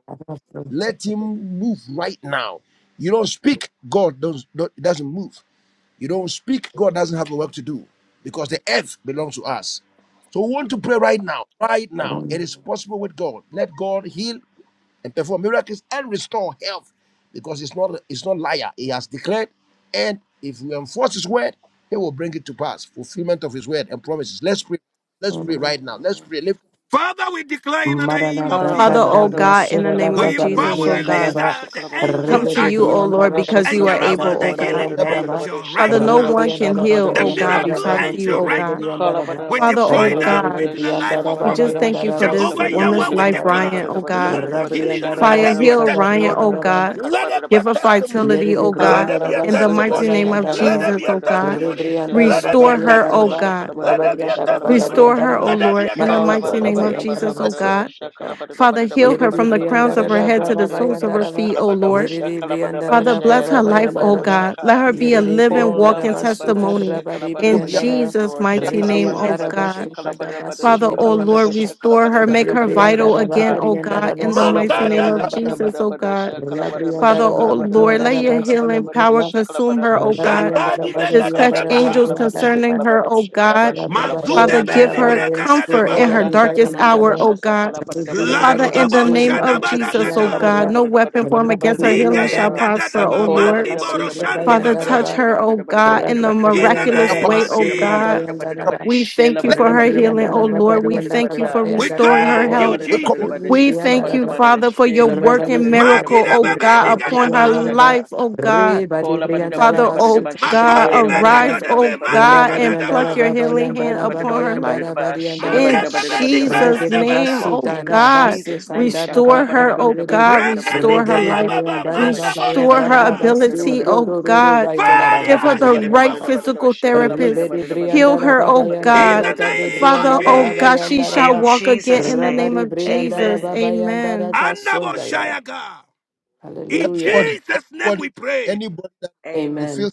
S6: Let him move right now. You don't speak, God does not doesn't move. You don't speak, God doesn't have a work to do because the earth belongs to us. So we want to pray right now, right now. It is possible with God. Let God heal and perform miracles and restore health because it's not it's not liar. He has declared, and if we enforce his word, he will bring it to pass. Fulfillment of his word and promises. Let's pray. Let's pray right now. Let's pray. Lift-
S1: Father, we declare in the name
S5: Marana
S1: of
S7: Father,
S5: Brata
S7: O
S1: Jesus.
S5: Dabro
S7: God, in the
S5: Sura da
S7: name
S1: We
S7: of
S5: Brata de
S7: Jesus,
S1: empower
S7: O
S5: Brianda
S1: release
S7: God,
S1: the,
S5: Raba
S1: the
S7: come
S1: angels
S5: Rebe
S7: to
S5: de
S1: that
S7: you, O
S1: heal.
S5: Brianda
S7: Lord,
S5: Raba
S7: because
S1: And
S7: you are
S5: Suka da
S1: Jehovah,
S7: able,
S1: the
S7: O
S5: Braba
S7: God.
S1: healing
S5: Yanda Raba
S1: angel,
S7: Father,
S1: right
S7: no
S5: Rebe
S1: now.
S7: one
S5: Brianda
S7: can
S5: Raba
S7: heal,
S1: The
S7: O
S5: Garianda
S7: God,
S5: Raba
S1: miracle
S7: besides
S5: Braba
S7: you,
S5: Sur
S1: angel
S7: O
S1: right
S5: Rebe
S7: God.
S3: Shakala
S1: now,
S5: Brianda Raba
S1: we
S7: Father,
S1: deploy
S7: O
S1: them
S5: Rebe
S7: God,
S5: de
S1: into the
S5: Brianda
S1: life of
S7: we
S5: Raba
S7: just
S1: family.
S7: thank
S5: Bayanda
S7: you for
S5: Raba
S7: this
S5: Sur
S1: Jehovah
S5: Rebe
S1: Yahweh,
S7: woman's
S1: we
S7: life,
S5: Brianda Raba
S1: declare,
S7: Ryan, O God.
S1: let the healing
S5: Rabrianda
S1: and let
S5: Raba
S7: Fire,
S1: there be a
S7: heal
S5: Suka da
S7: Ryan,
S1: testimony.
S7: O
S5: Brianda
S7: God.
S1: Let there be a
S7: Give her
S1: testimony.
S5: Yere
S7: vitality,
S5: de
S7: O
S1: Let
S7: God.
S5: brianda
S1: there be a
S5: raba
S7: In the
S5: surra
S7: mighty
S1: testimony.
S7: name of
S5: bayanda
S1: Let
S5: raba.
S1: there
S7: Jesus,
S1: be a
S7: O God.
S1: testimony.
S5: Rebrianda
S1: Let
S5: raba
S1: there be a
S7: Restore her,
S5: garianda
S7: O
S5: raba.
S1: testimony.
S7: God.
S1: Let there be a
S5: Rabarianda raba
S1: testimony.
S7: Restore
S5: garianda
S7: her, O
S1: Let
S5: raba.
S1: there be
S7: Lord,
S1: a
S7: in the
S5: Marada
S7: mighty
S1: testimony.
S5: raba
S7: name of
S5: bayanda
S7: Jesus,
S5: raba
S7: O
S5: surra.
S7: God.
S5: raba.
S7: Father, heal
S5: Yere
S7: her
S5: de
S7: from the
S5: brianda
S7: crowns of her
S5: raba
S7: head to the
S5: raba
S7: soles of
S5: bayanda
S7: her
S5: raba.
S7: feet, O Lord.
S5: Yere de brianda
S7: Father,
S5: raba
S7: bless
S5: raba
S7: her life,
S5: bayanda
S7: O
S5: raba.
S7: God. Let her be a
S5: Yere de
S7: living,
S5: brianda
S7: walking
S5: raba
S3: Kolabadabada,
S5: sukar
S7: testimony
S5: raba de
S7: in
S3: shekalabadaba,
S5: brianda raba.
S3: Yes,
S7: Jesus'
S3: Lord.
S7: mighty name,
S5: Rebrianda
S7: O
S3: Shekalabadabada,
S5: raba
S7: God.
S5: sukar raba
S3: shekalabadabada,
S7: Father,
S5: surre
S7: O
S5: brianda
S7: Lord,
S3: shekalabadaba,
S5: raba.
S7: restore her, make her
S3: shekalabadabadabadabada,
S5: Rebrianda
S7: vital
S5: raba
S7: again,
S3: sheka.
S7: O
S5: garianda
S7: God,
S5: raba
S7: in the mighty name
S1: Makada
S7: of
S5: surra
S7: Jesus, O
S3: Kolabadabadabadabadabada,
S7: God.
S5: Rabadi
S3: shekalabadaba,
S7: Father,
S5: Briandara
S7: O Lord,
S3: shekalabadabada,
S7: let your healing
S3: shekalabadabadaba,
S7: power consume her,
S3: shekalabadabada,
S7: O God.
S1: zakadi
S3: shekalabadaba,
S1: beka
S7: Dispatch
S3: shekalabada,
S1: dadabaha.
S7: angels
S3: shekalabada,
S7: concerning her,
S3: shekalabada,
S7: O
S3: shekalaba,
S7: God. Father,
S3: shekalabadabada,
S1: Mazude
S7: give
S1: beli
S3: sheka.
S7: her
S1: breka
S7: comfort in
S3: Oh,
S7: her
S1: dadabaha.
S3: that's a
S7: darkest
S3: kanamanda,
S7: hour, O
S3: shasa,
S7: God. Father, in the
S1: Larudabo
S7: name of
S3: kalabadabadabadabadabadabadabadabada,
S1: shadabada
S7: Jesus, oh
S1: gada.
S7: God, no weapon formed against her healing
S1: Nigaya
S7: shall
S3: shekalabadabadabadabadabadabadabadabada.
S7: prosper, oh
S1: gadadaba,
S5: Santana
S3: Kola
S7: Lord.
S5: Baba
S3: badada
S1: mandiboro
S3: badada
S5: Sudra
S3: badada badada
S7: Father,
S3: badada
S7: touch
S5: Bayandara
S1: baga.
S3: badada
S7: her, oh
S3: badada badada
S7: God,
S3: badada
S7: in a
S1: In
S5: Rabari
S1: the
S5: and
S3: badada
S7: miraculous
S1: name
S5: Daraba,
S7: way,
S3: badada
S1: of
S3: badada
S7: oh
S3: badada badada badada
S7: God.
S1: Jesus,
S3: badada badada
S7: We
S3: shela
S7: thank you for
S3: badada
S7: her
S3: badada
S5: Rabari and
S7: healing,
S3: badada
S7: oh
S3: badada
S5: Daraba,
S7: Lord. We
S3: badada badada
S7: thank you
S3: badada
S7: for
S1: we
S7: restoring her
S1: thank
S3: kola
S1: you,
S7: health.
S3: badada
S6: let
S3: badada
S1: Jesus.
S3: badada
S7: We
S3: shakala
S7: thank
S3: badada
S7: you,
S3: badada
S7: Father, for your
S3: shela badada
S7: working
S3: badada badada
S7: miracle,
S3: badada
S1: Magira
S7: oh
S3: badada
S1: bebe
S7: God,
S3: badada badada
S7: upon her
S3: badada
S1: nigadabaha,
S3: shaka
S7: life, oh God.
S3: kola badada
S7: Father,
S3: badada badada
S7: oh
S3: ba shela
S7: God,
S1: makoni
S3: badada badada
S7: arise,
S3: badada
S7: oh
S3: badada
S1: begadadabe,
S7: God,
S3: badada
S7: and
S3: badada
S7: pluck
S3: badada badada
S1: mazikadadaba,
S7: your
S3: badada badada
S7: healing
S5: Bayan
S7: hand
S3: badada
S5: Daraba,
S7: upon her
S3: badada badada
S5: Bayan
S3: badada
S7: life.
S3: ba shela
S5: Daraba,
S7: In
S3: badada badada
S1: arebebe
S3: badada ba
S7: Jesus'
S5: Rebede
S7: name,
S1: nikadadabada,
S5: basu
S7: oh
S3: in
S5: dara
S7: God,
S5: basu
S3: Jesus' name
S5: kanda na
S3: shakala
S7: restore
S5: bata
S3: badada
S7: her, oh
S3: badada
S5: rebede.
S3: badada
S7: God,
S3: badada
S1: rebe
S3: badada
S7: restore her
S3: badada
S5: Rebede
S1: nikaya
S3: badada
S7: life,
S3: badada
S5: bayan
S1: baba,
S3: badada
S5: dara
S3: ba
S1: manda
S5: bayan
S3: shela
S7: restore her
S3: badada
S5: dara
S1: borikada.
S3: badada badada
S5: basu
S7: ability,
S5: ro
S3: badada
S7: oh
S5: ro ro ro
S7: God.
S5: bayan
S3: Kola
S5: dara ba
S3: badada
S7: Give her
S1: Fire,
S3: badada
S7: the
S1: healing
S3: badada
S5: bayan dara
S7: right
S5: ba.
S3: badada
S1: power.
S3: badada ba
S7: physical
S3: shekala badada
S7: therapist.
S5: Rebede
S3: badada
S5: brian
S3: badada
S7: Heal
S5: dara
S3: badada
S7: her,
S3: badada
S7: oh
S5: bayan
S3: badada
S1: In
S7: God.
S1: the
S5: dara
S3: badada badada
S5: kade
S3: badada
S1: name
S5: brian
S1: of
S7: Father,
S5: dara
S7: oh
S5: ba
S7: God,
S1: Jesus,
S5: bayan
S7: she
S5: dara
S7: shall
S1: Father,
S5: ba.
S3: In
S7: walk again
S3: Jesus'
S7: in the name
S3: name,
S5: Rabade
S7: of
S5: brian
S7: Jesus.
S3: amen.
S5: bayan dara
S7: Amen.
S1: Andabo
S5: kasundaya.
S1: Shayaga. In
S5: Hallelujah.
S6: Everybody,
S1: Jesus' name
S6: anybody,
S1: we pray.
S6: anybody that you
S3: Amen.
S6: feel
S5: Amen.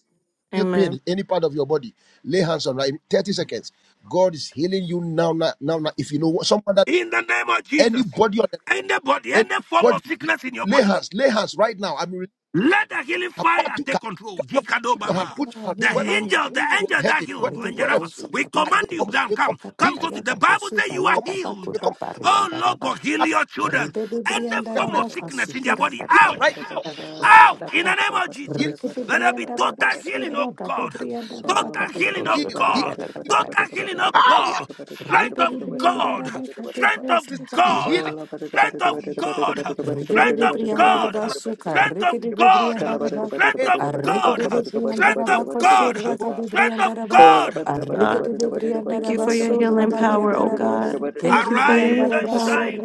S6: feel pain
S7: Amen.
S6: in any part of your body, lay hands on right in 30 seconds. God is healing you now, now, now, now. If you know what someone that
S1: in the name of Jesus.
S6: anybody on the
S1: Anybody, any form
S6: anybody,
S1: of sickness in your
S6: lay
S1: body,
S6: hands, lay hands right now. I'm really
S1: let the healing fire
S6: about to
S1: take
S6: come
S1: control.
S6: on,
S7: Mighty
S1: Jikado
S6: put your hand,
S1: Baba.
S6: put your
S7: God,
S6: hand,
S1: The
S7: heal
S6: wherever
S7: my knee
S1: angel, the
S7: in
S6: you are
S1: angel that
S6: heading, wherever,
S1: healed,
S7: the name
S5: Rebede
S1: angel
S7: of
S6: wherever.
S1: of-
S5: bosa
S7: Jesus.
S1: we
S5: na
S6: I will
S1: command
S5: bakate
S1: you
S6: come,
S1: down,
S6: we come,
S5: bosa
S1: come,
S5: kata
S1: come
S6: healing,
S1: so
S5: bayan da
S1: the Bible
S5: bosu
S1: says you are
S5: bayan
S6: come,
S5: da
S1: healed.
S6: healing,
S5: bakuda
S6: come,
S1: Oh Lord God, heal your
S5: Put
S1: children.
S5: it out.
S1: Any form
S3: Sakala
S6: interpret,
S1: of
S3: badada badada
S1: sickness in their
S3: shikala
S1: body,
S3: badada
S6: healing
S3: badada
S1: out,
S6: right
S3: badada
S6: now,
S3: ba shala
S1: out in
S3: badada
S1: the name
S3: badada
S1: of
S3: badada
S6: heal,
S1: Jesus. Let there
S3: badada badada badada
S1: be
S3: badada
S1: total
S3: badada badada
S1: healing,
S3: badada.
S1: oh God.
S3: Sola
S1: Total
S3: badada
S1: healing, oh
S3: badada
S6: heal,
S3: badada
S6: heal,
S1: God.
S3: badada badada
S6: heal.
S1: Total
S3: badada badada
S1: healing,
S3: badada
S1: oh
S5: Ribriandara
S6: Hallelujah,
S1: God.
S3: badada badada badada
S6: hallelujah.
S1: Strength of
S3: badada badada
S1: God.
S3: badada badada badada.
S1: Strength
S3: badada.
S1: of
S6: Receive
S3: Oh,
S6: healing.
S1: God. Strength of God. Strength
S5: Rigidity
S1: of
S5: Briandaraba
S1: God.
S6: One
S5: Suka,
S1: Strength of
S5: Rigidity
S1: God.
S6: is
S5: Briandaraba,
S1: Strength
S6: in
S1: of
S5: a
S1: God.
S5: Rigidity
S1: Strength of
S5: Briandaraba
S1: God.
S5: Kosuraka de
S6: pain.
S1: Strength of
S3: Oh,
S5: Briandaraba,
S1: God.
S5: a
S7: God,
S5: Rigidity
S7: thank you
S5: Briandaraba
S7: for your healing power, oh
S5: Surabariandaraba,
S7: God. Thank you
S5: Keridi
S7: for your
S1: Arise
S7: healing
S1: and
S5: Briandaraba
S7: power.
S1: shine,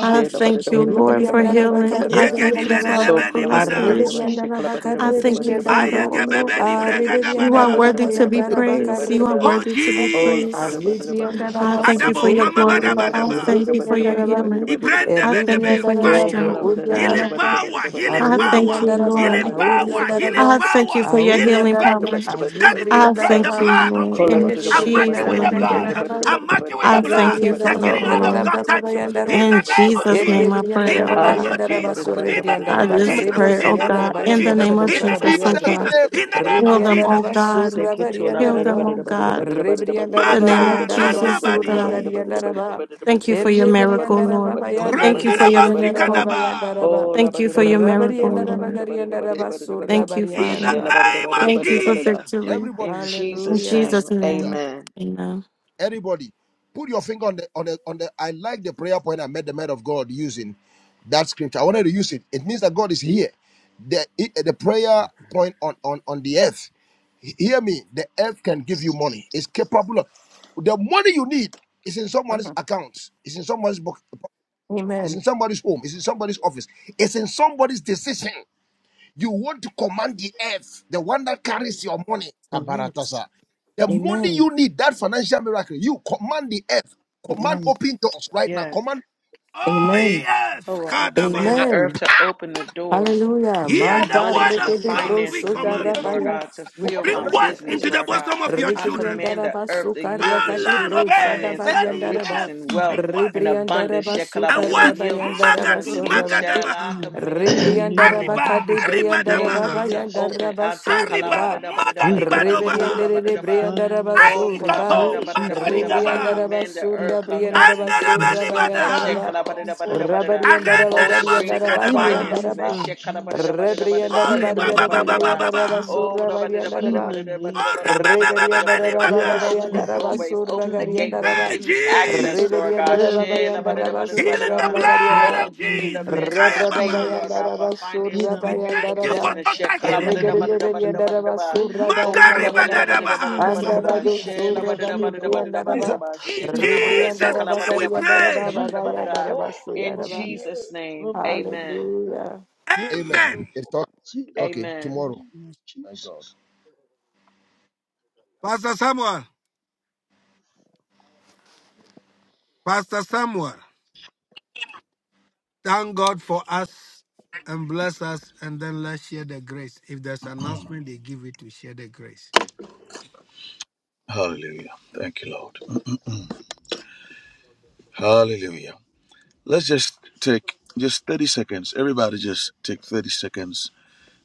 S7: I thank you,
S5: Eri
S7: Lord, for
S5: Briandaraba
S7: healing. I thank
S1: Yegedi
S7: you,
S5: Carribiandaraba,
S7: Father, for
S1: bedebeni
S5: a
S1: bada.
S7: restoration.
S5: Ribidiandaraba
S7: I
S6: So,
S7: thank you, Father,
S5: Carribiandaraba,
S7: oh Lord.
S1: Ayegebebeni
S5: a
S7: You are
S1: bregadabada.
S5: Ribidiandaraba
S7: worthy to be
S5: Bayandaraba
S7: praised. You are
S1: Oh
S5: Carribiandaraba,
S7: worthy to be
S5: a
S7: praised.
S1: Jesus.
S7: I
S5: Ribidiandaraba
S7: thank you for
S1: Adabo,
S7: your
S1: mama bada
S7: glory.
S5: Supuriandaraba,
S1: bada
S7: I
S1: ba.
S7: thank you for your
S5: Kuribiandaraba.
S7: healing.
S1: Ibrende
S7: I thank you
S1: bedebe,
S7: for your
S5: Eribriandaraba,
S1: fire.
S7: strength, oh God.
S1: Healing
S5: Brouriandaraba,
S1: power, healing
S7: I thank
S1: power,
S7: you,
S5: Arubriandaraba,
S1: healing
S7: Lord.
S1: power, healing
S7: I
S5: Auriandaraba,
S7: thank you
S1: power,
S7: for your
S1: healing
S7: healing
S5: Auriandaraba,
S7: power.
S1: virtue. That is in
S7: I
S1: Christ, the
S7: thank
S5: Arubriandaraba,
S7: you,
S1: blood of
S3: Oh,
S7: Lord,
S1: Jesus.
S7: in
S1: I mark you with
S7: Jesus'
S5: Eribriandaraba,
S1: the blood.
S7: name.
S1: I
S5: Gariandaraba,
S1: mark you with the
S7: I thank
S1: blood.
S7: you,
S1: The
S7: Father,
S5: Rabariandaraba,
S1: healing
S7: oh
S1: hand of
S7: Lord.
S1: God touch you. In
S5: Yarabarabayandaraba,
S1: the
S7: In
S1: name of
S7: Jesus' name
S1: Jesus.
S7: I pray,
S1: In the
S5: Eribriandaraba,
S7: oh God.
S1: name of
S5: Gariandaraba,
S1: Jesus. In the
S7: I
S1: name
S5: Sorrebriandaraba,
S1: of
S7: just
S6: amen.
S1: Jesus.
S5: Cadebro,
S7: pray, oh
S1: In the
S7: God,
S1: name
S5: Siriandaraba,
S1: of
S7: in the
S1: Jesus.
S7: name
S5: Gariandaraba,
S7: of
S6: In
S1: In the
S7: Jesus,
S1: name
S7: oh
S1: of
S6: Jesus'
S5: Sarabariandaraba,
S7: God.
S1: Jesus.
S6: name,
S1: In the
S6: amen.
S1: name
S7: Heal
S1: of
S7: them, oh
S1: Jesus.
S5: Rebriandaraba,
S7: God. Heal them,
S5: Sorabariandaraba,
S7: oh God. The
S5: Rebriandaraba,
S7: name
S1: Maga,
S7: of
S5: Bayandaraba,
S7: Jesus, oh God.
S1: nanabadi.
S5: Suragariandaraba,
S7: Thank you for your miracle,
S5: Ereberianda
S7: Lord.
S5: rababa yando,
S7: Thank you for your
S1: Ranadaba
S5: regerianda rababa
S7: miracle.
S5: yanda
S1: sikadaba.
S5: raba,
S7: Thank you for your miracle,
S5: rabarianda
S7: Lord.
S5: rabagarianda raba,
S7: Thank you,
S1: In
S5: surabarianda
S1: the
S7: Father.
S5: raba.
S1: name of
S7: Thank you for
S1: Jesus.
S7: victory.
S6: Everybody,
S3: in
S7: In
S3: Jesus'
S5: Hallelujah.
S7: Jesus'
S3: name,
S6: yeah,
S7: name,
S3: amen.
S7: amen.
S6: everybody, put your finger on the on the on the. I like the prayer point I met the man of God using that scripture. I wanted to use it. It means that God is here. The it- the prayer point on on on the earth. He- Hear me. The earth can give you money. It's capable. Of, the money you need is in someone's
S5: Mhm.
S6: account. It's in someone's book. It's in
S5: Amen.
S6: somebody's home. It's in somebody's office. It's in somebody's decision. You want to command the earth, the one that carries your money,
S5: Correct.
S6: Kabaratasa. The money
S5: Amen.
S6: you need, that financial miracle, you command the earth, command
S5: Amen.
S6: open doors right now,
S3: Yes.
S6: command,
S1: Oh,
S5: Amen.
S1: yes.
S3: Oh, well, I command
S1: Kadabaha.
S3: the earth
S5: Amen.
S3: to open the doors
S5: Hallelujah.
S3: to the
S1: Hear
S6: command,
S1: the
S5: Manda
S3: money, to
S1: word
S3: the
S1: of
S5: regede
S6: command
S1: God.
S5: bro
S1: We
S3: finances
S5: soda
S3: needed, Lord
S1: command.
S6: breakthrough,
S5: rabaya.
S3: God, to
S5: We
S3: fill
S6: command
S3: my
S1: Bring
S6: financial
S5: command
S1: wealth
S5: the
S6: breakthrough.
S3: business,
S1: into the
S5: earth.
S3: Lord God.
S1: bosom of your
S3: I
S1: children.
S5: Regerianda
S3: command the
S5: raba,
S3: earth to yield
S1: Our
S3: this
S5: sukaragade
S1: land,
S3: fruit
S5: bro,
S3: of
S1: obey.
S6: Let
S3: finances,
S1: Let
S3: of
S5: sadabarianda
S6: you
S1: the
S3: riches
S5: and
S1: earth
S3: and
S6: be
S3: wealth
S1: bring
S3: and
S1: wealth.
S5: Rebrianda
S3: abundance.
S5: raba,
S1: And
S3: Shekalabada, to
S6: in
S1: wealth,
S3: yield this
S5: sukarabayanda
S3: fruit
S5: raba,
S3: unto
S1: Magadu,
S2: In
S3: me.
S5: suraba.
S3: Shall
S1: Magadabaha.
S3: I command
S2: the
S3: every
S2: name
S5: Rebriandara
S2: of
S3: door,
S1: Arriba,
S5: bakade
S2: Jesus,
S3: every
S1: Arriba
S5: briandara
S2: oh
S3: gateway
S5: baba
S1: Dabaha.
S3: to
S2: yes.
S6: there.
S5: yandara
S3: open? Ata
S5: basuri
S1: Arriba,
S3: kalabada,
S5: ba.
S3: da bada da
S2: We
S3: bada da
S2: call
S3: bada da bada da
S1: Magadibadobaha.
S5: Rebriandere
S2: forth
S3: bada
S5: de
S3: da ba.
S5: briandara
S3: Oh,
S5: basuri
S2: finances.
S5: ba.
S1: Irisato,
S3: kolabadada
S2: Yes, we
S3: badada badada
S2: call
S3: ba- I
S1: Magarigaba.
S5: Rebriandara
S2: forth
S3: command the earth,
S5: basura
S3: Lord God,
S5: briandara
S3: to
S2: economic
S3: yield its
S5: basura
S1: Andarabani
S3: fruit. as
S2: breakthroughs.
S5: bayandara
S1: Badaha.
S2: We
S5: ba.
S2: call
S3: shekalabadada badada
S2: forth
S3: badada.
S5: Rabariandara
S1: Arenda
S3: Oh, to
S2: treasures
S3: bring
S5: bagariandara
S3: forth
S5: baba
S2: in the
S1: Dabasikadabaha.
S5: yandara
S3: finances.
S2: name
S3: as
S5: ba.
S2: of
S3: shekalabadada badada
S2: Jesus.
S3: badada
S5: Rebriandara
S1: Ori
S2: In
S3: badada
S2: the
S3: badada
S1: baba
S5: bariandara
S3: badada
S1: baba
S2: name of
S1: baba ba.
S5: bayandara
S3: Oh,
S5: basura
S3: labadada
S2: Jesus.
S5: bariandara
S3: badada
S2: In
S5: ba.
S2: the
S3: badada
S2: name
S3: badada
S1: Ori
S3: badada
S2: of
S1: baba
S3: badada
S2: Jesus.
S3: badada
S1: baba ni
S3: badada
S5: Reveriandara
S3: badada.
S5: baba
S2: Yes,
S1: baga.
S3: open the
S6: But
S2: to
S5: bayandara
S2: cure,
S3: doorways,
S5: basura
S2: to
S3: open the
S2: heal,
S5: gariandara
S3: gateways.
S5: ba.
S1: Hey
S3: Give
S2: to
S3: me
S6: you-
S3: access,
S2: answer
S1: Jesus,
S3: Lord God.
S5: Reveriandara baba
S2: every
S5: yandara
S3: Shelabadada badada
S2: financial
S1: healing
S5: basura
S1: the
S3: badada.
S2: trouble that
S1: blood
S5: blabariandara
S3: Oh,
S1: of
S5: ba.
S3: give
S2: we
S3: me the
S2: have
S1: Jesus.
S2: been
S3: mantle
S1: Kaya
S3: of favor,
S1: baba,
S3: Lord God,
S2: experiencing
S5: Hallelujah.
S3: for
S2: in
S3: finances to
S1: we
S2: our
S3: fuel the
S1: thank you
S2: pockets,
S1: for
S2: our
S3: business.
S1: total
S6: I
S2: accounts,
S6: have
S2: in
S3: Shekalabadada
S1: healing.
S3: badada
S2: bills,
S3: badada badada ba.
S2: payments
S3: O
S1: Makari
S3: kola badida
S6: a
S1: badada
S2: whatsoever
S3: badida
S2: in
S1: baha.
S3: badida
S2: the
S6: double
S3: badida
S6: that
S3: ba
S2: name of
S6: people.
S3: she la
S2: Jesus.
S3: badida
S2: We
S3: badida
S2: call
S3: badida
S2: forth,
S3: badida ba she
S1: In
S2: we
S3: kana manda
S2: call
S3: se
S1: Jesus'
S3: kala
S2: forth
S1: name
S2: those
S1: we
S3: badida badida badida
S2: fruits.
S1: prayed.
S2: We
S3: badida
S2: call
S3: badida.
S2: forth
S3: In
S2: from the
S3: Jesus'
S2: earth,
S3: name,
S2: from
S3: amen.
S2: the earth, yeah, from the
S1: Amen.
S6: Amen. It's okay.
S2: waters in the
S6: okay.
S3: Amen.
S2: mighty
S6: Tomorrow.
S2: name of
S6: Thank God.
S2: Jesus.
S1: Pastor Samuel, Pastor Samuel, thank God for us and bless us, and then let's share the grace. If there's announcement, they give it to share the grace.
S8: Hallelujah. Thank you, Lord. Hallelujah. Let's just take just 30 seconds. Everybody, just take 30 seconds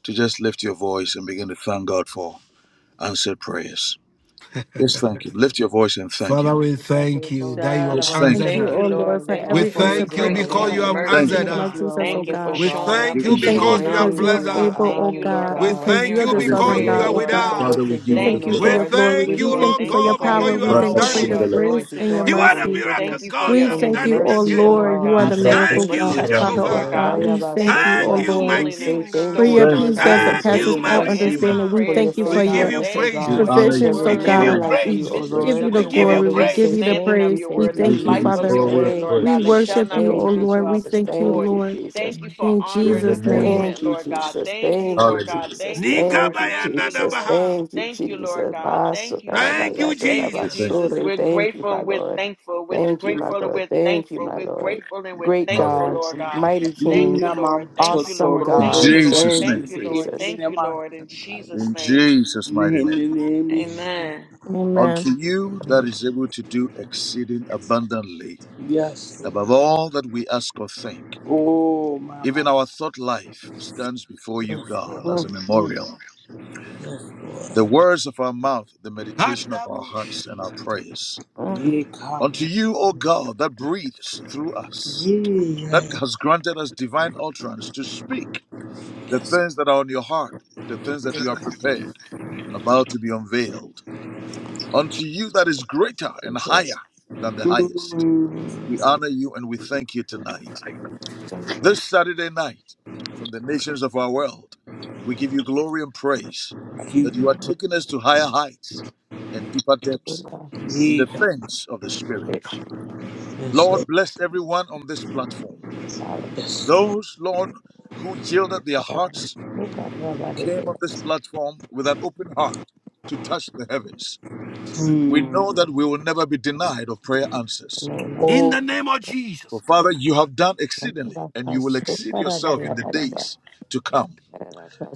S8: to just lift your voice and begin to thank God for answered prayers. Just thank Him. Lift your voice and thank
S1: Father,
S5: We
S8: Him.
S1: we
S5: give
S1: thank you
S5: both
S1: that you have
S8: Just
S3: Shalabada.
S8: thank Him.
S7: Thank
S1: answered
S7: you,
S3: Thank
S1: us.
S3: you,
S7: oh
S5: you
S3: Lord.
S7: Lord,
S5: worthy
S7: for
S5: of
S3: Thank
S1: We
S3: you
S5: our
S7: every
S3: for your
S7: answer
S1: thank
S5: praises,
S1: you
S7: prayer,
S5: O
S7: oh
S3: grace and
S1: because
S3: your
S5: God,
S7: God.
S1: you
S7: In
S1: have
S7: the mighty
S8: Thank
S3: mercy.
S8: Him.
S1: answered
S7: name
S5: because
S7: of
S5: you are
S1: us.
S5: a
S7: Jesus, oh
S3: Thank you
S7: God.
S3: for
S5: wonderful
S1: We
S3: showing
S5: God.
S1: thank
S3: up
S8: Give
S1: you
S7: We
S3: and
S8: Him the
S5: We
S7: thank you
S3: showing
S1: because
S8: glory.
S1: you have
S3: out,
S7: because you
S5: praise
S3: Lord
S1: blessed
S7: are
S5: you, we
S3: God.
S7: able,
S1: us.
S7: oh
S3: Thank
S5: honor
S3: you,
S5: you,
S3: Lord
S7: God,
S1: We
S3: God, for
S5: God,
S7: because
S1: thank
S7: you're
S3: hearing
S1: you
S7: the
S3: our
S5: and
S8: Give Him
S5: we
S8: the
S5: say
S1: because
S7: sovereign
S1: you
S7: God,
S3: prayers,
S8: glory.
S1: are
S7: oh
S1: with
S5: thank
S3: Lord
S5: you
S7: God.
S5: for
S3: God.
S8: Father,
S5: what
S8: we
S5: you're
S1: us.
S7: We
S8: give you the
S5: doing,
S3: Thank
S7: thank
S5: O
S3: you,
S7: you for
S8: glory.
S1: We
S7: your
S3: Lord.
S5: God.
S7: glory.
S3: Thank you,
S1: thank
S5: We
S7: We
S1: you,
S3: Lord.
S7: thank
S5: thank
S1: Lord
S7: you
S5: you
S7: for
S3: Thank you
S7: your
S5: for
S1: God,
S3: for
S5: how
S3: your
S1: because
S7: power.
S1: you
S5: you've
S7: We
S1: have
S7: thank you
S5: answered
S3: power
S1: done
S7: for
S3: and
S1: it.
S7: your
S5: our
S3: your
S8: Brakasundalaba.
S5: prayers.
S7: grace
S5: We
S3: anointing,
S7: and your
S5: thank
S3: Lord
S1: You
S5: you
S1: are
S3: God.
S5: for
S1: the
S5: your
S7: mercy.
S3: Thank
S1: miracle
S5: goodness
S3: you for
S1: God. You
S3: your
S7: We
S1: have
S5: and your
S7: thank
S1: done
S7: you,
S1: it
S7: oh
S5: mercy,
S3: intervention,
S5: O
S7: Lord.
S3: Lord
S1: again.
S7: You
S5: God.
S7: are
S5: We
S3: God.
S7: the
S5: say
S3: Thank you
S7: miracle
S1: Thank
S3: for
S5: thank
S1: you,
S7: God,
S5: you.
S7: Father,
S3: touching,
S7: oh
S3: Lord
S8: Ibrakosundabrandabakra.
S1: Jehovah.
S3: God.
S7: God.
S5: Rendaya
S7: We
S3: Thank
S7: thank
S3: you
S7: you, oh
S3: for
S1: Thank
S5: basotia.
S1: you,
S7: Lord,
S1: my
S5: We
S3: healing and
S5: say
S1: King.
S5: thank
S7: for
S5: you
S7: your
S3: restoring,
S5: for
S8: Thank
S5: your
S3: Lord
S7: peace
S8: you
S3: God.
S8: for
S7: that
S8: your
S5: goodness,
S1: Thank
S5: for
S3: Thank
S7: surpasses
S1: you,
S5: your
S3: you
S1: my
S8: presence.
S7: all
S3: for
S5: mercy,
S3: answer
S7: understanding.
S1: Redeemer.
S7: We
S5: for your
S3: prayers,
S7: thank you
S1: We
S7: for
S3: Lord
S1: give
S3: God.
S7: your
S1: you
S5: faithfulness, O
S3: Thank you
S1: praise.
S8: We
S3: for
S5: God.
S3: your
S8: honor you.
S5: There
S7: provisions,
S1: We
S5: is
S7: oh
S8: We
S5: no
S3: word,
S1: give
S5: one
S1: you
S7: God.
S3: Lord
S8: praise
S5: like
S3: God, the
S7: We
S5: you,
S8: you.
S5: O
S8: We
S1: praise.
S3: mysteries
S8: bless
S5: Lord.
S7: give
S8: your
S7: you
S3: of
S1: We
S7: the
S3: your
S8: name.
S1: give
S5: Well,
S3: word,
S1: you
S7: glory.
S5: Father,
S3: the
S7: We
S5: we
S7: give
S5: say
S1: praise.
S7: you the
S3: understanding
S5: thank
S3: of
S5: you,
S7: praise.
S3: your
S7: We
S5: thank
S3: word,
S5: you,
S3: the
S8: We
S7: thank you,
S8: give
S3: life
S8: you
S3: of
S7: Father.
S5: Jesus,
S3: your
S8: glory and
S3: word,
S5: thank
S3: Lord
S5: you,
S3: God,
S7: We
S8: praise.
S3: that shall
S5: Jesus,
S7: worship
S3: not
S7: you, oh
S5: thank
S3: return
S5: you,
S3: unto
S7: Lord.
S3: our
S7: We
S5: Jesus,
S7: thank you,
S3: void.
S5: thank you,
S7: Lord.
S5: Jesus,
S3: Thank you for
S7: In
S3: honor
S8: In
S3: and
S8: the
S7: Jesus'
S8: name of
S7: name,
S5: thank
S3: agreement,
S5: you,
S8: Jesus.
S3: Lord God.
S5: Jesus,
S3: Thank you,
S5: thank you,
S3: Lord God.
S8: Hallelujah.
S5: Jesus,
S3: Thank you, Lord.
S5: thank you,
S3: Thank you,
S5: Jesus,
S3: Lord.
S1: Nikabayandadabaha.
S5: thank you,
S3: Thank you, Lord
S5: Jesus.
S3: God.
S5: Maso
S3: Thank you,
S1: Thank
S5: karabaya
S1: you,
S3: Jesus. Thank you,
S8: We thank you.
S3: Jesus.
S1: Jesus.
S5: dorabasore.
S3: We're
S5: Thank you,
S3: grateful
S5: my
S3: and we're
S5: Lord.
S3: thankful. We're
S5: Thank you, my
S3: grateful and
S5: Lord.
S3: we're
S5: Thank you,
S3: thankful.
S5: my
S3: We're
S5: Lord.
S3: grateful and we're
S5: Great
S3: thankful,
S8: Hallelujah.
S5: God,
S3: Lord God.
S5: mighty
S3: Thank
S5: King,
S3: you,
S4: Nina
S3: Lord.
S4: mam
S3: Thank you,
S5: awesome
S3: Lord.
S8: In
S4: sotorobo,
S3: Thank
S5: God.
S3: you, Lord.
S8: Jesus'
S5: Thank
S3: Thank
S5: you,
S8: name.
S3: you, Lord.
S5: Jesus.
S3: Thank
S4: hemine
S3: you,
S4: mam
S3: Lord. In
S4: satara,
S3: Jesus'
S8: In
S3: name.
S8: Jesus' mighty name.
S4: hemine
S1: Amen.
S4: mishya.
S3: Amen.
S7: amen.
S8: Unto you that is able to do exceeding abundantly
S4: Yes,
S8: above all that we ask or think.
S4: Lord. oh
S8: Even
S4: mama,
S8: our thought life stands before you, God, as
S5: Mm,
S8: a
S5: mm,
S8: memorial. The words of our mouth, the meditation of our
S1: Kadaboshatakababa.
S8: hearts, and our prayers.
S5: mm.
S4: ye
S8: Unto
S4: come,
S8: you, O God, that breathes through us,
S4: ye yeah,
S8: that
S4: yeah.
S8: has granted us divine utterance to speak the things that are on your heart, the things that you have prepared and about to be unveiled, unto you that is greater and
S5: Jesus.
S8: higher than the highest.
S4: Mm,
S8: We honor you and we thank you tonight.
S5: Thank you.
S8: This Saturday night, from the nations of our world, we give you glory and praise that you are taking us to higher heights and deeper
S5: Thank
S8: depths in the things of the Spirit.
S5: you,
S4: yes,
S8: Lord,
S4: Lord,
S8: bless everyone on this platform.
S5: God.
S4: yes,
S8: Those, Lord, who yielded their
S5: Um,
S8: hearts
S5: Look at Rabbi in
S8: came
S5: the
S8: on this platform with an open heart to touch the heavens. We know that we will never be denied of prayer answers.
S5: name
S4: Lord.
S5: of
S1: In
S5: Jesus.
S4: oh
S1: the name of
S8: For
S1: Jesus, God,
S8: Father,
S1: thank
S8: you have done exceedingly, and you will exceed yourself in the
S5: Rabakasundarabayadaba,
S8: days to come.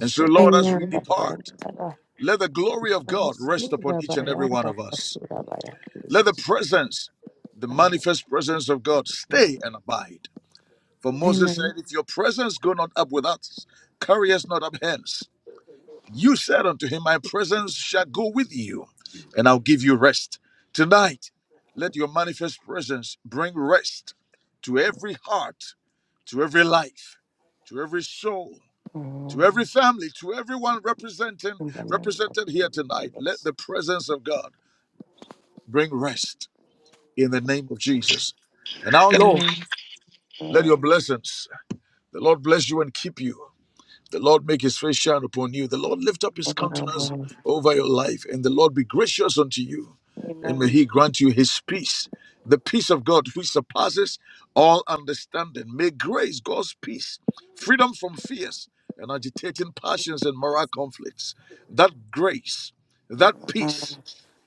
S8: And so, Lord, as we
S7: Amen.
S8: depart, let the glory of God rest upon each and every one of
S5: Rabakasurabayadaba,
S8: us.
S5: Surabaya.
S8: Let the
S5: Jesus.
S8: presence, the manifest presence of God, stay and abide. For Moses said,
S7: Amen.
S8: If your presence go not up with us, carry us not up hence. You said unto him, My presence shall go with you,
S1: you.
S8: and I'll give you rest. Tonight, let your manifest presence bring rest to every heart, to every life, to every soul, to
S5: Mm,
S8: every family, to everyone representing
S5: In the name of
S8: represented here tonight.
S5: Jesus.
S8: Let the presence of God bring rest in the name of Jesus. And our Lord,
S7: Amen.
S8: let your
S5: Mm,
S8: blessings, the Lord bless you and keep you. The Lord make his face shine upon you. The Lord lift up his countenance over your life, and the Lord be gracious unto you. And may
S5: Amen.
S8: he grant you his peace, the peace of God which surpasses all understanding. May grace, God's peace, freedom from fears and agitating passions and moral conflicts, that grace, that
S5: Mm,
S8: peace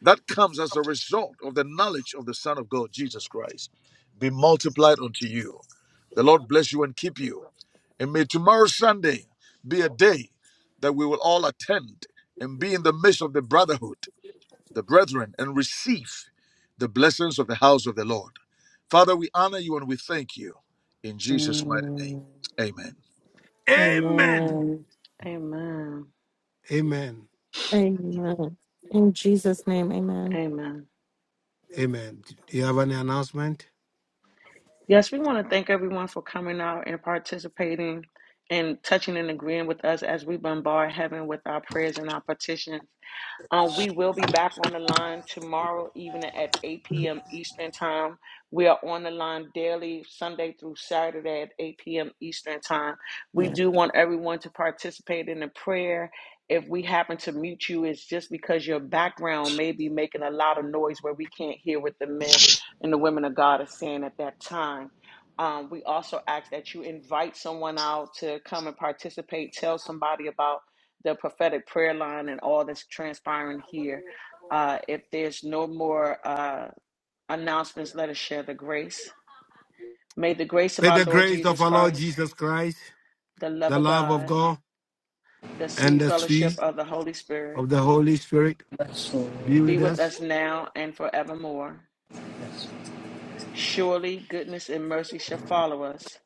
S8: that comes as a result of the knowledge of the Son of God, Jesus Christ, be multiplied unto you. The Lord bless you and keep you. And may tomorrow, Sunday, be a day that we will all attend and be in the midst of the brotherhood, the brethren, and receive the blessings of the house of the Lord. Father, we honor you and we thank you. In Jesus' mighty name, amen.
S5: Amen.
S1: Amen.
S3: Amen.
S1: Amen.
S7: Amen. In Jesus' name, amen.
S3: Amen.
S1: Amen. Do you have any announcement?
S3: Yes, we want to thank everyone for coming out and participating and touching and agreeing with us as we bombard heaven with our prayers and our petitions. Uh, we will be back on the line tomorrow evening at 8 p.m. Eastern Time. We are on the line daily, Sunday through Saturday at 8 p.m. Eastern Time. We
S5: Yeah,
S3: do want everyone to participate in the prayer. If we happen to mute you, it's just because your background may be making a lot of noise where we can't hear what the men and the women of God are saying at that time. Um, we also ask that you invite someone out to come and participate. Tell somebody about the prophetic prayer line and all that's transpiring here. Uh, if there's no more uh, announcements, let us share the grace. May the grace of
S1: May
S3: our
S1: the
S3: Lord
S1: grace of
S3: Jesus
S1: our Lord
S3: Christ,
S1: Jesus Christ,
S3: the love
S1: the
S3: of
S1: love of
S3: God,
S1: God,
S3: the
S1: and
S3: sweet
S1: the
S3: fellowship
S1: sweet
S3: of the Holy Spirit
S1: of the Holy Spirit
S4: yes, Lord.
S1: be
S3: be
S1: with
S3: with
S1: us.
S3: us now and forevermore. Surely goodness and mercy shall follow us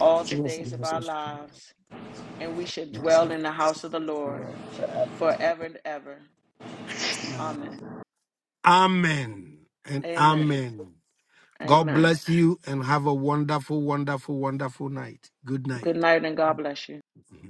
S3: all the
S5: Jesus.
S3: days of our lives, and we shall dwell
S5: Jesus.
S3: in the house of the Lord forever and ever. Amen.
S1: Amen and
S3: Amen.
S1: amen. God
S3: Amen.
S1: bless you and have a wonderful, wonderful, wonderful night. Good night.
S3: Good night and God bless you.
S1: see.